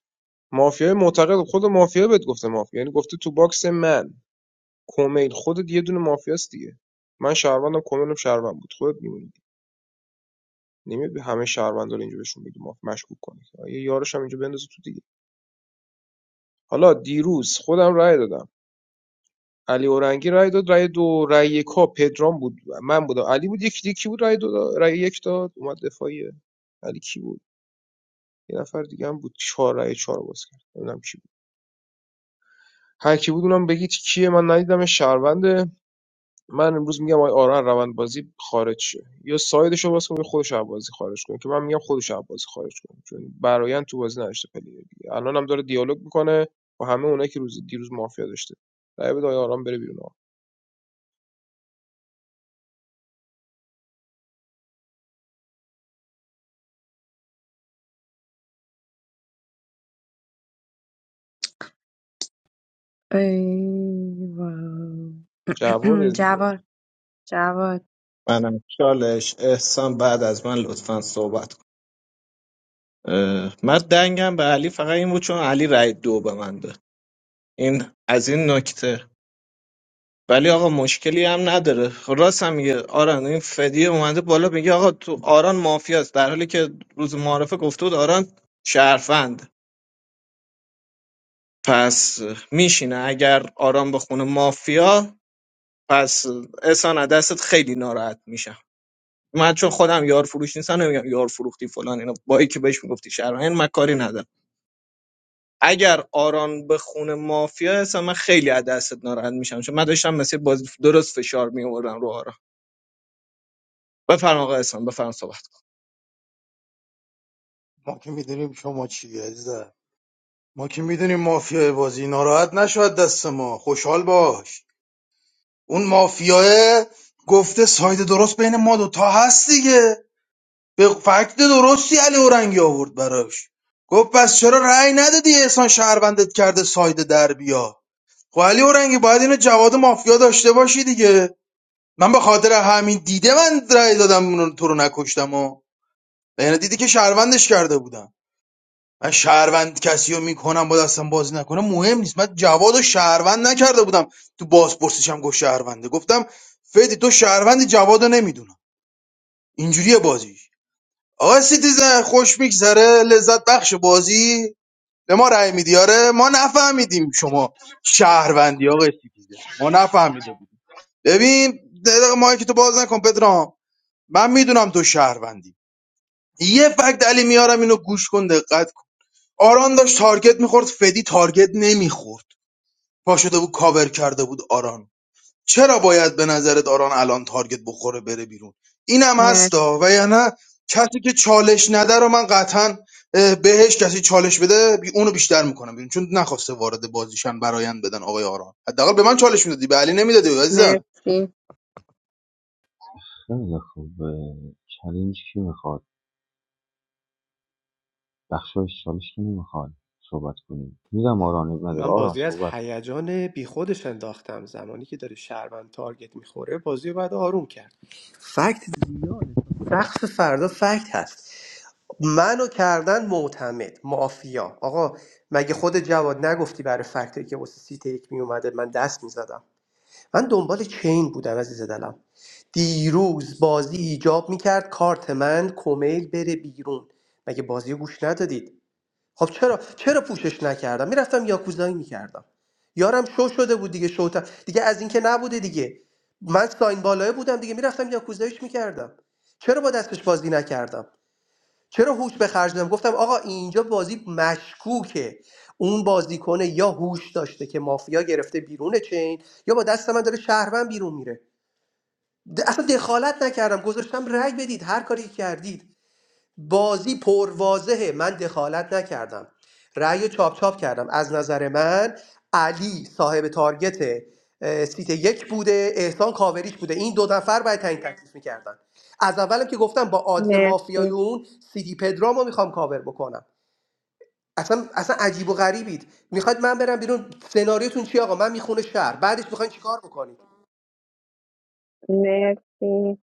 S17: مافیای معتقد خود مافیا بهت گفته مافیا یعنی گفته تو باکس من کومیل خودت یه دونه مافیاست دیگه من شهروندم کومیلم شهروند بود خودت میمونی نمیاد به همه شهروندا رو اینجا بهشون بگی ماف مشکوک کنی یه یارش هم اینجا بندازه تو دیگه حالا دیروز خودم رأی دادم علی اورنگی رای داد رای دو رای یکا پدرام بود من بودم علی بود یکی دیگه کی بود رای دو دا- رای یک داد اومد دفاعیه علی کی بود یه نفر دیگه هم بود چهار رای چهار باز کرد نمیدونم کی بود هر کی بود اونم بگید کیه من ندیدم شهرونده من امروز میگم آقای آران روند بازی خارج شه یا سایدش رو باز کن یا خودش از بازی خارج کن که من میگم خودش از بازی خارج کن چون برایند تو بازی نداشته پلیر دیگه الان هم داره دیالوگ میکنه با همه اونایی که روز دیروز مافیا داشته رای بده آقای آران بره بیرون آقا.
S1: ای وای.
S17: جواد دیگه
S1: جواد جواد
S11: منم چالش احسان بعد از من لطفا صحبت کن اه، من دنگم به علی فقط این بود چون علی رای دو به من داد این از این نکته ولی آقا مشکلی هم نداره خب راست هم میگه آران این فدیه اومده بالا میگه آقا تو آران مافیاست در حالی که روز معارفه گفته بود آران شهروند پس میشه اگر آران بخونه مافیا پس خیلی ناراحت میشم منم یاش نیستم نمیگم یار فروختی فلان اینا با که بهش میگفتی شهروند ندارم اگر آران بخونه مافیا اصلا من خیلی از دستت ناراحت میشم چون من داشتم مثل بازی درست فشار میآوردم رو آران بفرما آقا احسان بفرما صحبت.
S6: ما که میدونیم شما چی عزیزم ما که میدونیم مافیای بازی ناراحت نشود دست ما خوشحال باش اون مافیاه گفته ساید درست بین ما دوتا هست دیگه به فکت درستی علی اورنگی آورد براش گفت پس چرا رأی ندادی احسان شهروندت کرده ساید در بیا خب علی اورنگی باید اینو جواد مافیا داشته باشی دیگه من به خاطر همین دیده من رأی دادم اونو- تو رو نکشتم و یعنی دیدی که شهروندش کرده بودم من شهروند کسی رو میکنم با دستم بازی نکنم مهم نیست من جواد و شهروند نکرده بودم تو بازپرسیش هم گفت شهرونده گفتم فدی تو شهروند جواد رو نمیدونم اینجوریه بازیش آقا سیتیزن خوش میگذره لذت بخش بازی به ما رأی میدی آره ما نفهمیدیم شما شهروندی آقا سیتیزن ما نفهمیده بودیم ببین یه ما که تو باز نکن پدرام من میدونم تو شهروندی یه فکت علی میارم اینو گوش کن دقت آران داشت تارگت میخورد فدی تارگت نمیخورد پا شده بود کاور کرده بود آران چرا باید به نظرت آران الان تارگت بخوره بره بیرون اینم
S1: مر...
S6: هستا و یا نه کسی که چالش نده رو من قطعا اه، بهش کسی چالش بده بی- اونو بیشتر میکنم بیرون چون نخواسته وارد بازیشن برایند بدن آقای آران حداقل به من چالش میدادی به علی نمیدادی عزیزم
S1: مرسی
S13: خیلی خوب اه، کی میخواد بخشایش چالش کی نمیخواد صحبت کنیم میدم آران اب نداره
S14: من
S13: آران
S14: بازی از
S13: صحبت کن
S14: هیجان بیخودش انداختم زمانی که داره شهروند تارگت میخوره بازی رو باید آروم کرد فکت سقف فردا فکت هست منو کردن معتمد مافیا آقا مگه خود جواد نگفتی برای فکتی که واسه سیت یک میومده من دست میزدم من دنبال چین بودم عزیز دلم دیروز بازی ایجاب میکرد کارت من کمیل بره بیرون مگه بازی رو گوش ندادید خب چرا چرا پوشش نکردم میرفتم یاکوزایی میکردم یارم شو شده بود دیگه شو دیگه از اینکه نبوده دیگه من ساین بالای بودم دیگه میرفتم یاکوزاییش میکردم چرا با دستش بازی نکردم چرا هوش به خرج دادم گفتم آقا اینجا بازی مشکوکه اون بازیکن یا هوش داشته که مافیا گرفته بیرون چین یا با دست من داره شهروند بیرون میره د- اصلا دخالت نکردم گذاشتم رأی بدید هر کاری که کردید بازی پرواضحه من دخالت نکردم رأی رو چاپ چاپ کردم از نظر من علی صاحب تارگت اه، سیت یک بوده احسان کاوریش بوده این دو نفر باید تعیین تکلیف میکردن از اولم که گفتم با آدز مافیای
S1: مرسی
S14: اون سیدی پدرامو میخوام کاور بکنم اصلا اصلا عجیب و غریبید میخواد من برم بیرون سناریوتون چی آقا من میخونه شهر بعدش میخواین چیکار بکنید
S1: مرسی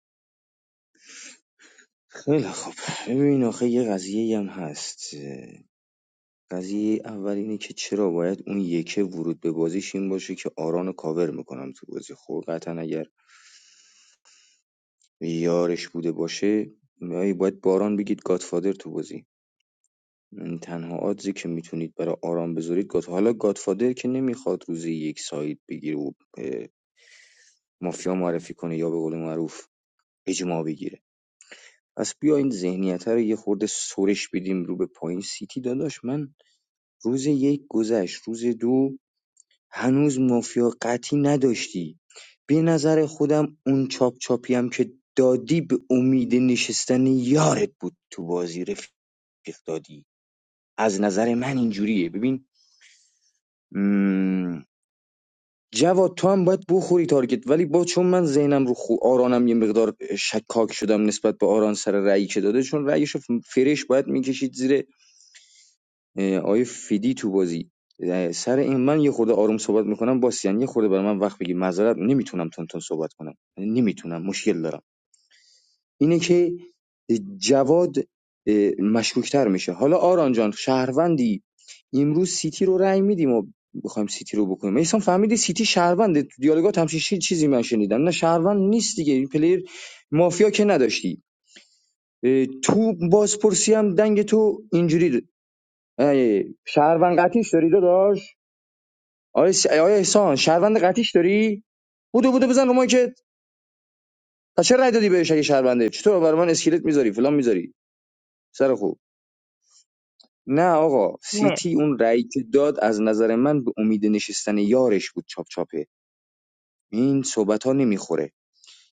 S13: خیلی خب ببین آخه یه قضیه هم هست اه، قضیه اول اینه که چرا باید اون یکه ورود به بازیش این باشه که آران کاور میکنم تو بازی خب قطعا اگر یارش بوده باشه نه، باید باران بگید گادفادر تو بازی م، تنها آدزی که میتونید برای آرام بذارید گاد حالا گادفادر که نمیخواد روزی یک ساید بگیره و مافیا معرفی کنه یا به قول معروف اجماع بگیره پس بیا این ذهنیت رو یه خورده سرش بدیم رو به پایین سیتی داداش من روز یک گذشت روز دو هنوز مافیا قطعی نداشتی به نظر خودم اون چاپ چاپی هم که دادی به امید نشستن یارت بود تو بازی رفیق دادی از نظر من اینجوریه ببین مم. جواد تو هم باید بخوری تارگت ولی با چون من ذهنم رو خو... آرانم یه مقدار شکاک شدم نسبت به آران سر رأیی که داده چون رأیش فرش باید میکشید زیر اه، آیه فیدی تو بازی اه، سر این من یه خورده آروم صحبت میکنم باسیان یه خورده برای من وقت بگی معذرت نمیتونم تون تون صحبت کنم نمیتونم مشکل دارم اینه که جواد مشکوکتر میشه حالا آران جان شهروندی امروز سیتی رو رأی میدیم و بخوایم سیتی رو بکنیم احسان فهمیدی سیتی شهرونده تو دیالوگات هم چیزی من شنیدم نه شهروند نیست دیگه این پلیر مافیا که نداشتی تو بازپرسی هم دنگ تو اینجوری د- اه، شهروند قطیش داری داداش آیا, س... آیا احسان شهروند قطیش داری بودو بودو بزن رو مایکت تا چه رأی دادی بهش اگه شهرونده چطور برای من اسکلت میذاری فلان میذاری سر خوب نه آقا
S1: مر...
S13: سیتی اون رأیی که داد از نظر من به امید نشستن یارش بود چاپ چاپه این صحبت ها نمیخوره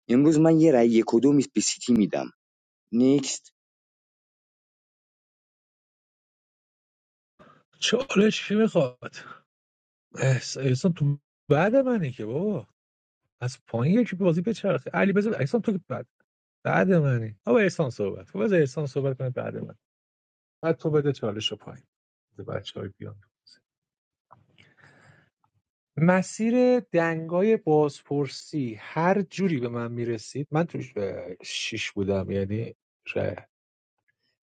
S13: امروز من یه رأی کدوم به سیتی میدم نیکست
S16: چالش کی میخواد احس- احسان تو بعد منی که بابا از پایین یکی بازی بچرخه علی بذار احسان تو که بعد بعد منی آقا احسان صحبت کن بذار احسان صحبت کنه بعد من بعد تو بده چالش رو پایین بچه های بیان مسیر دنگای بازپرسی هر جوری به من میرسید من توش اه، شیش بودم یعنی شاید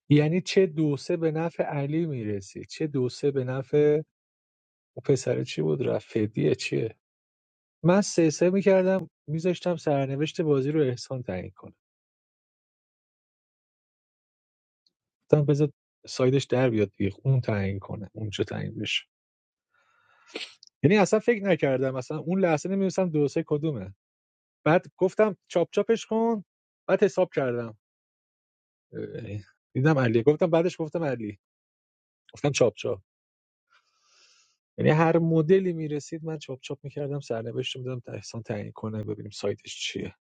S16: یعنی چه دو سه به نفع علی میرسید چه دو سه به نفع اون پسره چی بود رفیدیه چیه من سه سه میکردم میذاشتم سرنوشت بازی رو احسان تعیین کنه گفتم بذار سایدش در بیاد دیگه اون تعیین کنه اونجا تعیین بشه یعنی اصلا فکر نکردم اصلا اون لحظه نمیدونستم دو سه کدومه بعد گفتم چاپ چاپش کن بعد حساب کردم یعنی دیدم علی گفتم بعدش گفتم علی گفتم چاپ چاپ یعنی هر مدلی میرسید من چاپ چاپ میکردم سرنوشت میدادم تا احسان تعیین کنه ببینیم سایتش چیه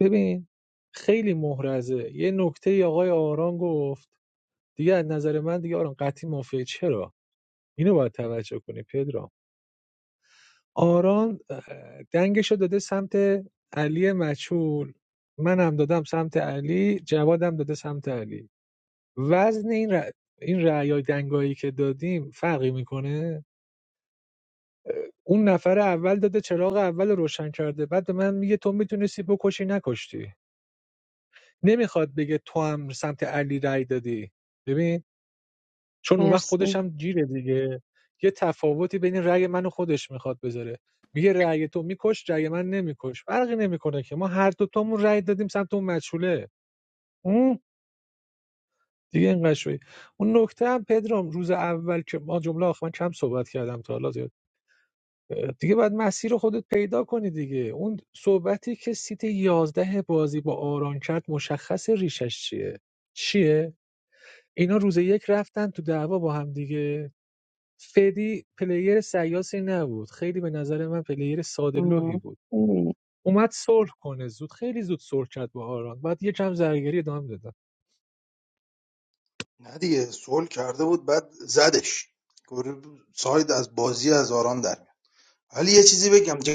S16: ببین خیلی محرزه یه نکته آقای آران گفت دیگه از نظر من دیگه آران قطعی مافیه چرا اینو باید توجه کنی پدرام آران اه، دنگشو داده سمت علی مچول منم دادم سمت علی جوادم داده سمت علی وزن این ر... این رأیای دنگایی که دادیم فرقی میکنه اون نفر اول داده چراغ اول روشن کرده بعد به من میگه تو میتونستی بکشی نکشتی نمیخواد بگه تو هم سمت علی رأی دادی ببین چون اون وقت خودش
S1: مرسی
S16: هم جیره دیگه یه تفاوتی بین رأی من و خودش میخواد بذاره میگه رأی تو میکش رأی من نمیکش فرقی نمیکنه که ما هر دو تامون رأی دادیم سمت اون مچوله دیگه اینقدر شوی اون نکته هم پدرام روز اول که ما جمله آخر من کم صحبت کردم تا حالا زیاد دیگه باید مسیر خودت پیدا کنی دیگه اون صحبتی که سیت یازده بازی با آران کرد مشخص ریشش چیه چیه اینا روز یک رفتن تو دعوا با هم دیگه فدی پلیر سیاسی نبود خیلی به نظر من پلیر ساده لوحی
S1: مرسی
S16: بود
S1: مر...
S16: اومد صلح کنه زود خیلی زود صلح کرد با آران بعد یه کم زرگری ادامه دادن
S6: نه دیگه سول کرده بود بعد زدش گفت ساید از بازی از آران در میاد. ولی یه چیزی بگم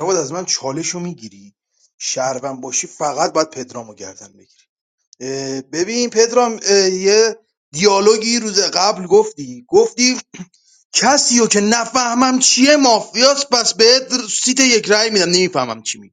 S6: نباید از من چالش رو میگیری شهروند باشی فقط باید پدرامو گردن بگیری اه، ببین پدرام اه، یه دیالوگی روز قبل گفتی گفتی کسی رو که نفهمم چیه مافیاس پس به سیت یک رای میدم نمیفهمم چی میگی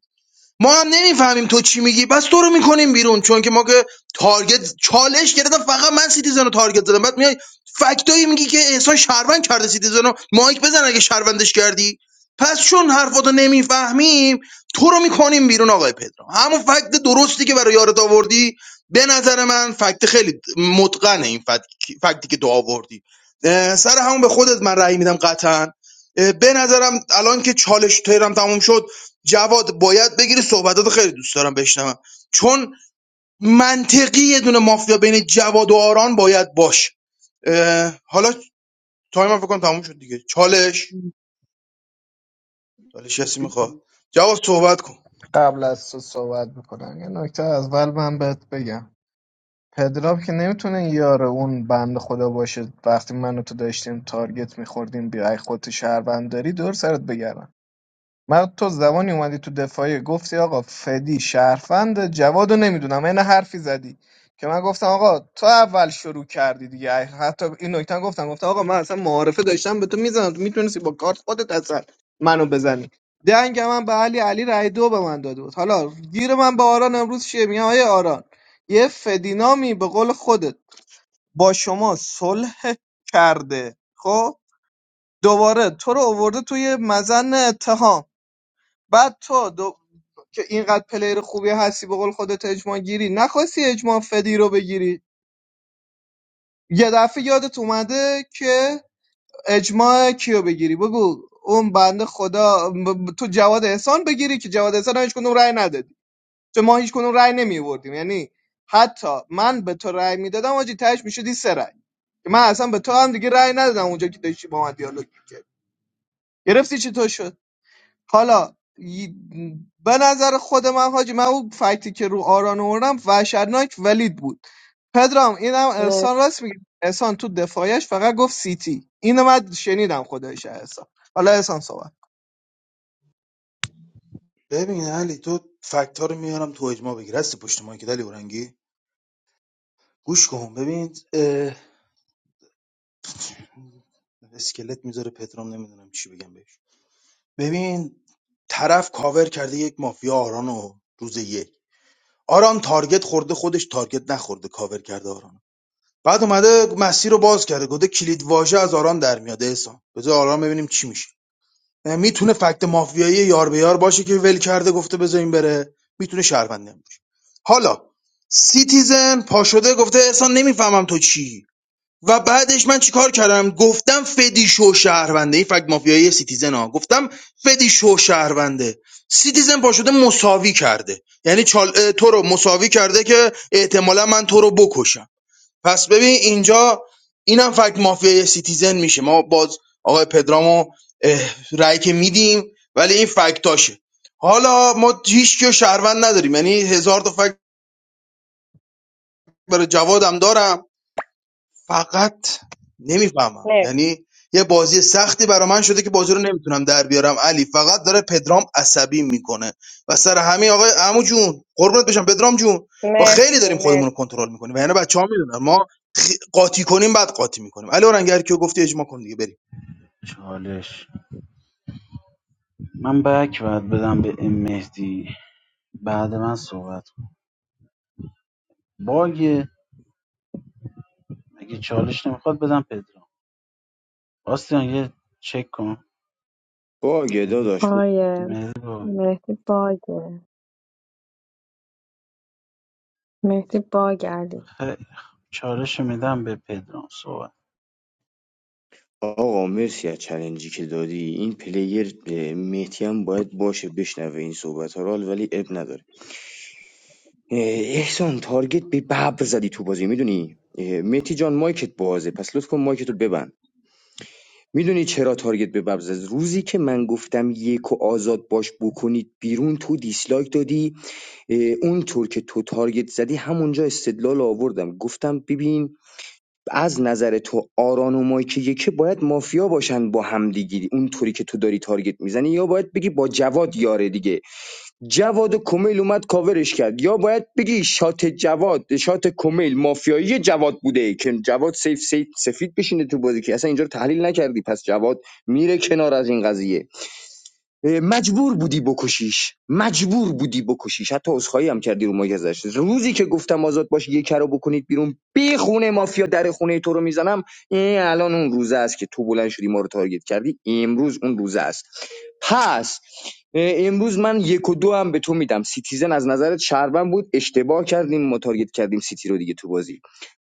S6: ما هم نمیفهمیم تو چی میگی بس تو رو میکنیم بیرون چون که ما که تارگت چالش گرفتم فقط من سیتیزن رو تارگت زدم بعد میای فکتایی میگی که احسان شهروند کرده سیتیزن رو مایک بزن اگه شهروندش کردی پس چون حرفاتو نمیفهمیم تو رو میکنیم بیرون آقای پدرام همون فکت درستی که برای یارت آوردی به نظر من فکت خیلی متقنه این فکت فکتی که تو آوردی اه، سر همون به خودت من رأی میدم قطعا اه، به نظرم الان که چالش تهرم تموم شد جواد باید بگیری صحبتات خیلی دوست دارم بشنوم چون منطقی یه دونه مافیا بین جواد و آران باید باش اه، حالا تایم هم فکر کنم تموم شد دیگه چالش چالش کسی میخواد جواد صحبت کن
S11: قبل از تو صحبت میکنم یه نکته اول من بهت بگم پدرام که نمیتونه یار اون بند خدا باشه وقتی من و تو داشتیم تارگت میخوردیم بیای خودت شهروند داری دور سرت بگردم من تو زمانی اومدی تو دفاعیه گفتی آقا فدی شهروند جواد رو نمیدونم این حرفی زدی که من گفتم آقا تو اول شروع کردی دیگه حتی این نکته هم گفتم گفتم آقا من اصلا معارفه داشتم به تو میزنم تو میتونستی با کارت خودت اصلا منو بزنی دنگ من به علی علی رای دو به من داده بود حالا گیر من به آران امروز چیه میگم آیه آران یه فدینامی به قول خودت با شما صلح کرده خب دوباره تو رو آورده توی مزن اتهام بعد تو دو... که اینقدر پلیر خوبی هستی به قول خودت اجماع گیری نخواستی اجماع فدی رو بگیری یه دفعه یادت اومده که اجماع کیو بگیری بگو اون بنده خدا ب- ب- تو جواد احسان بگیری که جواد احسان هم هیچ کدوم رأی ندادی چون ما هیچ کدوم رأی نمی آوردیم یعنی حتی من به تو رأی میدادم آجی تهش میشدی سه رأی که من اصلا به تو هم دیگه رأی ندادم اونجا که داشتی با من دیالوگ میکردی گرفتی چی تو شد حالا ی- به نظر خود من حاجی من اون فکتی که رو آران آوردم وحشتناک ولید بود پدرام اینم احسان راست میگه احسان تو دفاعش فقط گفت سیتی اینو من شنیدم خدایش احسان حالا احسان صحبت
S6: ببین علی تو فکت ها رو میارم تو اجماع بگیر هستی پشت ما که دلی اورنگی گوش کن ببین اه، اسکلت میذاره پترام نمیدونم چی بگم بهش ببین طرف کاور کرده یک مافیا آران و روز یک آران تارگت خورده خودش تارگت نخورده کاور کرده آران بعد اومده مسیر رو باز کرده گفته کلید واژه از آرام در میاد احسان بذار آرام ببینیم چی میشه یعنی میتونه فکت مافیایی یار به یار باشه که ول کرده گفته بذار این بره میتونه شهرونده هم باشه حالا سیتیزن پا شده گفته احسان نمیفهمم تو چی و بعدش من چیکار کردم گفتم فدی شو شهرونده این فکت مافیایی سیتیزن ها گفتم فدی شو شهرونده سیتیزن پا شده مساوی کرده یعنی چال... اه، تو رو مساوی کرده که احتمالا من تو رو بکشم پس ببین اینجا اینم فکت مافیای سیتیزن میشه ما باز آقای پدرامو اه، رأی که میدیم ولی این فکتاشه حالا ما هیچ کیو شهروند نداریم یعنی هزار تا فکت برای جوادم دارم فقط نمیفهمم
S1: مرسی
S6: یعنی یه بازی سختی برا من شده که بازی رو نمیتونم در بیارم علی فقط داره پدرام عصبی میکنه و سر همین آقای عمو جون قربونت بشم پدرام جون ما خیلی
S1: مرسی
S6: داریم خودمون
S1: مرسی
S6: رو کنترل میکنیم و یعنی بچه ها میدونن ما خی- قاطی کنیم بعد قاطی میکنیم علی اورنگر کیو گفتی اجماع کن دیگه بریم
S7: چالش من بک باید بدم به ام مهدی بعد من صحبت کن باگه اگه چالش نمیخواد بدم پدرام آستین یه چک کن
S13: باگه
S7: مهدی
S13: داداش
S1: آقای
S7: مهدی بابا.
S1: مهدی باگه مهدی باگ علی
S7: خیلی چالش میدم به پدرام صحبت
S13: آقا مرسی از چلنجی که دادی این پلیر اه، مهدی هم باید باشه بشنوه این صحبت ها رو ولی اب نداره اه، احسان تارگت به ببر زدی تو بازی میدونی مهدی جان مایکت بازه پس لطف کن مایکتو ببند میدونی چرا تارگت به ببز روزی که من گفتم یک و آزاد باش بکنید بیرون تو دیسلایک دادی اه، اونطور که تو تارگت زدی همونجا استدلال آوردم گفتم ببین از نظر تو آران و مایک یکی باید مافیا باشن با هم دیگه اونطوری که تو داری تارگت میزنی یا باید بگی با جواد یاره دیگه جواد کمیل اومد کاورش کرد یا باید بگی شات جواد شات کمیل مافیایی جواد بوده که جواد سیف سیف سفید بشینه تو بازی که اصلا اینجا رو تحلیل نکردی پس جواد میره کنار از این قضیه مجبور بودی بکشیش مجبور بودی بکشیش حتی عذرخواهی هم کردی رو مایک ازش روزی که گفتم آزاد باش یکی رو بکنید بیرون بی خونه مافیا در خونه تو رو میزنم این الان اون روزه است که تو بلند شدی ما رو تارگت کردی امروز اون روزه است پس امروز من یک و دو هم به تو میدم سیتیزن از نظرت شربن بود اشتباه کردیم ما تارگت کردیم سیتی رو دیگه تو بازی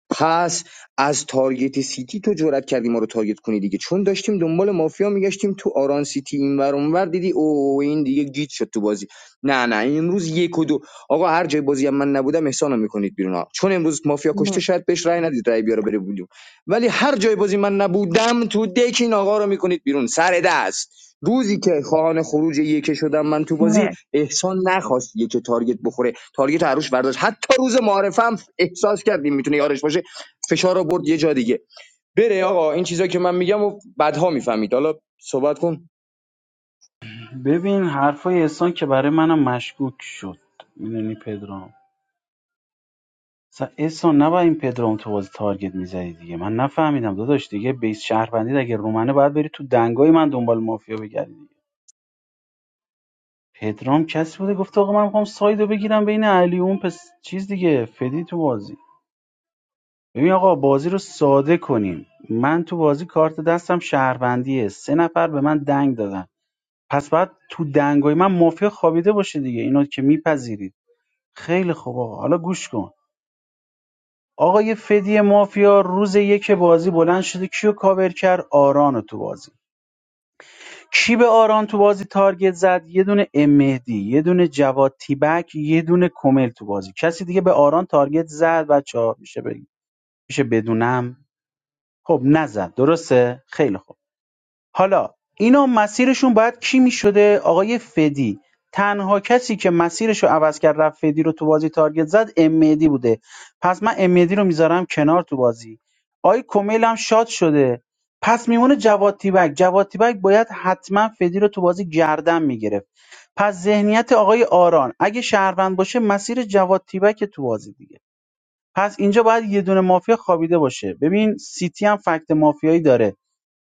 S13: پس از تارگت سیتی تو جرئت کردی ما رو تارگت کنی دیگه چون داشتیم دنبال مافیا میگشتیم تو آران سیتی اینور اونور دیدی او این دیگه گیت شد تو بازی نه نه این امروز یک و دو آقا هر جای بازی هم من نبودم احسانو میکنید بیرون ها. چون امروز مافیا
S1: مر...
S13: کشته شاید بهش رأی ندید رأی بیاره بره بودیم ولی هر جای بازی من نبودم تو دک این آقا رو میکنید بیرون سر دست روزی که خواهان خروج یکه شدم من تو بازی
S1: مر...
S13: احسان نخواست یکه تارگت بخوره تارگت عروش برداشت حتی روز معارفه هم احساس کردیم میتونه یارش باشه فشار رو یه جا دیگه بره آقا این چیزا که من میگم و بعدها میفهمید حالا صحبت کن
S7: ببین حرفای احسان که برای منم مشکوک شد میدونی پدرام اصلا احسان نباید این پدرام تو بازی تارگت میزدی دیگه من نفهمیدم داداش دیگه بیس شهروندی اگه رومنه باید بری تو دنگای من دنبال مافیا بگردی دیگه. پدرام کسی بوده گفته آقا من میخوام سایدو بگیرم بین علی و اون پس چیز دیگه فدی تو بازی ببین آقا بازی رو ساده کنیم من تو بازی کارت دستم شهروندیه سه نفر به من دنگ دادن پس باید تو دنگای من مافیا خوابیده باشه دیگه اینو که میپذیرید خیلی خوب آقا حالا گوش کن آقا یه فدی مافیا روز یک بازی بلند شده کیو کاور کرد آران رو تو بازی کی به آران تو بازی تارگت زد یه دونه ام مهدی یه دونه جواد تیبک یه دونه کمل تو بازی کسی دیگه به آران تارگت زد بچه میشه بگی میشه بدونم خب نزد درسته خیلی خوب حالا اینا مسیرشون باید کی میشده؟ آقای فدی تنها کسی که مسیرشو عوض کرد رفت فدی رو تو بازی تارگت زد امیدی بوده پس من امیدی رو میذارم کنار تو بازی آقای کمیل هم شاد شده پس میمونه جواد تیبک جواد تیبک باید حتما فدی رو تو بازی گردن میگرفت پس ذهنیت آقای آران اگه شهروند باشه مسیر جواد تیبک تو بازی دیگه پس اینجا باید یه دونه مافیا خوابیده باشه ببین سیتی هم فکت مافیایی داره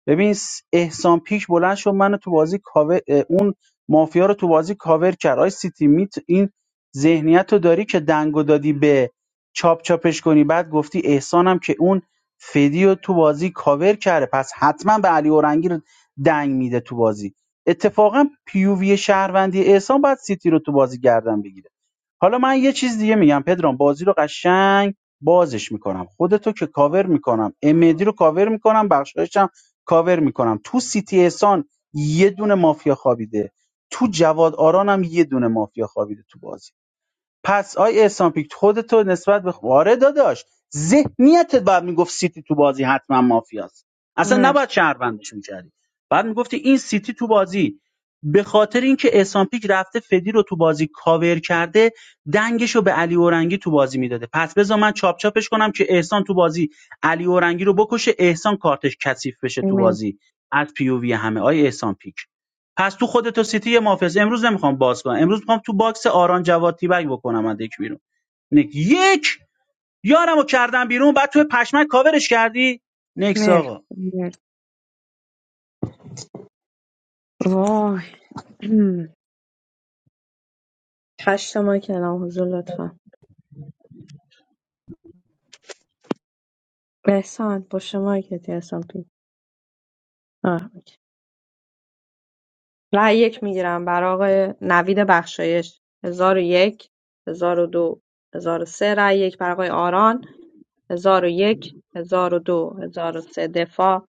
S7: ببین س- احسان پیک بلند شد منو تو بازی کاور اه، اون مافیا رو تو بازی کاور کرد آی سیتی میت این ذهنیت رو داری که دنگو دادی به چاپ چاپش کنی بعد گفتی احسانم که اون فدی رو تو بازی کاور کرده پس حتما به علی اورنگی رو دنگ میده تو بازی اتفاقا پیووی شهروندی احسان باید سیتی رو تو بازی گردن بگیره حالا من یه چیز دیگه میگم پدرام بازی رو قشنگ بازش میکنم خودتو که کاور میکنم امیدی رو کاور میکنم بخشایشم کاور میکنم تو سیتی احسان یه دونه مافیا خوابیده تو جواد آرانم یه دونه مافیا خوابیده تو بازی پس آی احسان پیک خودتو نسبت به آره داداش ذهنیتت باید میگفت سیتی تو بازی حتما مافیاست اصلا
S1: مرسی
S7: نباید شهروندش میکردی بعد میگفتی این سیتی تو بازی به خاطر اینکه احسان پیک رفته فدی رو تو بازی کاور کرده دنگش رو به علی اورنگی تو بازی میداده پس بذار من چاپ چاپش کنم که احسان تو بازی علی اورنگی رو بکشه احسان کارتش کثیف بشه تو
S1: مر...
S7: بازی از پی او وی همه آی احسان پیک پس تو خودت و سیتی یه مافیاس امروز نمیخوام باز کنم امروز میخوام تو باکس آران جواد تیبک بکنم از یک بیرون نک یک یارمو کردم بیرون بعد تو پشمک کاورش کردی نکس
S1: مر...
S7: آقا
S1: مر... وای هشت ماه کلام حضور لطفا احسان پشت مایکتی احسان پی آه. اوکی. رأی یک میگیرم برای آقای نوید بخشایش هزار و یک هزار و دو هزار و سه رأی یک برای آقای آران هزار و یک هزار و دو هزار و سه دفاع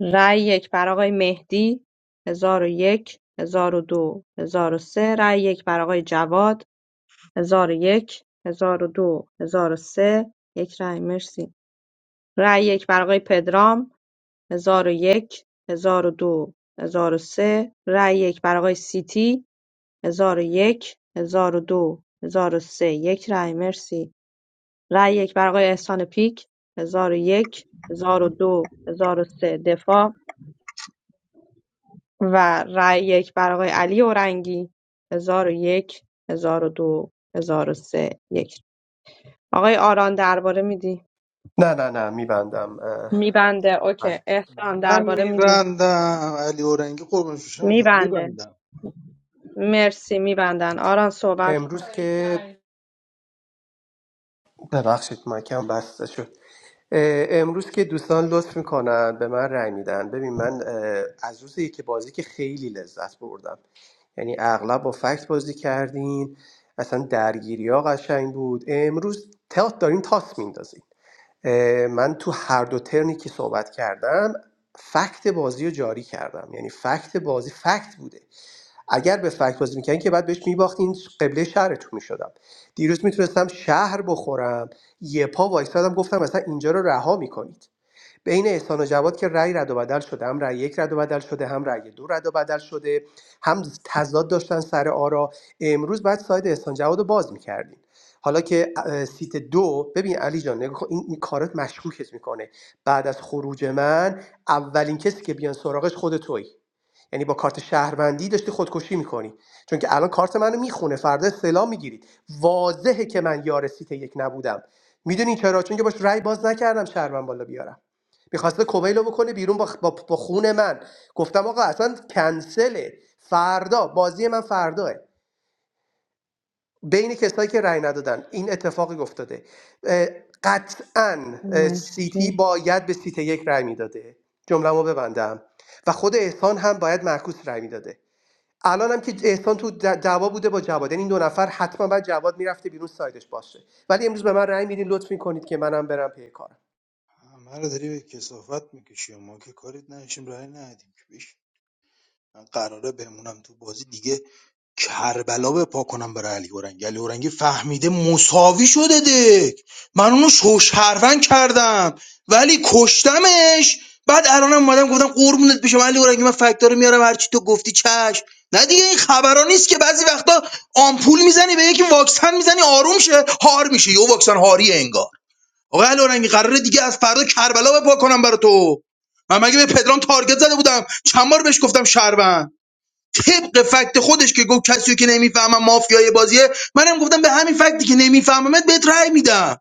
S1: رأی یک برای آقای مهدی هزار و یک هزار و دو هزار و سه رأی یک برای آقای جواد هزار و یک هزار و دو هزار و سه یک رأی مرسی رأی یک برای آقای پدرام هزار و یک، هزار و دو، هزار و سه رأی یک برای آقای سیتی هزار و یک، هزار و دو، هزار و سه یک رأی مرسی. رأی یک برای آقای احسان پیک هزار و یک، هزار و دو، هزار و سه دفاع و رأی یک برای آقای علی اورنگی هزار و یک، هزار و دو، هزار و سه یک. آقای آران درباره میدی؟
S14: نه نه نه میبندم
S1: میبنده. اوکی. احسان
S6: منم
S1: درباره میدی؟
S6: میبندم علی اورنگی قربونش بشم میخواد
S1: میبنده.
S6: میبندم
S1: مرسی میبندن. آران صحبت کن.
S14: امروز که ببخشید مایکم بسته شد اه، امروز که دوستان لطف میکنن به من رأی میدن ببین من اه، از روز که بازی که خیلی لذت بردم یعنی اغلب با فکت بازی کردین اصلا درگیری ها قشنگ بود امروز تا دارین تاس میندازین اه، من تو هر دو ترنی که صحبت کردم فکت بازی رو جاری کردم یعنی فکت بازی فکت بوده اگر به فکت بازی میکردین که بعد بهش میباختین قبله شهرتون میشدم دیروز میتونستم شهر بخورم یه پا وایستادم گفتم مثلا اینجا رو رها میکنید بین احسان و جواد که رأی رد و بدل شده هم رأی یک رد و بدل شده هم رأی دو رد و بدل شده هم تضاد داشتن سر آرا امروز بعد ساید احسان جواد رو باز میکردین حالا که اه، سیت دو ببین علی جان نگاه کن، این, این کارت مشکوکت میکنه بعد از خروج من اولین کسی که بیان سراغش خود توی یعنی با کارت شهروندی داشتی خودکشی میکنی چون که الان کارت منو میخونه فردا سلام میگیرید واضحه که من یار سیت یک نبودم میدونی چرا چون که باش رأی باز نکردم شهروند بالا بیارم میخواسته کومیلو بکنه بیرون با, خ- با, با خون من گفتم آقا اصلا کنسله فردا بازی من فرداه بین کسایی که رأی ندادن این اتفاقی افتاده اه، قطعا اه، سیتی
S1: مرسی
S14: باید به سیت یک رأی میداده جمله‌مو ببندم و خود احسان هم باید معکوس رأی میداده الان هم که احسان تو د- دعوا بوده با جواد یعنی این دو نفر حتما بعد جواد میرفته بیرون سایدش باشه ولی امروز به من رأی میدین لطف میکنید که منم برم پی کارم
S6: همه رو داری به کسافت میکشی ما که کاریت نشیم رای ندیم که بش من قراره بمونم تو بازی دیگه کربلا به پا کنم برای علی اورنگی علی اورنگی فهمیده مساوی شده دک من اونو شوشهروند کردم ولی کشتمش بعد الانم اومدم گفتم قربونت بشم علی اورنگی من فکتا رو میارم هرچی تو گفتی چشم نه دیگه این خبرا نیست که بعضی وقتا آمپول میزنی به یکی واکسن میزنی آروم شه هار میشه یه واکسن هاریه انگار آقا علی اورنگی قراره دیگه از فردا کربلا به پا کنم برای تو من مگه به پدرام تارگت زده بودم چند بار بهش گفتم شهروند طبق فکت خودش که گفت کسی که نمیفهمم مافیای بازیه منم گفتم به همین فکتی که نمیفهممت بهت رأی میدم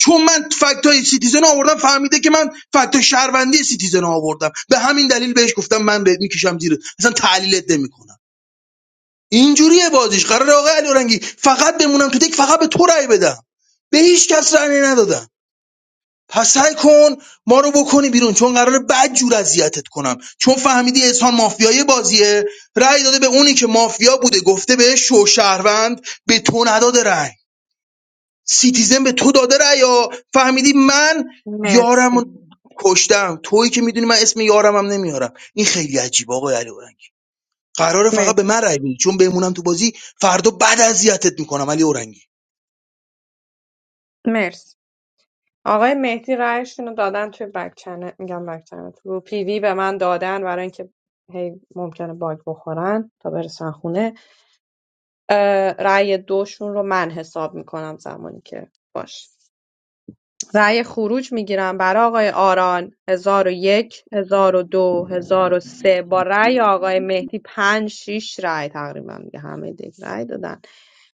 S6: چون من فکت سیتیزن آوردم فهمیده که من فکت های شهروندی سیتیزن آوردم به همین دلیل بهش گفتم من بهت میکشم زیر اصلا تحلیلت نمیکنم اینجوریه بازیش قرار آقای علی فقط بمونم تو دک فقط به تو رأی بدم به هیچ کس رأی ندادم پس سعی کن ما رو بکنی بیرون چون قراره بد جور اذیتت کنم چون فهمیدی احسان مافیای بازیه رأی داده به اونی که مافیا بوده گفته به شو شهروند به تو نداده رأی سیتیزن به تو داده رأی یا فهمیدی من یارم رو
S1: مرسی
S6: کشتم تویی که میدونی من اسم یارمم نمیارم این خیلی عجیب آقای علی اورنگی قراره
S1: مر-
S6: فقط به من رأی بدی چون بمونم تو بازی فردا بعد اذیتت میکنم علی اورنگی
S1: مرسی آقای مهدی رأیشون رو دادن توی بک چنل میگم بک چنل تو رو پی وی به من دادن برای اینکه هی ممکنه باگ بخورن تا برسن خونه اه، رأی دوشون رو من حساب میکنم زمانی که باش رای خروج میگیرم برای آقای آران هزار و یک، هزار و دو، هزار و یک 1001 1002 1003 با رای آقای مهدی پنج شش رای تقریبا دیگه همه دیگه رای دادن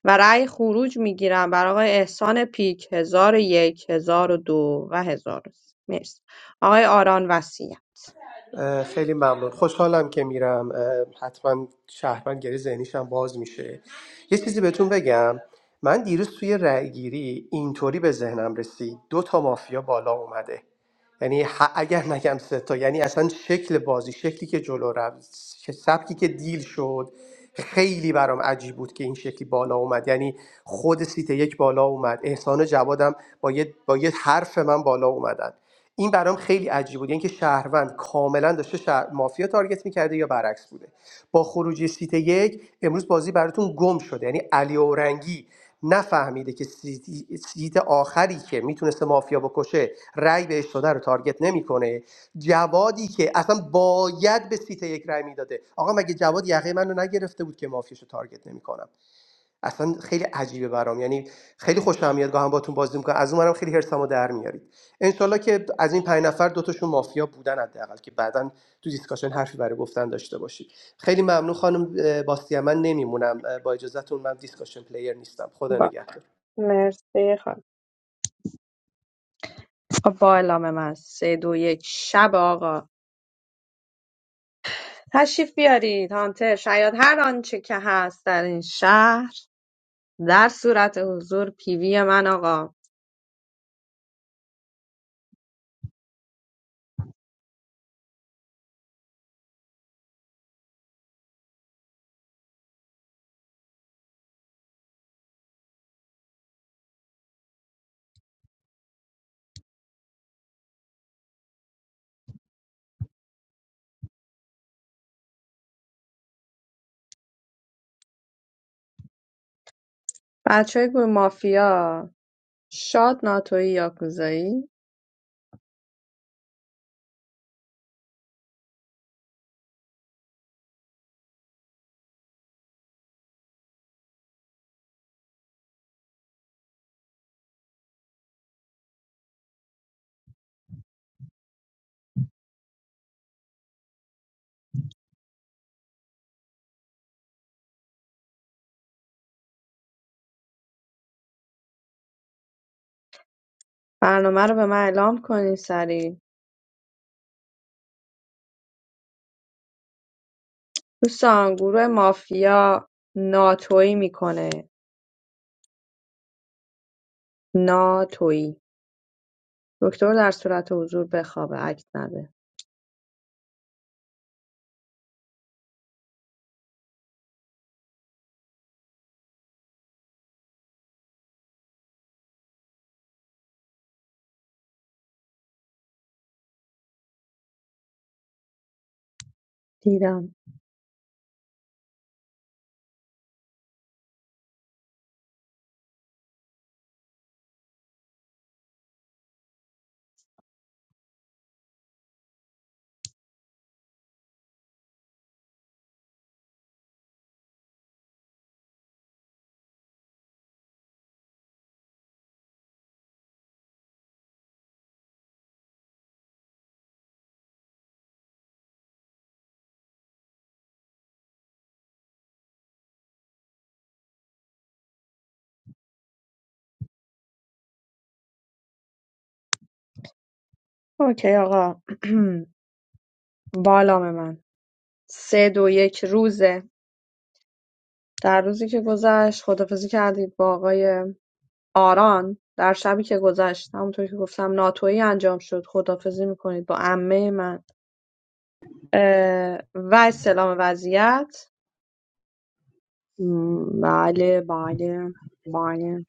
S1: و رای خروج میگیرم برای آقای احسان پیک هزار و یک هزار و 1003 مرسی آقای آران وسیع
S14: خیلی ممنون خوشحالم که میرم حتما شهروندگری ذهنیشم باز میشه یه چیزی بهتون بگم من دیروز توی رأیگیری اینطوری به ذهنم رسید دو تا مافیا بالا اومده یعنی ح- اگر نگم سه تا یعنی اصلا شکل بازی شکلی که جلو رفت ش- سبکی که دیل شد خیلی برام عجیب بود که این شکلی بالا اومد یعنی خود سیت یک بالا اومد احسان جوادم با یه, با یه حرف من بالا اومدن این برام خیلی عجیب بود یعنی که شهروند کاملا داشته شهر... مافیا تارگت میکرده یا برعکس بوده با خروج سیت یک امروز بازی براتون گم شده یعنی علی اورنگی نفهمیده که سیت, سیت آخری که میتونسته مافیا بکشه رأی بهش داده رو تارگت نمیکنه جوادی که اصلا باید به سیت یک رأی میداده آقا مگه جواد یقه منو نگرفته بود که مافیاشو تارگت نمیکنم اصلا خیلی عجیبه برام یعنی خیلی خوشم میاد گاهی باتون بازی میکنم از اونم خیلی حرسمو در میارید انشالله که از این پنج نفر دوتاشون مافیا بودن حداقل که بعداً تو دیسکشن حرفی برای گفتن داشته باشید خیلی ممنون خانم اه، باستیا من نمیمونم با اجازهتون من دیسکشن پلیر نیستم خدا
S1: با
S14: نگهدار
S1: مرسی خانم با اعلام من سه دو یک شب آقا تشریف بیارید هانتر شاید هر آنچه که هست در این شهر در صورت حضور پیوی من آقا بچه گروه مافیا شاد ناتوی یاکوزایی برنامه رو به من اعلام کنین سریع دوستان گروه مافیا ناتویی میکنه ناتویی دکتر در صورت حضور بخوابه عکس نده دیدم اوکی آقا بالام من سه دو یک روزه در روزی که گذشت خدافزی کردید با آقای آران در شبی که گذشت همونطور که گفتم ناتویی انجام شد خدافزی میکنید با عمه من اه، و استلام وضعیت م، بله بله بله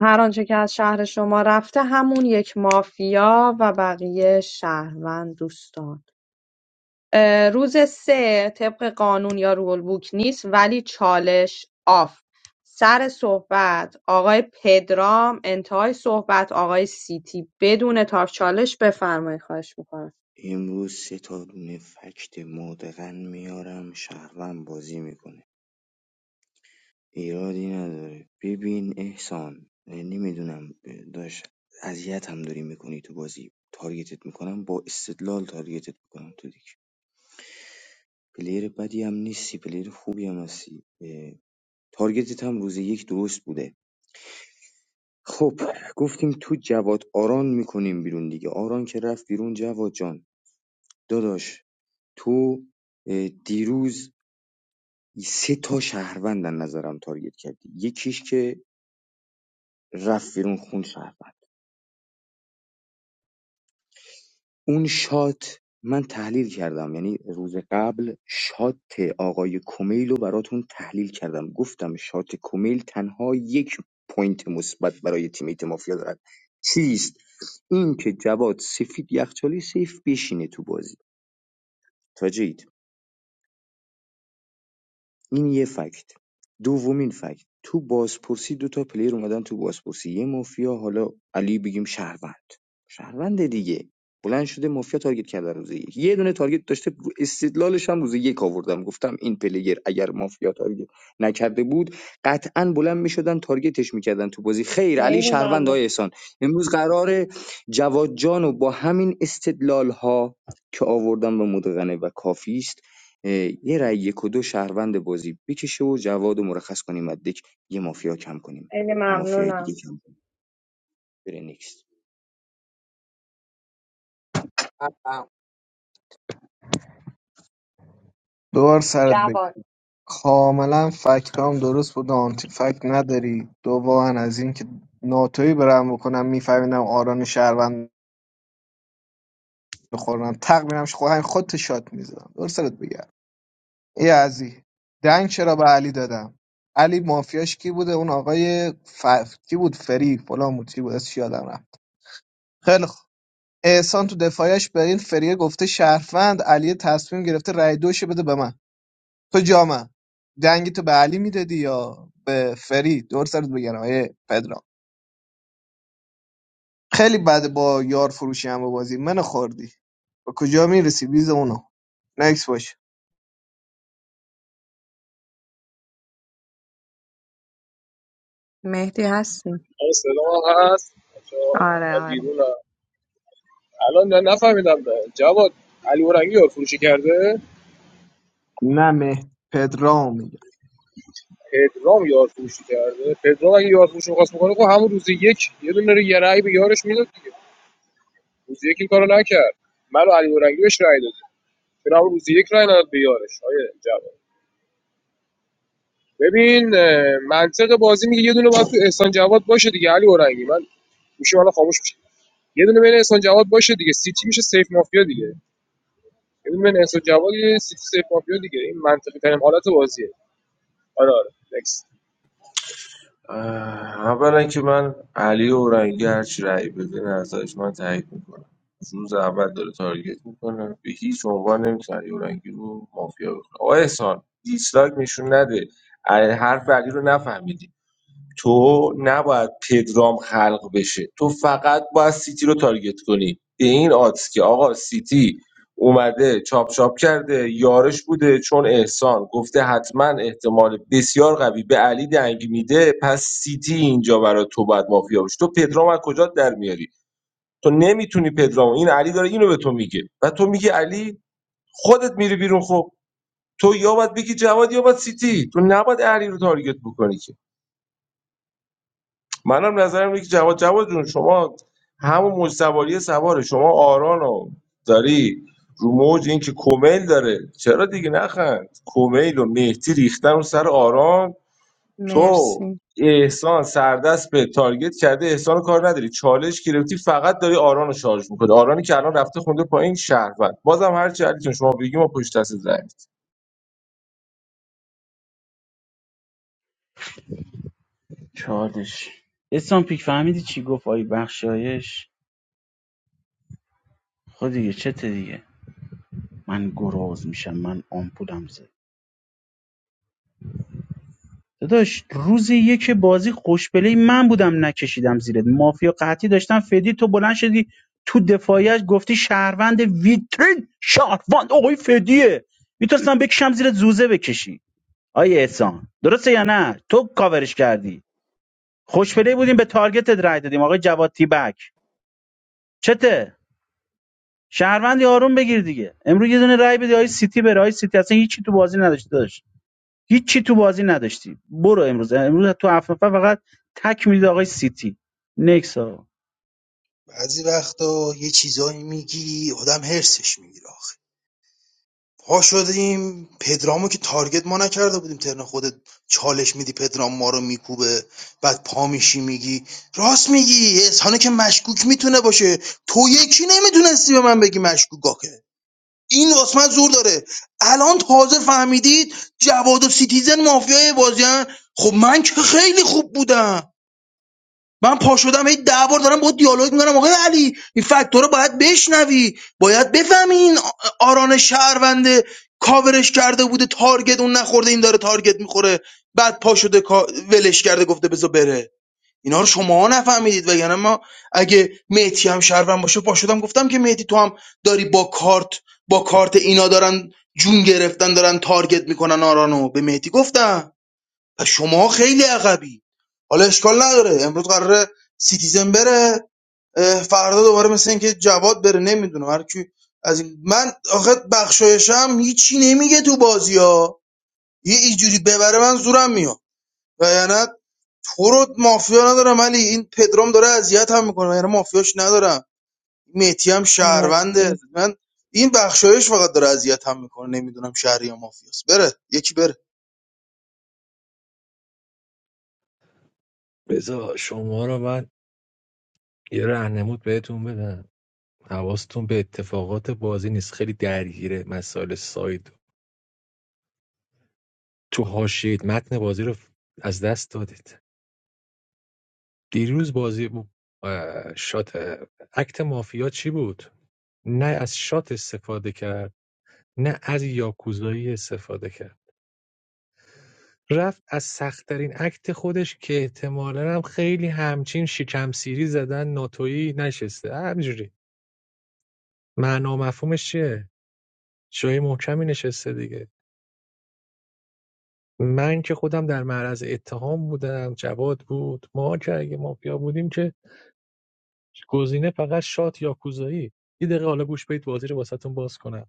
S1: هر آنچه که از شهر شما رفته همون یک مافیا و بقیه شهروند دوستان روز سه طبق قانون یا رول بوک نیست ولی چالش آف سر صحبت آقای پدرام انتهای صحبت آقای سیتی بدون تاف چالش بفرمایید خواهش میکنم
S13: امروز سه تا دونه فکت مدغن میارم شهروند بازی میکنه ایرادی نداره ببین احسان نمیدونم داشت اذیت هم داری میکنی تو بازی تارگتت میکنم با استدلال تارگتت میکنم تو دیگه پلیر بدی هم نیستی پلیر خوبی هم هستی اه، تارگتت هم روز یک درست بوده خب گفتیم تو جواد آران میکنیم بیرون دیگه آران که رفت بیرون جواد جان داداش تو اه، دیروز سه تا شهروندن نظرم تارگت کردی یکیش که رفت بیرون خون شهروند اون شات من تحلیل کردم یعنی روز قبل شات آقای کمیل رو براتون تحلیل کردم گفتم شات کمیل تنها یک پوینت مثبت برای تیمیت مافیا دارد چیست این که جواد سفید یخچالی سیف بشینه تو بازی تاجید این یه فکت دومین فکت تو بازپرسی دو تا پلیر اومدن تو بازپرسی یه مافیا حالا علی بگیم شهروند شهروند دیگه بلند شده مافیا تارگت کرده روز یک یه دونه تارگت داشته استدلالش هم روز یک آوردم گفتم این پلیر اگر مافیا تارگت نکرده بود قطعا بلند میشدن تارگتش میکردن تو بازی خیر علی
S1: خیلی
S13: شهروند
S1: ممنون
S13: های احسان امروز قرار جواد جانو با همین استدلال ها که آوردم و مدغنه و کافی است اه، یه رای یک و دو شهروند بازی بکشه و جواد رو مرخص کنیم از دک یه مافیا کم کنیم
S1: خیلی
S13: یه مافیای دیگه
S1: ممنونم
S13: کم کنیم بره نیکست
S11: دوبار سرت بگی
S1: جواد
S11: کاملا فکت هم درست بود آنتی فکت نداری دوباره از اینکه ناتوی برم بکنم میفهمیدم آران شهروند بخورم تق میرم خود خودت شات میزدم درست سرت بگم یزی دنگ چرا به علی دادم علی مافیاش کی بوده اون آقای ف... کی بود فری فلان بود چی بود از یادم رفت خیلی خوب احسان تو دفاعش به این فریه گفته شهروند علی تصمیم گرفته رای دوش بده به من تو جا دنگی تو به علی میدادی یا به فری دور سرت بگم آیه پدرام خیلی بد با یار فروشی هم بازی من خوردی به کجا میرسی بیز اونو نکس باش
S1: مهدی هستی
S17: آقا صدا هست بچه ها؟
S1: آره
S17: من
S1: آره
S17: بیرونم الان هم ده. جواد علی کرده
S11: نه مه پدرام میگم
S17: پدرام یار فروشی کرده پدرام اگه یار فروشی می‌خواست بکنه خب همون روز یک یه دونه رو یه رأی به یارش میداد دیگه روز یک این کارو نکرد من و علی اورنگی بهش رأی دادیم چرا همون روز یک رأی نداد به یارش آیه جواد ببین اه، منطق بازی میگه یه دونه باید تو احسان جواد باشه دیگه علی اورنگی من میشه حالا خاموش میشه یه دونه بین احسان جواد باشه دیگه سیتی میشه سیف مافیا دیگه یه دونه بین احسان جواد یه سیتی سیف مافیا دیگه این منطقی ترین حالت بازیه آره آره next.
S15: اه، اولا که من علی و رنگی هرچی رأی بده نظرش من تایید میکنم روز اول داره تارگت میکنه به هیچ عنوان نمیتونه علی و رنگی رو مافیا بکنه آقا احسان دیسلایک نشون نده اه، حرف علی رو نفهمیدی تو نباید پدرام خلق بشه تو فقط باید سیتی رو تارگت کنی به این آدز که آقا سیتی اومده چاپ چاپ کرده یارش بوده چون احسان گفته حتما احتمال بسیار قوی به علی دنگ میده پس سیتی اینجا برای تو باید مافیا باشه تو پدرام از کجا در میاری تو نمیتونی پدرام این علی داره اینو به تو میگه و تو میگی علی خودت میری بیرون خب تو یا باید بگی جواد یا باید سیتی تو نباید علی رو تارگت بکنی که منم نظرم اینه که جواد جواد جون شما همون موج سواری سواره شما آرانو داری رو موج این که کومیل داره چرا دیگه نخند کومیل و مهدی ریختن رو سر آران تو
S1: مرسی
S15: احسان سردست به تارگت کرده احسان رو کار نداری چالش گرفتی فقط داری آران رو شارژ میکنی آرانی که الان رفته خونده پایین شهروند بازم هر چی علیتون شما بگی ما پشت دست زنگ
S7: چالش اسلام پیک فهمیدی چی گفت آی بخشایش خود دیگه چته دیگه من گراز میشم من آمپولم داداش روز یک بازی خوشبله من بودم نکشیدم زیرت مافیا قحطی داشتم فدی تو بلند شدی تو دفاعیش گفتی شهروند ویترین شهروند آقای فدیه میتونستم بکشم زیرت زوزه بکشی آیه احسان درسته یا نه تو کاورش کردی خوشبله بودیم به تارگتت رای دادیم آقای جواد تیبک چته شهروندی آروم بگیر دیگه امروز یه دونه رای بدی آقای سیتی بره آقای سیتی اصلا هیچی تو بازی نداشته هیچی تو بازی نداشتی برو امروز امروز تو هفت نفر فقط تک میدید آقای سیتی نکس آقا
S6: بعضی وقتا یه چیزایی میگی آدم هرسش میگیره آخه. پا شدیم پدرامو که تارگت ما نکرده بودیم ترن خودت چالش میدی پدرام ما رو میکوبه بعد پا میشی میگی راست میگی احسانه که مشکوک میتونه باشه تو یکی نمیتونستی به من بگی مشکوک آخه این واسه من زور داره الان تازه فهمیدید جواد و سیتیزن مافیای بازیان خب من که خیلی خوب بودم من پا شدم هی ده بار دارم با دیالوگ میکنم آقای علی این فاکتور رو باید بشنوی باید بفهمی این آران شهرونده کاورش کرده بوده تارگت اون نخورده این داره تارگت میخوره بعد پا شده کا- ولش کرده گفته بذار بره اینا رو شما نفهمیدید وگرنه ما اگه مهدی هم شهروند باشه پا شدم گفتم که مهدی تو هم داری با کارت با کارت اینا دارن جون گرفتن دارن تارگت میکنن آرانو به مهدی گفتم پس شما خیلی عقبی حالا اشکال نداره امروز قراره سیتیزن بره اه، فردا دوباره مثل اینکه جواد بره نمیدونم هر کی از این من آخه بخشایشم هیچی نمیگه تو بازی ها یه اینجوری ببره من زورم میاد و یعنی تو رو مافیا ندارم علی این پدرام داره اذیت هم میکنه یعنی مافیاش ندارم میتی هم شهرونده
S1: مرسی
S6: من این بخشایش فقط داره اذیت هم میکنه نمیدونم شهری یا مافیاست بره یکی بره
S16: بذار شما رو من یه راهنمود بهتون بدم حواستون به اتفاقات بازی نیست خیلی درگیره مسائل ساید تو حاشیه متن بازی رو از دست دادید دیروز بازی ب- اه، شات اه، اکت مافیا چی بود نه از شات استفاده کرد نه از یاکوزایی استفاده کرد رفت از سختترین اکت خودش که احتمالا هم خیلی همچین شکم سیری زدن ناتویی نشسته همجوری معنا و مفهومش چیه جای محکمی نشسته دیگه من که خودم در معرض اتهام بودم جواد بود ما که اگه مافیا بودیم که گزینه فقط شات یا کوزایی یه دقیقه حالا گوش بدید بازی رو واسهتون باز کنم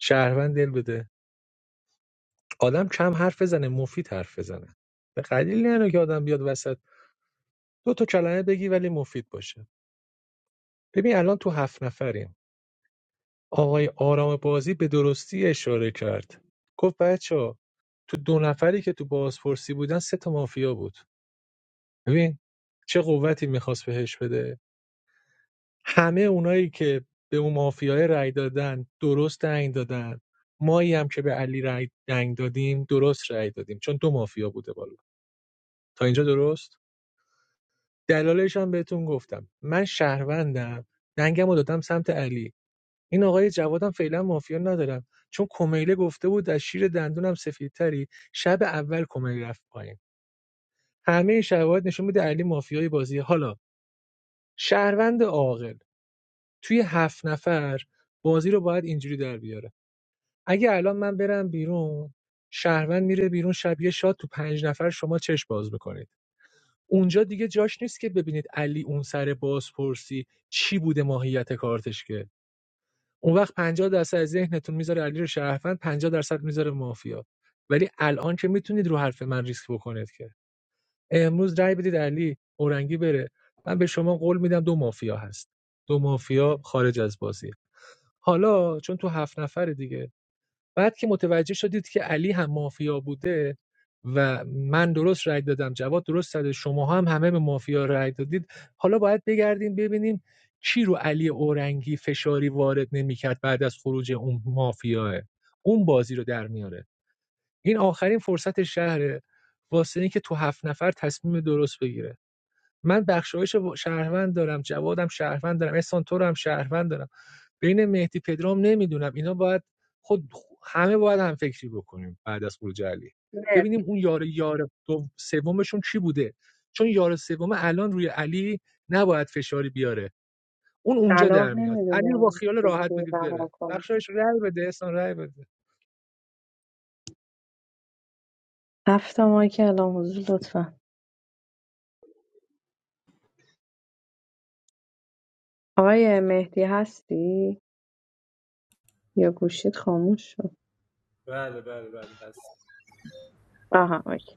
S16: شهروند دل بده آدم کم حرف بزنه مفید حرف بزنه به قلیل نه که آدم بیاد وسط دو تا کلمه بگی ولی مفید باشه ببین الان تو هفت نفریم آقای آرام بازی به درستی اشاره کرد گفت بچه تو دو نفری که تو بازپرسی بودن سه تا مافیا بود ببین چه قوتی میخواست بهش بده همه اونایی که به اون مافیای رأی دادن درست دنگ دادن مایی هم که به علی رأی دنگ دادیم درست رأی دادیم چون دو مافیا بوده بالا تا اینجا درست دلالش هم بهتون گفتم من شهروندم دنگم رو دادم سمت علی این آقای جوادم فعلا مافیا ندارم چون کمیله گفته بود از شیر دندونم سفیدتری شب اول کمیله رفت پایین همه شواهد نشون میده علی مافیای بازی حالا شهروند عاقل توی هفت نفر بازی رو باید اینجوری در بیاره اگه الان من برم بیرون شهروند میره بیرون شبیه شاد تو پنج نفر شما چشم باز میکنید اونجا دیگه جاش نیست که ببینید علی اون سر بازپرسی چی بوده ماهیت کارتش که اون وقت پنجاه درصد از ذهنتون میذاره علی رو شهروند پنجاه درصد میذاره مافیا ولی الان که میتونید رو حرف من ریسک بکنید که امروز رای بدید علی اورنگی بره من به شما قول میدم دو مافیا هست دو مافیا خارج از بازی حالا چون تو هفت نفر دیگه بعد که متوجه شدید که علی هم مافیا بوده و من درست رای دادم جواد درست داده شما هم همه به مافیا رای دادید حالا باید بگردیم ببینیم چی رو علی اورنگی فشاری وارد نمیکرد بعد از خروج اون مافیاه اون بازی رو در میاره این آخرین فرصت شهره واسه اینکه تو هفت نفر تصمیم درست بگیره من بخشایش و شهروند دارم جوادم شهروند دارم احسان تو رو هم شهروند دارم بین مهدی پدرام نمیدونم اینا باید خود همه باید هم فکری بکنیم بعد از خروج علی
S1: نه
S16: ببینیم اون یار یار دوم- سومشون چی بوده چون یار سوم الان روی علی نباید فشاری بیاره اون اونجا
S1: صلاح
S16: در میاد علی رو با
S1: نمیدونم
S16: خیال راحت
S1: چیزی
S16: بدید
S1: رها
S16: بره
S1: کنم
S16: بخشایش رأی بده احسان رأی بده
S1: هفت ماه که الان حضور لطفا آقای مهدی هستی یا گوشید خاموش شد
S18: بله بله بله هست
S1: آها اوکی.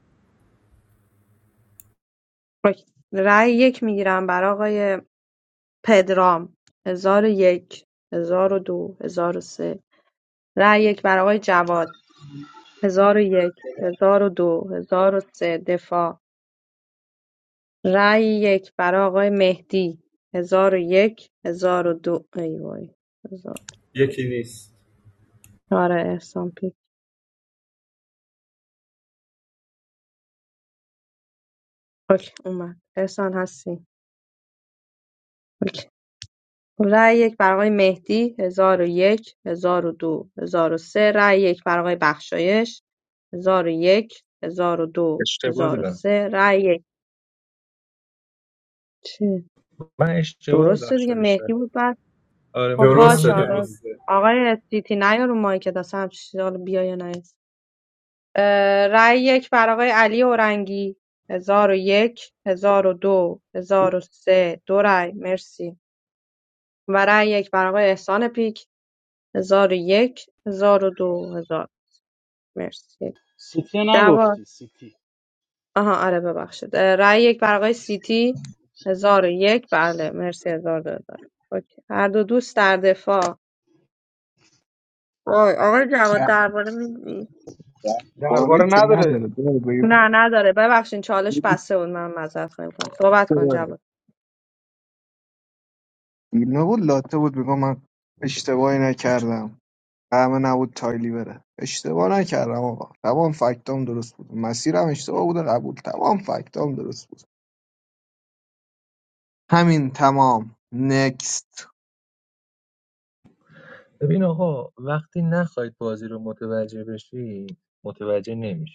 S1: اوکی. رأی یک میگیرم برای آقای پدرام هزار و یک هزار و دو هزار و سه رأی یک برای آقای جواد هزار و یک هزار و دو هزار و سه دفاع رأی یک برای آقای مهدی هزار و یک هزار و دو ای وای هزار
S18: یکی نیست
S1: آره احسان پی اوکی اومد احسان هستی اوکی. رای یک برای آقای مهدی ۱۰۰۱ ۱۰۰۲ سه رای یک برای آقای بخشایش ۱۰۰۱
S16: اشتباه
S1: ۱۰۰۲
S16: دادم
S1: سه رای یک چه
S16: من اشتباه
S1: درسته دیگه
S16: بخشایش
S1: مهدی
S16: دادم
S1: بود بعد
S16: آره
S1: خب
S16: من فکر کردم
S1: باشه
S18: درسته
S1: حالا
S16: میدونم
S18: درسته
S1: آقای سیتی نیا رو مایکت اصلا همچین چیزی، حالا بیا یا نیا اه، رای یک برای آقای علی اورنگی ۱۰۰۱ ۱۰۰۲ ۱۰۰۳ دو هزار و سه دو رای مرسی و رای یک برای آقای احسان پیک هزار و یک، هزار و دو هزار مرسی
S7: سیتی رو
S1: جواد
S7: نگفتی سیتی
S1: آها آره ببخشید اه، رأی یک برای آقای سیتی هزار و یک بله مرسی هزار دو هزار اوکی. هر دو دوست در دفاع وای آقای جواد
S11: نه،
S1: درباره میدی
S11: باری
S6: درباره
S11: که
S6: نداره
S11: نداره
S1: نه نداره ببخشید چالش بسته بود من معذرت خواهی میکنم صحبت کن جواد
S11: نبود لاته بود بگم من اشتباهی نکردم قهوه نبود تایلی بره اشتباه نکردم آقا تمام فکتام درست بود مسیرم اشتباه بوده قبول تمام فکتام درست بود همین تمام نکست
S16: ببین آقا وقتی نخواید بازی رو متوجه بشی متوجه نمیشی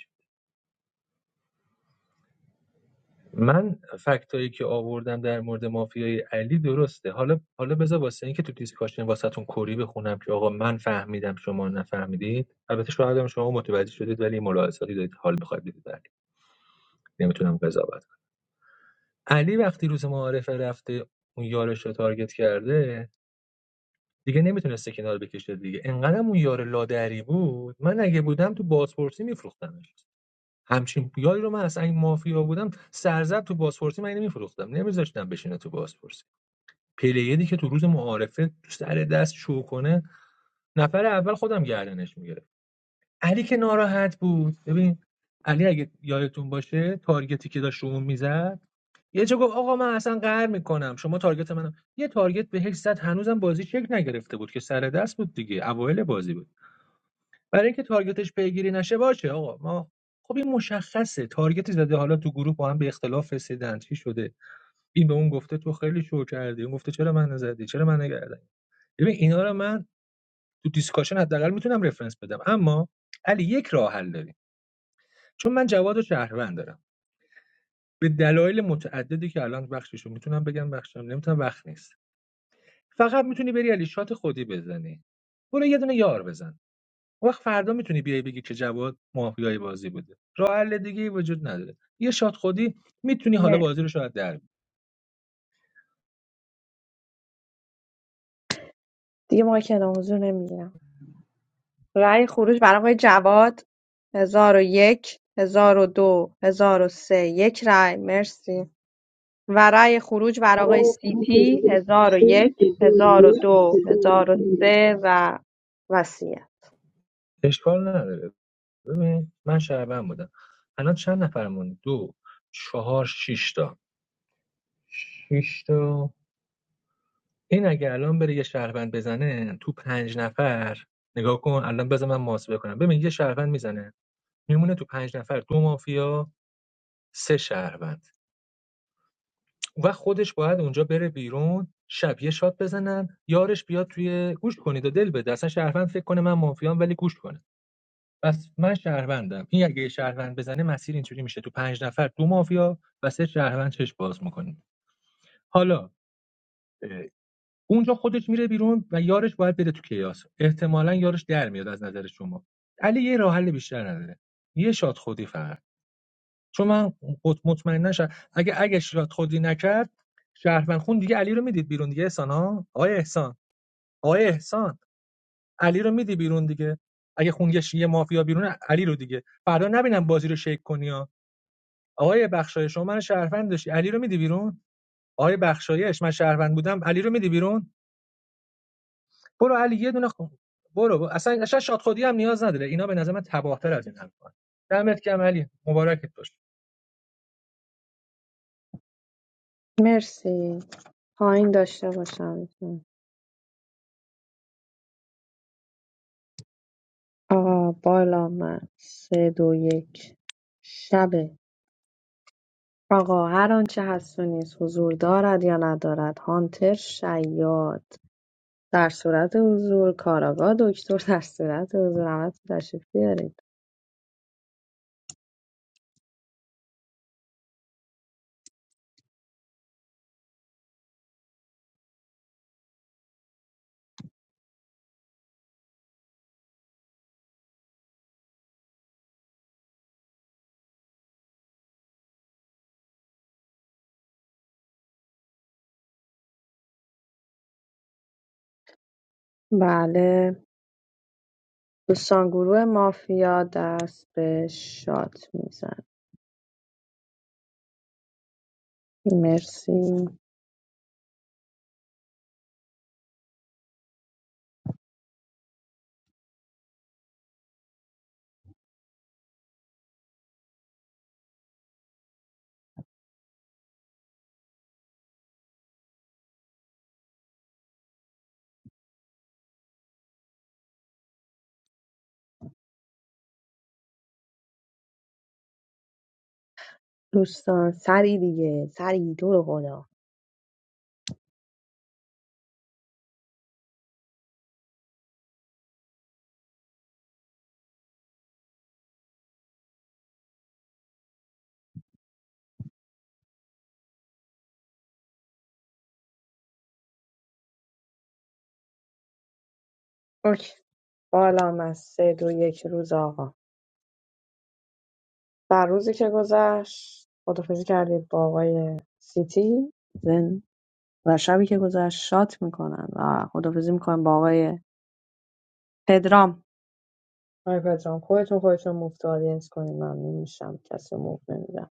S16: من فکتایی که آوردم در مورد مافیای علی درسته حالا حالا بذار واسه اینکه تو دیسکاشن واسهتون کری بخونم که آقا من فهمیدم شما نفهمیدید البته شاید هم شما متوجه شدید ولی ملاحظاتی دارید که حال بخواید بدید ولی نمیتونم قضاوت کنم علی وقتی روز معارفه رفته اون یارش رو تارگت کرده دیگه نمیتونسته کنار بکشه دیگه انقدر اون یار لادری بود من اگه بودم تو بازپرسی میفروختمش همچین یاری رو من اصلا اگه مافیا بودم سرزب تو بازپرسی من نمیفروختم نمیذاشتم بشینه تو بازپرسی پلیری که تو روز معارفه سر دست شو کنه نفر اول خودم گردنش میگیره علی که ناراحت بود ببین علی اگه یادتون باشه تارگتی که داشت رو میزد یه جا گفت آقا من اصلا قهر میکنم شما تارگت منم یه تارگت به زد هنوزم بازی شکل نگرفته بود که سر دست بود دیگه اوایل بازی بود برای اینکه تارگتش پیگیری نشه باشه آقا ما خب این مشخصه تارگتی زده حالا تو گروه با هم به اختلاف رسیدن چی شده این به اون گفته تو خیلی شو کردی اون گفته چرا من نزدی چرا من نگردی ببین اینا رو من تو دیسکاشن حداقل میتونم رفرنس بدم اما علی یک راه حل داریم چون من جواد و شهروند دارم به دلایل متعددی که الان بخشش رو میتونم بگم بخشم نمیتونم وقت نیست فقط میتونی بری علی شات خودی بزنی برو یه دونه یار بزن اون وقت فردا میتونی بیای بگی که جواد مافیای بازی بوده راه حل دیگه وجود نداره یه شات خودی میتونی حالا
S1: نه
S16: بازی رو شاید در بیاری.
S1: دیگه ما که الان حضور نمیگیرم رأی خروج برای آقای جواد هزار و یک هزار و دو هزار و سه یک رأی مرسی و رای خروج بر آقای سیتی 1001 1002 1003 و وصیت
S16: اشکال نداره ببین من شهروند بودم الان چند نفرمون دو چهار شش تا شش تا این اگه الان بره یه شهروند بزنه تو پنج نفر نگاه کن الان بذار من محاسبه کنم ببین یه شهروند میزنه میمونه تو پنج نفر دو مافیا سه شهروند و خودش باید اونجا بره بیرون شب یه شات بزنن یارش بیاد توی گوش کنید و دل بده اصلا شهروند فکر کنه من مافیام ولی گوش کنه بس من شهروندم این اگه یه شهروند بزنه مسیر اینجوری میشه تو پنج نفر دو مافیا و سه شهروند چش باز میکنیم حالا اونجا خودش میره بیرون و یارش باید بره تو کیاس احتمالاً یارش در میاد از نظر شما علی یه راه حل بیشتر نداره یه شاد خودی فقط چون من قط- مطمئنا شد اگه اگه شاد خودی نکرد شهروند خون دیگه علی رو میدید بیرون دیگه احسان ها آقای احسان آقای احسان علی رو میدی بیرون دیگه اگه خونگش یه مافیا بیرون علی رو دیگه فردا نبینم بازی رو شیک کنی ها آقای بخشایش شما من شهروند داشتی علی رو میدی بیرون آقای بخشایش من شهروند بودم علی رو میدی بیرون برو علی یه دونه خون برو اصلا اصلا شاد خودی هم نیاز نداره اینا به نظر من تباهتر از این حرفان دمت گرم علی مبارکت باش
S1: مرسی پایین داشته باشم آقا بالا من سه دو یک شبه آقا هر آنچه هست و نیست حضور دارد یا ندارد هانتر شیاد در صورت حضور کاراگاه دکتر در صورت حضور همه تشریف بیارید بله دوستان گروه مافیا دست به شات میزن مرسی دوستان سری دیگه سری تو رو خدا اوکی بالا من سه دو یک روز آقا در روزی که گذشت خدافزی کردید با آقای سیتی زن و شبی که گذشت شات میکنن و خدافزی میکنن با آقای پدرام آقای پدرام خودتون خودتون مفت آدینس کنید ممنون میشم کسی مفت نمیدم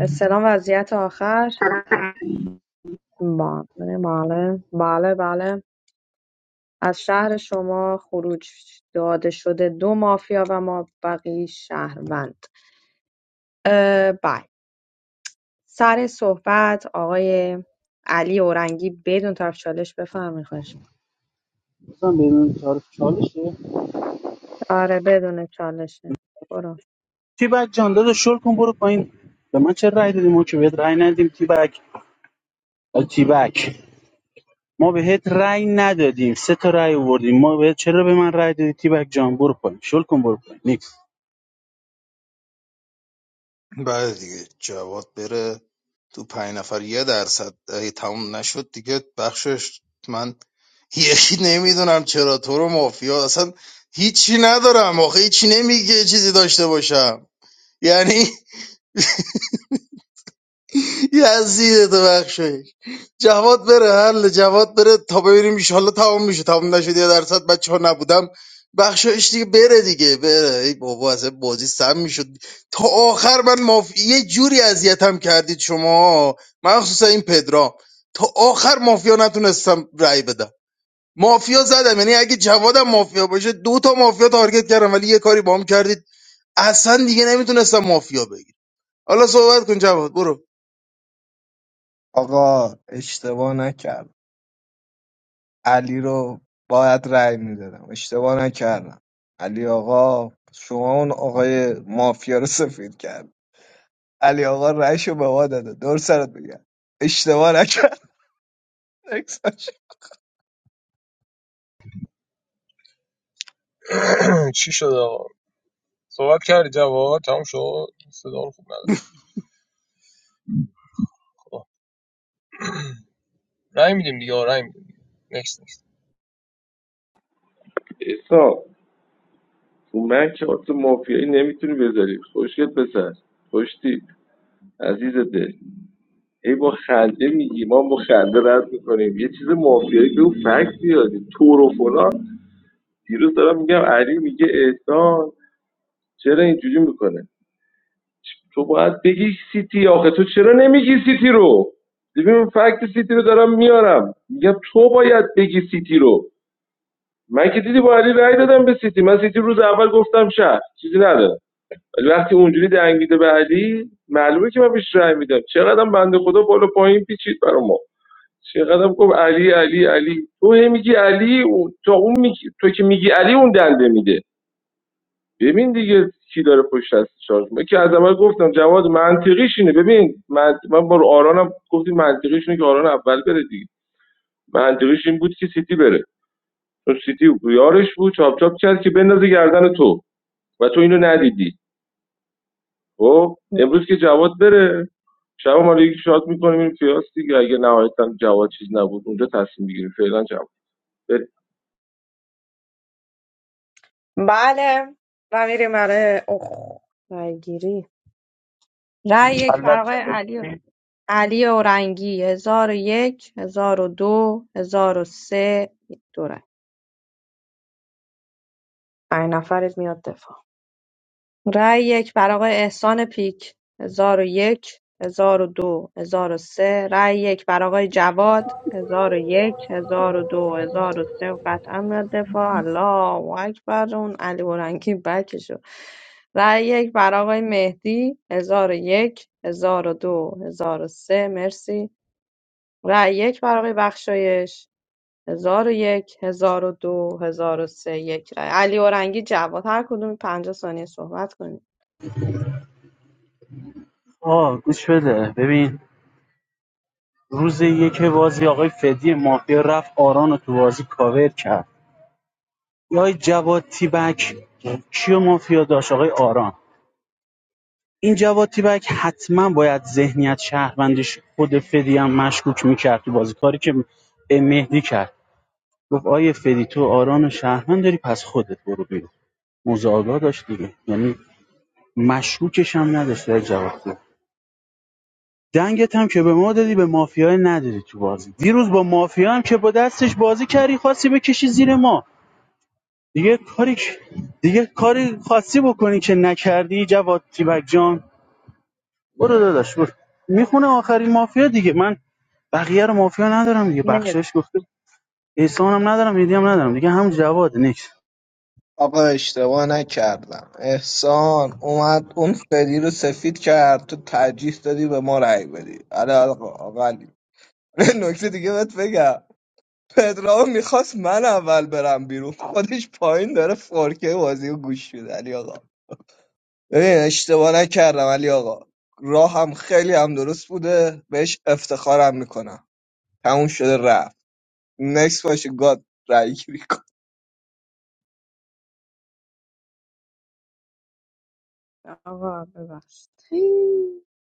S1: استلام وضعیت آخر بله بله بله بله از شهر شما خروج داده شده دو مافیا و ما بقی شهروند اه، بله سر صحبت آقای علی اورنگی بدون طرف چالش بفرمایید خواهش
S7: مثلا بدون تعارف چالشه
S1: می‌کنم. آره بدون چالشه برو
S7: تی بک جان داداش شل کن برو پایین به من چه رأی دادیم ما که بهت رأی ندادیم تی بک تی بک ما بهت رأی ندادیم سه تا رأی آوردیم ما بهت چرا به من رأی دادی تی بک جان برو پایین شل کن برو پایین نیکس
S6: بله دیگه جواد بره تو پنج نفر یه درصد اگه تموم نشد دیگه بخشش من یکی نمیدونم چرا تو رو مافیا اصلا هیچی ندارم آخه هیچی نمیگه چیزی داشته باشم یعنی یزید تو بخشایی جواد بره حل جواد بره تا ببینیم ایشالله تمام میشه تمام نشد یه درصد بچه ها نبودم بخشایش دیگه بره دیگه بره ای بابا اصلا بازی سم میشد تا آخر من ماف... یه جوری اذیتم کردید شما مخصوصا این پدرام تا آخر مافیا نتونستم رأی بدم مافیا زدم یعنی اگه جوادم مافیا باشه دو تا مافیا تارگت کردم ولی یه کاری باهم کردید اصلا دیگه نمیتونستم مافیا بگیر حالا صحبت کن جواد برو
S11: آقا اشتباه نکردم علی رو باید رأی میدادم اشتباه نکردم علی آقا شما اون آقای مافیا رو سفید کرد علی آقا رأیشو به ما داده دور سرت بگم اشتباه نکردم عکساش
S17: چی شد آقا صحبت کردی جواد تموم شد صدا رو خوب نده خدا نمیدونم نکست
S15: احسان من که آت مافیایی نمیتونی بذاری خوشگل پسر خوشتی عزیز دل ای با خنده میگی ما با خنده رد میکنیم یه چیز مافیایی بگو فکس بیاری تور و فلان دیروز دارم میگم علی میگه احسان چرا اینجوری میکنه تو باید بگی سیتی آخه تو چرا نمیگی سیتی رو ببین فکت سیتی رو دارم میارم میگم تو باید بگی سیتی رو من که دیدی با علی رأی دادم به سیتی من سیتی روز اول گفتم شهر چیزی ندارم ولی وقتی اونجوری دنگیده به علی معلومه که من بهش رأی میدم چقدرم بنده خدا بالا پایین پیچید برا چقدرم گفت علی علی علی تو هی میگی علی اون- تو اون میگی تو که میگی علی اون دنده میده ببین دیگه کی داره پشت دستش آرزو من که از اول گفتم جواد منطقیش اینه ببین من, من با آرانم گفتیم منطقیش اینه که آران اول بره دیگه منطقیش این بود که سیتی بره چون سیتی یارش بود چاپ چاپ کرد که بندازه گردن تو و تو اینو ندیدی خب امروز که جواد بره شب ما رو یکی شات میکنیم این پیاس دیگه اگه نهایتاً جواد چیز نبود اونجا تصمیم بگیریم فعلا جواد
S1: بله و میریم برای اخ رای گیری رای یک
S19: Allah
S1: برای آقای علی
S19: Ta'ala
S1: علی اورنگی هزار و یک هزار و دو هزار و سه دو رای پنج نفرت میاد دفاع رای یک برای آقای احسان پیک ۱۰۰۱ ۱۰۰۲ ۱۰۰۳ رای یک برای آقای جواد ۱۰۰۱ ۱۰۰۲ ۱۰۰۳ قطعا میاد دفاع الله اکبر اون علی برنگی بکشو رای یک برای آقای مهدی ۱۰۰۱ ۱۰۰۲ ۱۰۰۳ مرسی رای یک برای آقای بخشایش ۱۰۰۱ ۱۰۰۲ ۱۰۰۳ یک رای علی اورنگی جواد هر کدوم ۵۰ ثانیه صحبت کنید
S7: آه گوش بده ببین روز یک بازی آقای فدی مافیا رفت آران رو تو بازی کاور کرد یا آقای جواد تیبک کیو مافیا داشت آقای آران این جواد تیبک حتما باید ذهنیت شهروندش خود فدی هم مشکوک میکرد تو بازی کاری که مهدی کرد گفت آیه فدی تو آران و شهروند داری پس خودت برو بیرون موضوع آگاه داشت دیگه یعنی مشکوکش هم نداشت در جواد تیبک. دنگت هم که به ما دادی به مافیای ندادی تو بازی دیروز با مافیا هم که با دستش بازی کردی خواستی بکشی زیر ما دیگه کاری دیگه کاری خاصی بکنی که نکردی جواد تیبک جان برو داداش برو میخونه آخرین مافیا دیگه من بقیه رو مافیا ندارم دیگه بخشش گفته احسان ندارم هدیه هم ندارم دیگه هم جواد نکس
S11: آقا اشتباه نکردم احسان اومد اون فری رو سفید کرد تو ترجیح دادی به ما رأی بدی آره آقا آقا علی. نکته دیگه بهت بگم پدرام میخواست من اول برم بیرون خودش پایین داره فورکی بازی و گوش میده علی آقا ببین اشتباه نکردم علی آقا راهم خیلی هم درست بوده بهش افتخارم میکنم تموم شده رفت نکس باشه گاد رای گیری کن
S1: آقا ببخش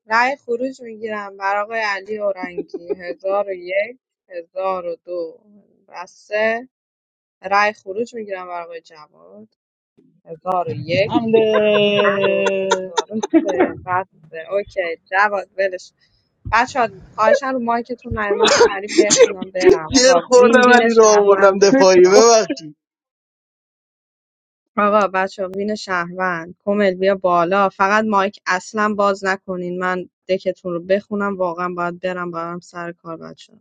S1: رأی خروج میگیرم برای آقای علی اورنگی هزار و یک هزار و دو و سه رأی خروج میگیرم برای آقای جواد هزار و یک هزار و دو
S7: حمله
S1: هزار و سه و سه اوکی جواد ولش بچه ها خواهشن رو مایکتون نیومد سریع بخونم برم
S6: گیر
S1: آقا وین
S6: خوردم
S1: وین
S6: علی رو آوردم
S1: شهرونده
S6: دفاعی
S1: آقا
S6: ببخش
S1: آقا بچه وین شهروند کمل بیا بالا فقط مایک اصلا باز نکنین من دکتون رو بخونم واقعا باید برم برم سر کار بچه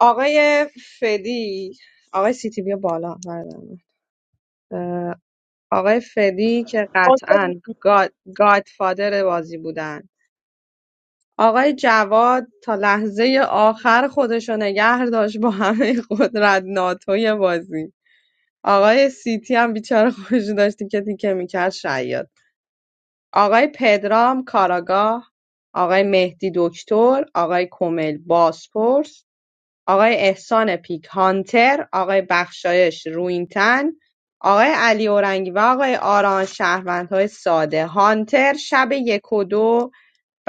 S1: آقای فدی آقای سیتی بیا بالا بردم. اه، آقای فدی که قطعا گاد، گادفادر بازی بودن آقای جواد تا لحظه آخر خودشو نگه داشت با همه قدرت ناتوی بازی آقای سیتی هم بیچاره خوش داشتی که تیکه میکرد شاید آقای پدرام کاراگاه، آقای مهدی دکتر، آقای کمیل بازپرس، آقای احسان پیک هانتر، آقای بخشایش روینتن، آقای علی اورنگی و آقای آران شهروندهای ساده هانتر شب یک و دو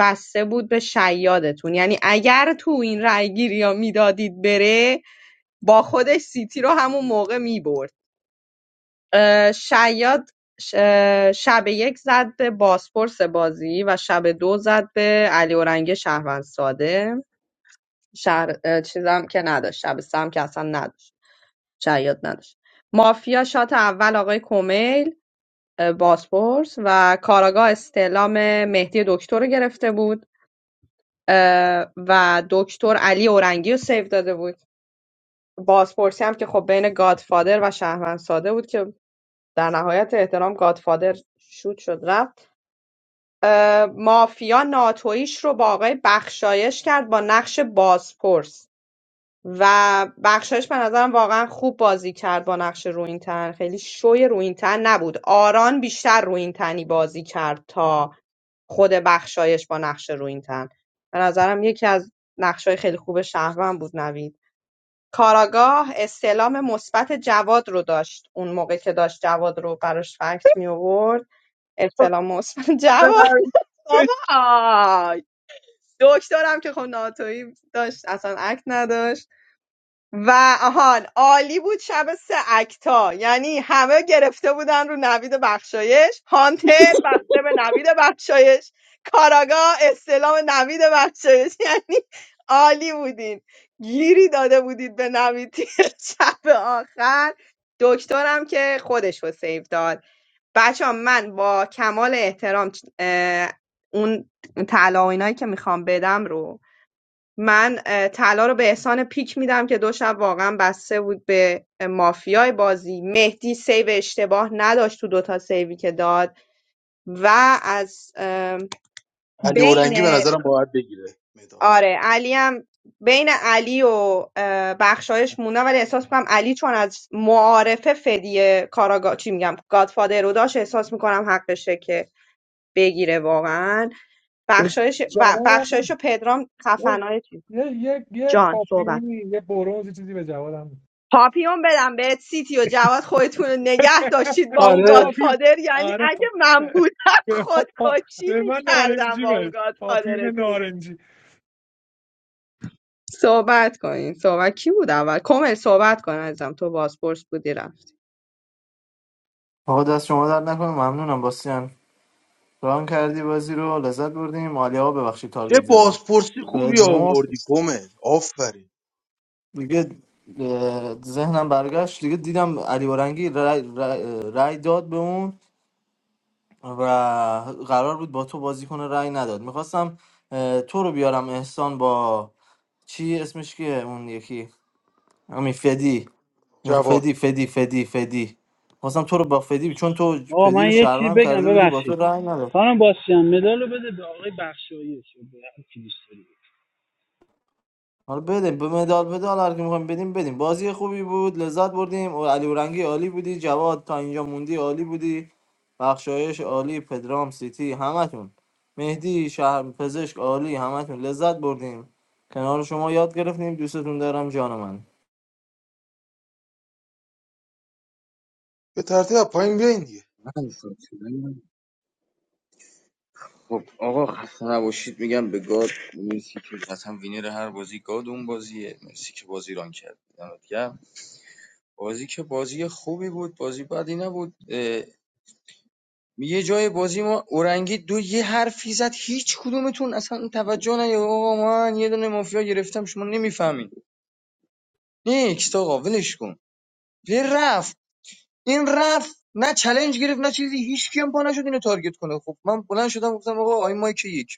S1: بسته بود به شیادتون یعنی اگر تو این رأی گیری ها میدادید بره با خودش سیتی رو همون موقع میبرد شیاد ش- شب یک زد به بازپرس بازی و شب دو زد به علی اورنگی شهروند ساده شهر چیزم که نداشت شب سم که اصلا نداشت شیاد نداشت مافیا شات اول آقای کمیل اه، بازپرس و کاراگاه استعلام مهدی دکتر رو گرفته بود اه، و دکتر علی اورنگی رو سیو داده بود بازپرسی هم که خب بین گادفادر و شهروند ساده بود که در نهایت احترام گادفادر شوت شد رفت مافیا ناتویش رو با آقای بخشایش کرد با نقش بازپرس و بخشایش به نظرم واقعا خوب بازی کرد با نقش روینتن خیلی شوی روینتن نبود آران بیشتر روینتنی بازی کرد تا خود بخشایش با نقش روینتن به نظرم یکی از نقشای خیلی خوب شهروند بود نوید کاراگاه استعلام مثبت جواد رو داشت اون موقع که داشت جواد رو براش فکت می آورد استعلام مثبت جواد بابا دکترم که خب ناتویی داشت اصلا اکت نداشت و آهان عالی بود شب سه اکتا یعنی همه گرفته بودن رو نوید بخشایش هانتر بسته به نوید بخشایش کاراگاه استلام نوید بخشایش یعنی عالی بودین گیری داده بودید به نوید شب آخر دکترم که خودش رو سیو داد بچه‌ها من با کمال احترام اون طلا و اینایی که میخوام بدم رو من اه، طلا رو به احسان پیک میدم که دو شب واقعا بسته بود به مافیای بازی مهدی سیو اشتباه نداشت تو دوتا سیوی که داد و از اه،
S6: علی
S1: بین
S6: اورنگی به نظرم باید بگیره مدال
S1: آره علی هم بین علی و اه، بخشایش مونده ولی احساس میکنم علی چون از معارفه فدیه کاراگا چی میگم گادفادر رو داشت احساس میکنم حقشه که بگیره واقعا بخشایش و
S16: جواب هم
S1: بخشایش و
S16: بده
S1: پدرام
S16: یه
S1: خفنای چیز
S16: یه یه یه
S1: جان صحبت
S16: پاپیونی یه برونز چیزی به جوادم بده
S1: پاپیون بدم بهت سیتی و جواد خودتون رو نگه داشتید با اون
S6: آره
S16: پاپیون
S1: گادفادر یعنی
S16: آره
S1: اگه
S16: پا...
S1: من بودم
S16: به, ما پا...
S1: خودکشی
S16: به من
S1: میکردم
S16: نارنجی
S1: با اون
S16: بده پاپیون
S1: گادفادرتون
S16: نارنجی
S1: صحبت کنین صحبت کی بود اول کمل صحبت کن ازم تو بازپرس بودی رفت
S10: آقا دست شما در نکنه ممنونم باسیان ران کردی بازی رو لذت بردیم مالی ها ببخشید
S6: چه
S10: تارگت زدم
S6: بازپرسی
S10: بهت
S6: خوبی آوردی
S10: مفت
S6: کمل آفرین
S10: دیگه اه، ذهنم برگشت دیگه دیدم علی بارنگی رای, رای, رای داد به اون و قرار بود با تو بازی کنه رای نداد میخواستم تو رو بیارم احسان با چی اسمش که اون یکی همین فدی میخو
S6: جواد
S10: فدی فدی فدی فدی خواستم تو رو با فدی چون تو
S7: آقا
S10: فدی
S7: من
S10: رو
S7: یه چی
S10: شهروند
S7: بگم
S10: کرده بودی با تو
S7: ببخشید
S10: رای نداد
S7: خانم باسیان مدال رو بده به آقای بخشایش و به هر کی دوست داری.
S10: حالا بدیم به مدال پدال هر که میخوایم بدیم بدیم بازی خوبی بود لذت بردیم و علی اورنگی عالی بودی جواد تا اینجا موندی عالی بودی بخشایش عالی پدرام سیتی همتون مهدی شهر پزشک عالی همتون لذت بردیم کنار شما یاد گرفتیم دوستتون دارم جان من
S6: به ترتیب از پایین بیاین دیگه
S13: من شد شدم. خب آقا خسته نباشید میگم به گاد مرسی که قطعا وینر هر بازی گاد اون بازیه مرسی که بازی ران کرد دمت گرم. بازی که بازی خوبی بود بازی بدی نبود اه، یه جای بازی ما اورنگی دو یه حرفی زد هیچ کدومتون اصلا توجه نه آقا من یه دونه مافیا گرفتم شما نمیفهمین نیکست آقا ولش کن وی رفت این رفت نه چلنج گرفت نه چیزی هیچ کیم پا نشد اینو تارگت کنه خب من بلند شدم گفتم آقا آی مایک یک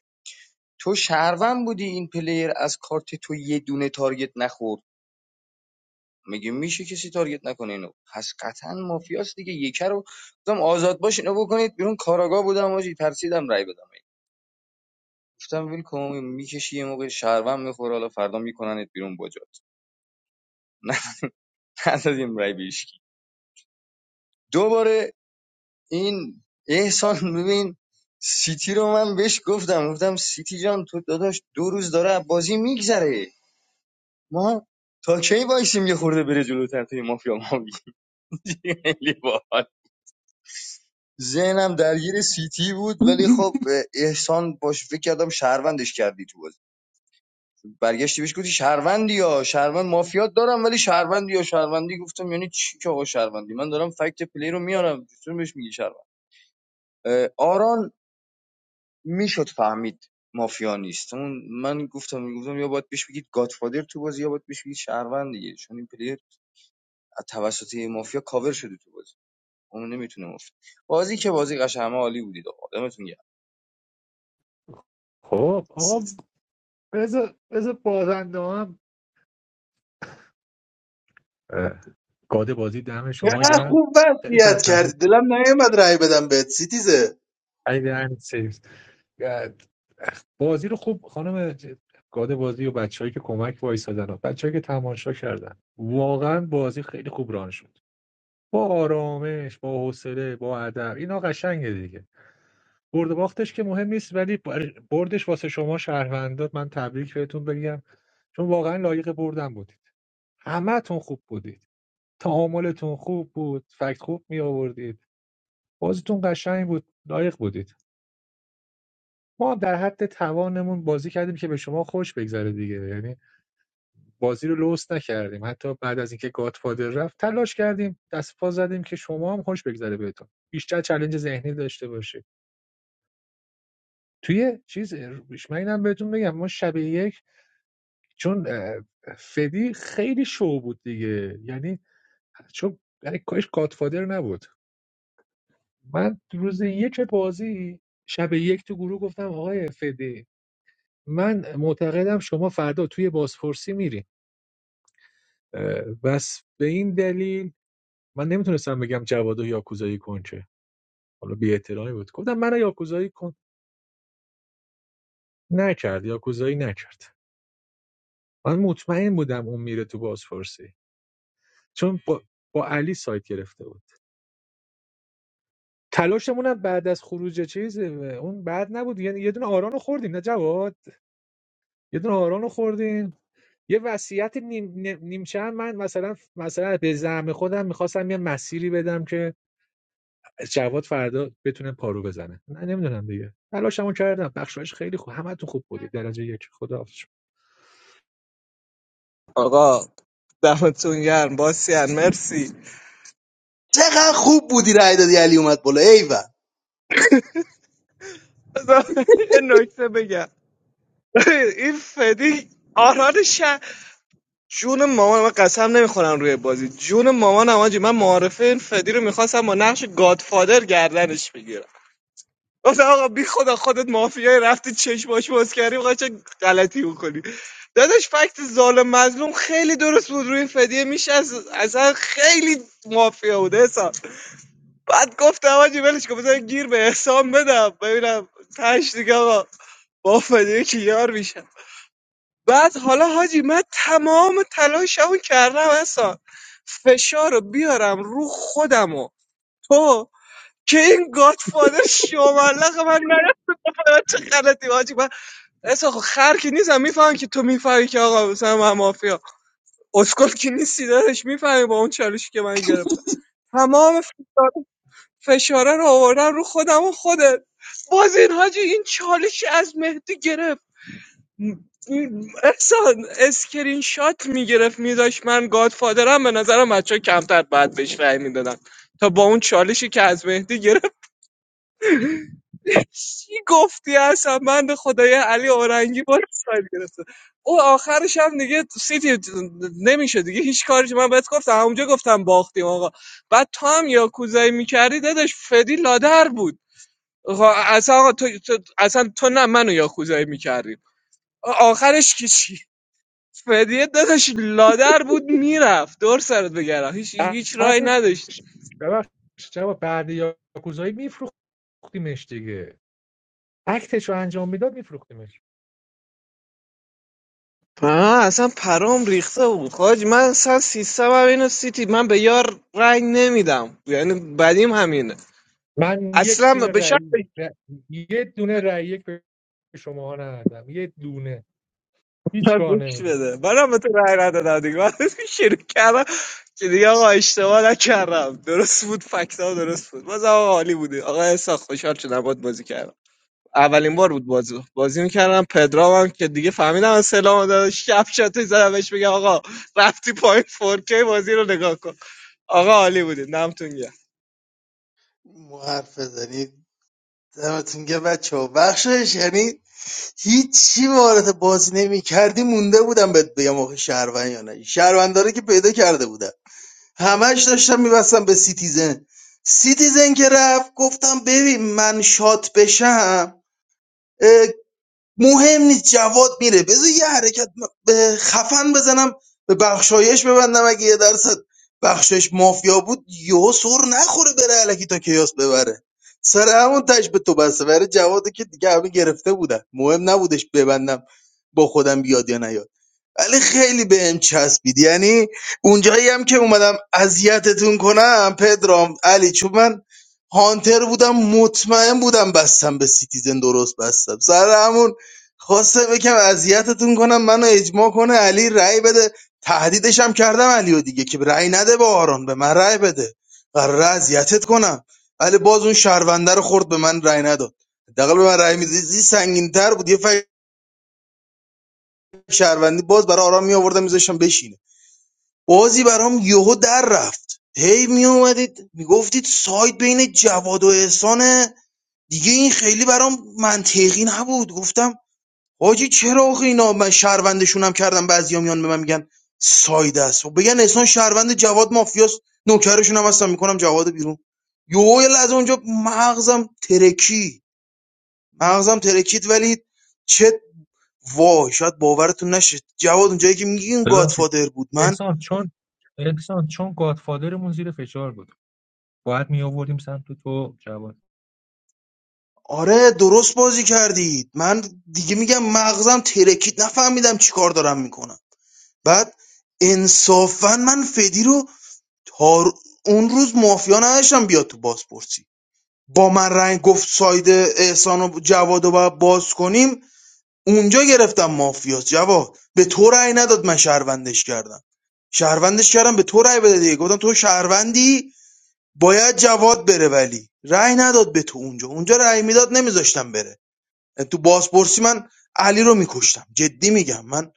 S13: تو شهروند بودی این پلیر از کارت تو یه دونه تارگت نخورد میگه میشه کسی تارگت نکنه اینو پس قطعا مافیاست دیگه یکه رو گفتم آزاد باش اینو بکنید بیرون کاراگاه بودم آجی ترسیدم رای بدم گفتم ویل کن میکشی یه موقع شهروند میخوره حالا فردا میکننت بیرون باجات ندادیم رای بیشکی دوباره این احسان ببین سیتی رو من بهش گفتم گفتم سیتی جان تو داداش دو روز داره بازی میگذره ما تا کی وایسیم یه خورده بره جلوتر توی مافیا ما بگیریم. خیلی باحال ذهنم درگیر سیتی بود ولی خب احسان باش فکر کردم شهروندش کردی تو بازی برگشتی بهش گفتی شهروندی یا شهروند مافیات دارم ولی شهروندی یا شهروندی گفتم یعنی چی که آقا شهروندی من دارم فکت پلی رو میارم چطور بهش میگی شهروند آران میشد فهمید مافیا نیست اون من گفتم گفتم یا باید بهش بگید گادفادر تو بازی یا باید بهش بگید شهروند دیگه چون این پلیر از توسط مافیا کاور شده تو بازی اون نمیتونه مفت بازی که بازی قشنگی بودید آقا
S16: خب آقا
S6: سیت-
S16: بذار بذار بازنده هم اه، گاد بازی دم شما
S6: چقدر
S16: گرم
S6: خوب
S16: خیلی
S6: وصیت کردی دلم نیومد رأی بدم بهت سیتیزه
S16: ایدن سیوز بازی رو خوب خانم ج- گاد بازی و بچههایی که کمک وایسادن و بچههایی که تماشا کردن واقعا بازی خیلی خوب ران شد با آرامش با حوصله با ادب اینا قشنگه دیگه برد و باختش که مهم نیست ولی بردش واسه شما شهروندات من تبریک بهتون بگم چون واقعا لایق بردن بودید همهتون خوب بودید تعاملتون خوب بود فکت خوب می آوردید بازیتون قشنگ بود لایق بودید ما هم در حد توانمون بازی کردیم که به شما خوش بگذره دیگه یعنی بازی رو لوس نکردیم حتی بعد از اینکه گاتفادر رفت تلاش کردیم دست پا زدیم که شما هم خوش بگذره بهتون بیشتر چلنج ذهنی داشته باشه توی چیز من اینم بهتون بگم ما شب یک چون فدی خیلی شو بود دیگه یعنی چون برای کاش گاتفادر نبود من روز یک بازی شب یک تو گروه گفتم آقای فدی من معتقدم شما فردا توی بازپرسی میری اه، بس به این دلیل من نمیتونستم بگم جواد و یاکوزایی کن که حالا بی احترامی بود گفتم من یاکوزایی کن نکرد یاکوزایی نکرد من مطمئن بودم اون میره تو بازپرسی چون با, با علی سایت گرفته بود تلاشمون هم بعد از خروج چیز اون بعد نبود یعنی یه دونه آران رو خوردیم نه جواد یه دونه آران خوردیم یه وصیت نیم, نیم- نیمچه هم من مثلا مثلا به زعم خودم میخواستم یه مسیری بدم که جواد فردا بتونه پارو بزنه نه نمیدونم دیگه تلاشمو کردم بخشایش خیلی خوب همتون خوب بودید درجه یک خداحافظ
S11: آقا دمتون گرم باسیان مرسی
S6: چقدر خوب بودی رأی دادی علی اومد بالا ایول
S11: بذار یه نکته بگم ببین، این فدی آران شه جون مامان من قسم نمیخورم روی بازی جون مامانم آجی من معارفه این فدی رو میخواستم با نقش گادفادر گردنش بگیرم گفتم آقا بی خدا خودت مافیای رفتی چشماش باز کردی بخواه چه غلطی بکنی داداش فکت ظالم مظلوم خیلی درست بود روی فدیه میشه از اصلا خیلی مافیا بود حسام بعد گفتم آجی ولش کن بذار گیر به حسام بدم ببینم تش دیگه آقا با فدیه که یار میشم بعد حالا حاجی من تمام تلاشمو کردم حسام فشار رو بیارم رو خودم و تو که این گادفادر شوملق من چه غلطی واجی من اصلا خب خر که نیستم میفهم که تو میفهمی که آقا مثلا من مافیا اسکل که نیستی دارش میفهمی با اون چالشی که من گرفتم تمام فشار- فشاره رو آوردن رو خودم و خودت باز این حاجی این چالشی از مهدی گرفت احسان اسکرین شات میگرفت میداشت من گادفادرم به نظرم بچه ها کمتر بعد بهش رأی میدادن تا با اون چالشی که از مهدی گرفت چی گفتی اصلا من به خدای علی اورنگی باز سایت گرفته او آخرش هم دیگه سیتی نمیشه دیگه هیچ کاری که من بهت گفتم همونجا گفتم باختیم آقا بعد تو هم یاکوزایی میکردی دادش فدی لادر بود آقا اصلا آقا تو, تو اصلا تو نه منو یاکوزایی میکردی آخرش که چی فدیه دادش لادر بود میرفت دور سرت بگردم هیچ هیچ راهی
S16: بعدش
S11: نداشت
S16: ببخشید جواد بعد یاکوزایی میفروختیمش دیگه اکتش رو انجام میداد میفروختیمش
S11: آه اصلا پرام ریخته بود خاج من اصلا سیستم هم اینو سیتی من به یار رنگ نمیدم یعنی بدیم همینه
S16: من یک
S11: اصلا
S16: دونه
S11: به شرط
S16: رأی ر- یه دونه رأی یک به شما ندادم یه دونه هیچ
S11: من
S16: کار
S11: گوش
S16: نمیدم
S11: بده منم به تو رنگ ندادم دیگه من شروع کردم که دیگه آقا اشتباه نکردم درست بود فکتا درست بود باز آقا عالی بودی آقا احساس خوشحال شدم باید بازی کردم اولین بار بود بازی بازی میکردم پدرام هم که دیگه فهمیدم سلام داد شب شاتش زدم بهش بگم آقا رفتی پایین 4K بازی رو نگاه کن آقا عالی بودید نمتون گرم
S6: مو حرف بزنید دمتون گه بچه ها بخشش یعنی هیچی وارد بازی نمی کردی مونده بودم بهت بگم آخه شهروند یا نه شهرونداره که پیدا کرده بودم همش داشتم میبستم به سیتیزن سیتیزن که رفت گفتم ببین من شات بشم مهم نیست جواد میره بذار یه حرکت م- به خفن بزنم به بخشایش ببندم اگه یه درصد بخشش مافیا بود یهو سر نخوره بره علکی تا کیاس ببره سر همون تش به تو بسته برای جواده که دیگه همه گرفته بودن مهم نبودش ببندم با خودم بیاد یا نیاد ولی خیلی بهم چسبید یعنی اونجایی هم که اومدم اذیتتون کنم پدرام علی چون من هانتر بودم مطمئن بودم بستم به سیتیزن درست بستم سر همون خواسته بکم اذیتتون کنم منو اجماع کنه علی رأی بده تهدیدش هم کردم علیو دیگه که رأی نده به آران به من رأی بده قرار اذیتت کنم ولی باز اون شهرونده رو خورد به من رأی نداد حداقل به من رأی میدادی سنگین‌تر بود یه فکر شهروندی باز برای آران میآوردم میذاشتم بشینه بازی برام یهو در رفت هی می اومدید میگفتید سایت بین جواد و احسانه دیگه این خیلی برام منطقی نبود گفتم حاجی چرا آخه اینا من شهروندشونم کردم بعضیا میان به من میگن ساید است و بگن احسان شهروند جواد مافیاست نوکرشون هم هستم میکنم جواد بیرون یو یه لحظه اونجا مغزم ترکی مغزم ترکید ولی چه وای شاید باورتون نشه جواد اونجایی که میگین
S16: ببخشید
S6: گادفادر بود من
S16: احسان چون احسان چون گادفادرمون زیر فشار بود باید می آوردیم سمت تو جواد
S6: آره درست بازی کردید من دیگه میگم مغزم ترکید نفهمیدم چیکار دارم میکنم بعد انصافا من فدی رو تا رو- اون روز مافیا نداشتم بیاد تو بازپرسی با من رنگ گفت ساید احسان و جواد رو باید باز کنیم اونجا گرفتم مافیاس جواد به تو رأی نداد من شهروندش کردم شهروندش کردم به تو رأی بده دیگه گفتم تو شهروندی باید جواد بره ولی رأی نداد به تو اونجا اونجا رأی میداد نمیذاشتم بره تو بازپرسی من علی رو میکشتم جدی میگم من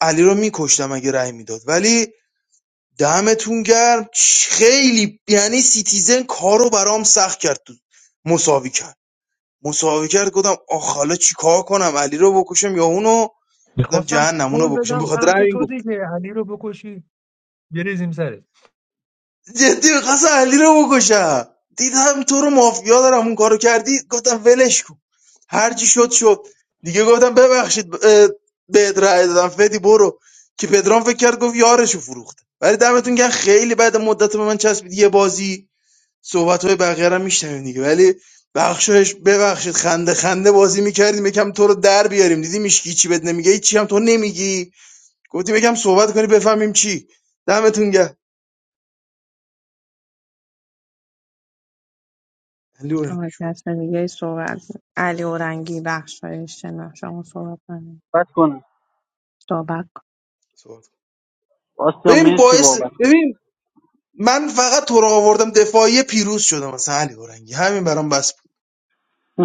S6: علی رو میکشتم اگه رأی میداد ولی دمتون گرم چ- خیلی یعنی سیتیزن کارو برام سخت کرد تو مساوی کرد مساوی کرد گفتم آخ حالا چیکار کنم علی رو بکشم یا اونو گفتم
S16: میخواستم
S6: جهنم اونو
S16: پول
S6: بکشم
S16: بدم
S6: بخاطر
S16: سمت
S6: همین
S16: تو
S6: گفت
S16: دیگه علی رو بکشی بریزیم سرت
S6: جدی می‌خواستم علی رو بکشم دیدم تو رو مافیا دارم اون کارو کردی گفتم ولش کن هر چی شد شد دیگه گفتم ببخشید اه، بهت رأی دادم فدی برو که پدرام فکر کرد گفت یارشو فروخته ولی دمتون گرم خیلی بعد مدت به من چسبید یه بازی صحبت‌های بقیه رو هم میشنویم دیگه ولی بخشایش ببخشید خنده خنده بازی میکردیم یکم تو رو در بیاریم دیدی میشکی چی بد نمیگه هیچ چی هم تو نمیگی گفتیم یکم صحبت کنی بفهمیم چی دمتون گرم لورنگ شو
S7: بد کنم
S6: صحبت کن.
S7: آسیا
S6: ببین
S7: مرسی
S6: باعث
S7: بابت
S6: ببین من فقط تو رو آوردم دفاعی پیروز شدم مثلا علی اورنگی همین برام بس بود.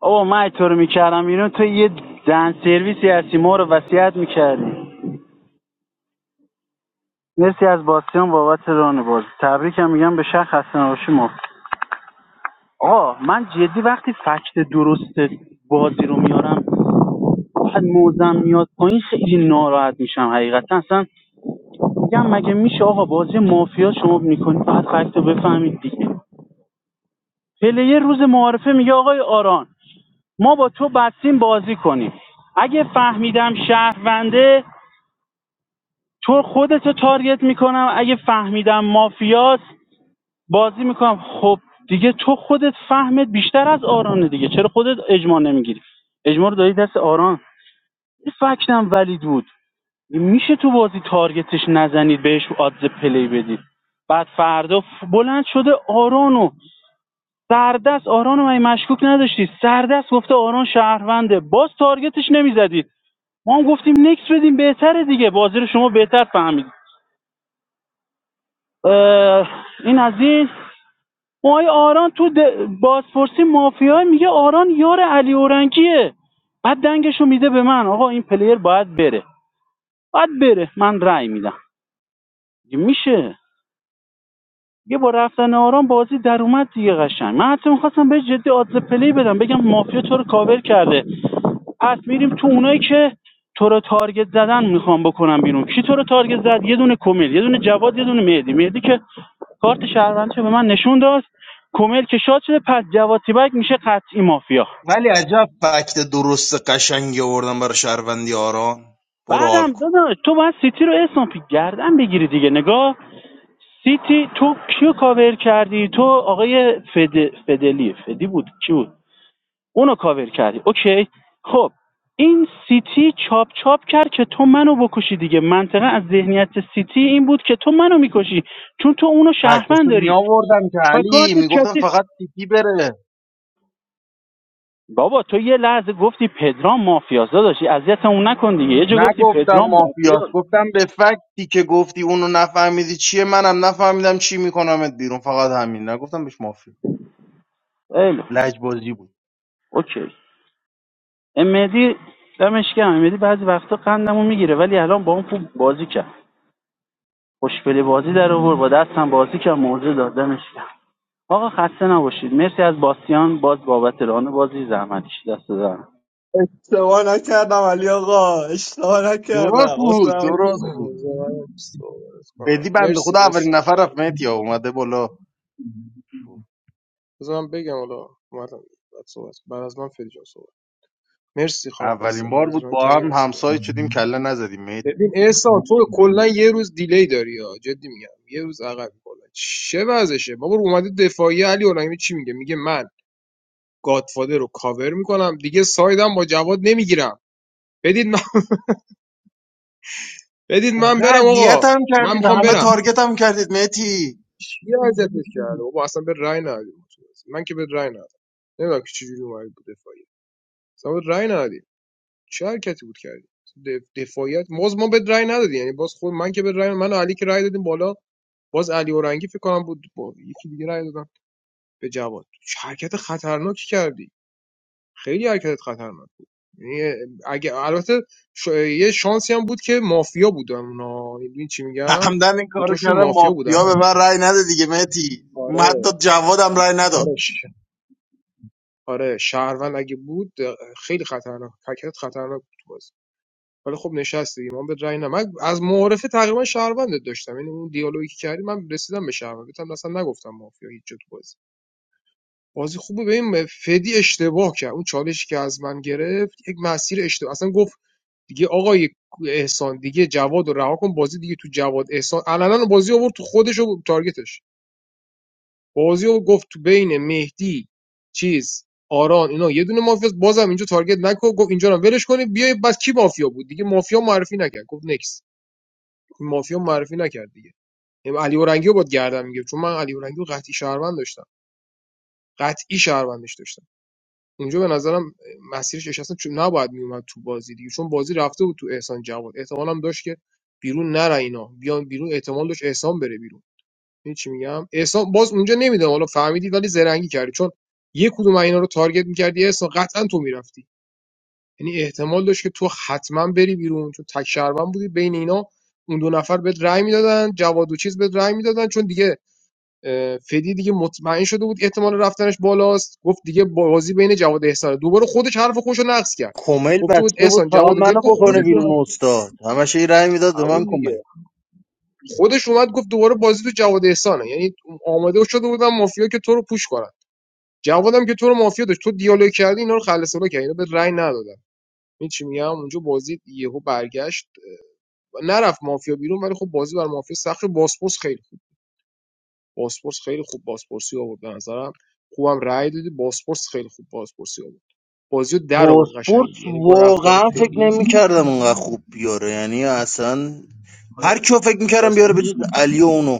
S7: آقا من تو رو میکردم اینو تو یه دن سرویسی هستی ما رو وصیت میکردی مرسی از باسیان بابت ران بازی تبریکم میگم به شخص خسته نباشی مفت آقا من جدی وقتی فکت درست بازی رو میارم بعد موزم میاد پایین خیلی ناراحت میشم حقیقتا اصلا میگم مگه میشه آقا بازی مافیا شما میکنید بعد فکت رو بفهمید دیگه پلیر روز معارفه میگه آقای آران ما با تو بستیم بازی کنیم اگه فهمیدم شهرونده تو خودتو تارگت میکنم اگه فهمیدم مافیاست بازی میکنم خب دیگه تو خودت فهمت بیشتر از آرانه دیگه چرا خودت اجماع نمیگیری اجماع رو دادی دست آران این فکتم ولید بود میشه تو بازی تارگتش نزنید بهش آدز پلی بدید بعد فردا بلند شده آرانو سردست آرانو من مشکوک نداشتی سردست گفته آران شهرونده باز تارگتش نمیزدید ما هم گفتیم نکس بدیم بهتره دیگه بازی رو شما بهتر فهمید این از این مای آران تو بازپرسی مافیا میگه آران یار علی اورنگیه بعد دنگشو میده به من آقا این پلیر باید بره باید بره من رأی میدم میشه دیگه با رفتن آرام بازی در اومد دیگه قشنگ من حتی میخواستم به جدی آدز پلی بدم بگم مافیا تو رو کاور کرده پس میریم تو اونایی که تو رو تارگت زدن میخوام بکنم بیرون کی تو رو تارگت زد یه دونه کمیل یه دونه جواد یه دونه مهدی مهدی که کارت شهروندی به من نشون داد کمیل که شاد شده پس جواد تیبک میشه قطعی مافیا
S6: ولی عجب فکت درست قشنگی آوردم برای شهروندی آران برو حال
S7: بعدم
S6: کن
S7: داداش تو باید سیتی رو اسناپی گردن بگیری دیگه نگاه سیتی تو کیو کاور کردی تو آقای فد... فدلی فدی بود کی بود اونو کاور کردی اوکی خب این سیتی چاپ چاپ کرد که تو منو بکشی دیگه منطقه از ذهنیت سیتی این بود که تو منو میکشی چون تو اونو شهروند
S6: فکتاشو می
S7: داری
S6: آوردم که
S7: و
S6: علی
S7: کارتت
S6: میگفتم
S7: کثیف
S6: فقط سیتی بره
S7: بابا تو یه لحظه گفتی پدرام مافیاست داشتی اذیت اون نکن دیگه یه جا گفتی
S6: نگفتم
S7: پدرام
S6: مافیاس
S7: مافیاست
S6: گفتم به فکتی که گفتی اونو نفهمیدی چیه منم نفهمیدم چی میکنمت بیرون فقط همین نگفتم بهش مافیا
S7: خیلی خوب.
S6: لجبازی بود
S7: اوکی امدی دمش گرم امدی بعضی وقتا قندمو میگیره ولی الان با اون خوب بازی کرد خوشگلی بازی در آورد با دستم بازی کرد موضوع دادمش کرد. آقا خسته نباشید مرسی از باسیان باز بابت ران بازی زحمت دست در
S11: اشتباه نکردم علی آقا اشتباه
S6: درست
S11: نکردم
S6: بود
S11: اصلا
S6: درست بود
S17: صحبت کنم.
S6: بدی بنده
S17: مرسی
S6: خدا
S17: باز
S6: اولین نفر
S17: اینجا
S6: رفت
S17: بازی
S6: مهدی اومده بالا
S17: بذار من بگم حالا اومدم بعد صحبت بعد از من فری جان صحبت مرسی خانم
S6: اولین
S17: باسم
S6: بار
S17: بازی
S6: بود
S17: ران
S6: با
S17: کردی
S6: هم
S17: دست دارم
S6: همسایه شدیم کله نزدیم مهدی
S17: ببین احسان تو کلا یه روز دیلی داری ها جدی میگم یه روز عقب کلا چه وضعشه بابا رو اومده دفاعی علی الامی چی میگه میگه من گادفادر رو کاور میکنم دیگه سایدم با جواد نمیگیرم بدید من بدید من
S6: اوقع
S17: برم
S6: اذیت
S17: آقا
S6: هم
S17: من
S6: کردید
S17: میخوام
S6: همه
S17: برم
S6: تارگت هم کردید مهدی
S17: چی اذیتت کرده بابا اصلا به رای ندادیم ما تو بازی. من که به رای ندادم نمیدونم که چجوری اومدی بود دفاعی اصلا به رای ندادیم چه حرکتی بود کردی دف- دفاعیت باز ما به رای ندادیم یعنی باز خود من که به رای من و علی که رای دادیم بالا باز علی اورنگی فکر کنم بود با یکی دیگه رای دادم به جواد چه حرکت خطرناکی کردی خیلی حرکتت خطرناک یعنی اگه البته ش... یه شانسی هم بود که مافیا بودن اونا میدونی چی میگم
S6: همدن این کارو
S17: دوتاشون
S6: کردم
S17: مافیا بودن
S6: مافیا به من رأی نده دیگه مهدی حتی
S17: آره
S6: جوادم رأی نداد
S17: آره آره شهروند اگه بود خیلی خطرناک حرکت خطرناک بود تو بازی ولی خب نشست دیگه من به رأی نه من از معارفه تقریبا شهروندت داشتم یعنی اون دیالوگی که کردی من رسیدم به شهروند هم اصلا نگفتم مافیا هیچ جا تو بازی بازی خوبه ببین فدی اشتباه کرد اون چالشی که از من گرفت یک مسیر اشتباه اصلا گفت دیگه آقای احسان دیگه جواد رو رها کن بازی دیگه تو جواد احسان علنا بازی آورد تو خودش و تارگتش بازی رو گفت تو بین مهدی چیز آران اینا یه دونه مافیا است. بازم اینجا تارگت نکن گفت اینجا رو ولش کنید بیای بس کی مافیا بود دیگه مافیا معرفی نکرد گفت نکس این مافیا معرفی نکرد دیگه ام علی اورنگی رو باد گردن میگیره چون من علی اورنگی رو قطعی شهروند داشتم قطعی شهروندش داشتم اونجا به نظرم مسیرش اش اصلا چون نباید میومد تو بازی دیگه چون بازی رفته بود تو احسان جواد احتمال هم داشت که بیرون نره اینا بیان بیرون احتمال داشت احسان بره بیرون این چی میگم احسان باز اونجا نمیدونم حالا فهمیدی ولی زرنگی کردی چون یه کدوم اینا رو تارگت میکردی احسان قطعا تو میرفتی یعنی احتمال داشت که تو حتما بری بیرون چون تک شهروند بودی بین اینا اون دو نفر بهت رأی میدادن جواد و چیز بهت رأی میدادن چون دیگه اه، فدی دیگه مطمئن شده بود احتمال رفتنش بالاست گفت دیگه بازی بین جواد و احسانه دوباره خودش حرف خوش رو نقص کرد
S6: کمیل
S17: گفته بود
S6: بسته بود
S17: احسان
S6: فقط
S17: جواد و
S6: منو
S17: ولکو
S6: بکنه
S17: خودش اومد
S6: بیرون استاد همش یه رأی میداد به
S17: هوای
S6: من
S17: می‌ریخت.
S6: کمیل
S17: خودش اومد گفت دوباره بازی تو جواد و احسانه یعنی آماده شده بودن مافیا که تو رو پوش کنن جوادم که تو رو مافیا داشت تو دیالوگ کردی اینا رو خلص کردی اینا به رأی ندادن این چی میگم اونجا بازی یهو برگشت نرفت مافیا بیرون ولی خب بازی بر مافیا سخت شد. باسپورس خیلی خوب باسپورس خیلی خوب باسپورسی آورد به نظرم خوبم رأی دادی باسپورس خیلی خوب باسپورسی آورد بازی رو در آورد قشنگی
S6: باسپورس
S17: یعنی با رفتن
S6: واقعا فکر
S17: فدی
S6: نمیکردم اونقدر خوب بیاره یعنی اصلا هر کیو فکر میکردم بیاره بجز علی و اونو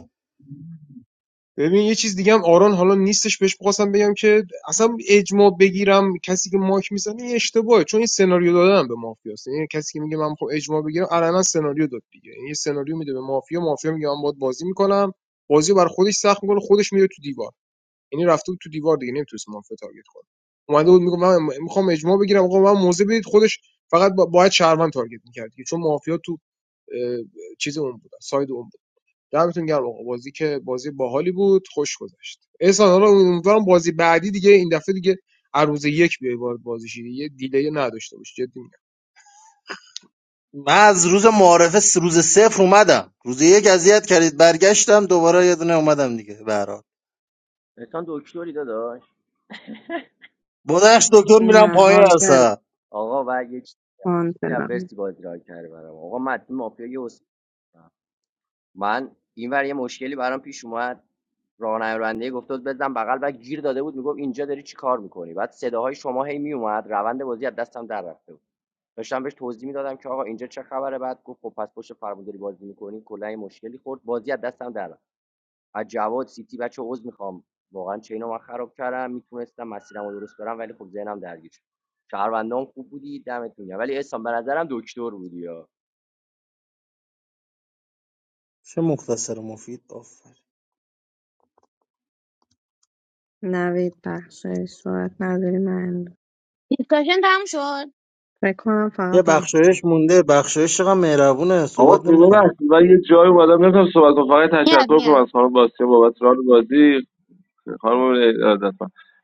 S17: ببین یه چیز دیگه هم آران حالا نیستش بهش بخواستم بگم که اصلا اجماع بگیرم کسی که ماک میزنه این اشتباهه چون این سناریو دادن به مافیاست یعنی کسی که میگه من میخوام اجماع بگیرم علنا سناریو داد دیگه این یه سناریو میده به مافیا مافیا میگه من باید بازی میکنم بازی رو بر خودش سخت میکنه خودش میره تو دیوار یعنی رفته بود تو دیوار دیگه نمیتونست مافیا تارگت کنه اومده بود میگه من میخوام اجماع بگیرم آقا من موزه بدید خودش فقط با- باید شهروند تارگت میکرد دیگه، چون مافیا تو اه، چیز اون بود ساید اون بود. دمتون گرم آقا بازی که بازی باحالی بود خوش گذشت احسان حالا امیدوارم بازی بعدی دیگه این دفعه دیگه عروض یک بیای وارد بازی شی دیگه دیلی نداشته باش جدی
S6: من از روز معارفه س- روز صفر اومدم روز یک اذیت کردید برگشتم دوباره یه دونه اومدم دیگه به هر حال
S4: احسان دکتری داداش
S6: با نقش دکتر میرم
S1: نه
S6: پایین
S1: هانتر
S6: اصلا
S4: آقا و یه چیزی از
S1: هانترم
S4: بازی را کرده برام آقا متن مافیا یه من اینور یه مشکلی برام پیش اومد راهنماینده گفت بود بزن بغل و گیر داده بود میگفت اینجا داری چی کار میکنی بعد صداهای شما هی میومد روند بازی از دستم در رفته بود داشتم بهش توضیح میدادم که آقا اینجا چه خبره بعد گفت خب پس پشت فرمون بازی میکنی کلا یه مشکلی خورد بازی از دستم در رفت از جواد سیتی بچه عذر میخوام واقعا چه اینو من خراب کردم میتونستم مسیرم رو درست برم ولی خب ذهنم درگیر شد شهروندان خوب بودی دمتون گرم ولی احسان به نظرم دکتر بودی ها.
S6: چه مختصر و مفید آفر
S1: نوید بخشایش صورت نداری من
S8: دیسکاشن تموم شد
S1: فکر کنم
S6: یه
S1: فقط
S6: بخشایش مونده بخشایش چقدر مهربونه
S15: آقا
S6: صحبت نمیکنه
S15: ببخشید من یه جایی اومدم نمیتونم صحبت کنم فقط
S8: میاد
S15: تشکر کنم
S8: میاد
S15: از خانم باسیا بابت ران بازی خانم ارادت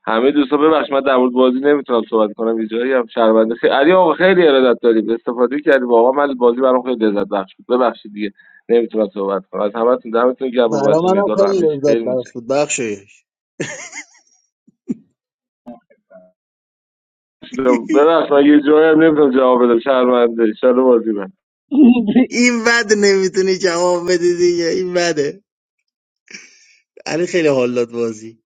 S15: همه دوستان ببخشید من در مورد بازی نمیتونم صحبت کنم یه جایی هم شرمنده خیلی علی آقا خیلی ارادت داریم استفاده کردیم واقعا من بازی برام خیلی لذت بخش بود ببخشید دیگه نمیتونم صحبت کنم از همتون دمتون گرم
S6: برا
S15: بابت
S6: منم
S15: مدال و
S6: خیلی
S15: همه چی
S6: لذت
S15: خیلی
S6: بخش بود بخشایش
S15: متشکرم ببخشید من یه جایی هم نمیتونم جواب بدم شرمنده ان بازی بعد
S6: این بد نمیتونی جواب بدی دیگه این بده علی خیلی حالات بازی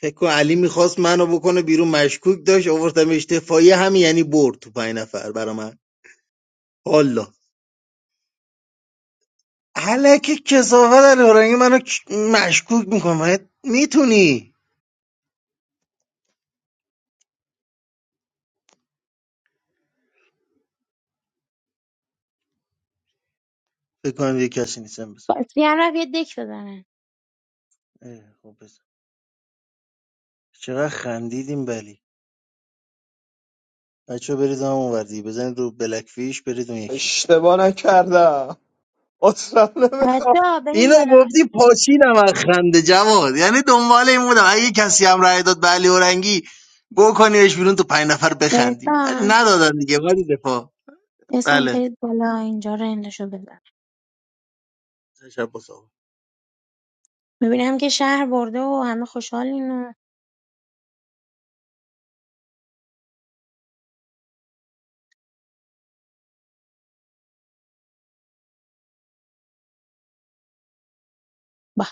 S6: فکر کن علی میخواست منو بکنه بیرون مشکوک داشت آوردم اشتفایی همین یعنی برد تو پنج نفر برا من حالا که کسافت علی هرنگی منو ک- مشکوک میکنه میتونی فکر کنم یه کسی نیستم بزن
S8: بازی هم رفت یه دک بزنن
S6: اه، خب بزن چقدر خندیدیم بلی بچه برید هم اون وردی بزنید رو بلک فیش برید اون یکی
S11: اشتباه نکردم اصلا
S8: بچه ها بریم
S6: اینو
S8: بالا
S6: گفتی پاشیدم از خنده جواد یعنی دنبال این بودم اگه کسی هم رأی داد به علی اورنگی بکنیمش بیرون تو پنج نفر بخندیم ولی
S8: احسان
S6: ندادن دیگه ولی دفاع
S8: احسان
S6: بله
S8: برید بالا اینجا رو اندشو بزن
S6: تشبث آقا.
S8: میبینم که شهر برده و همه خوشحالین و با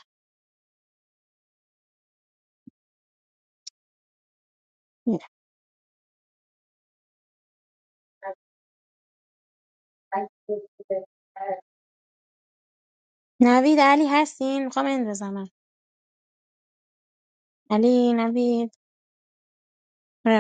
S8: نوید علی هستین میخوام اندازم علی نوید Yeah.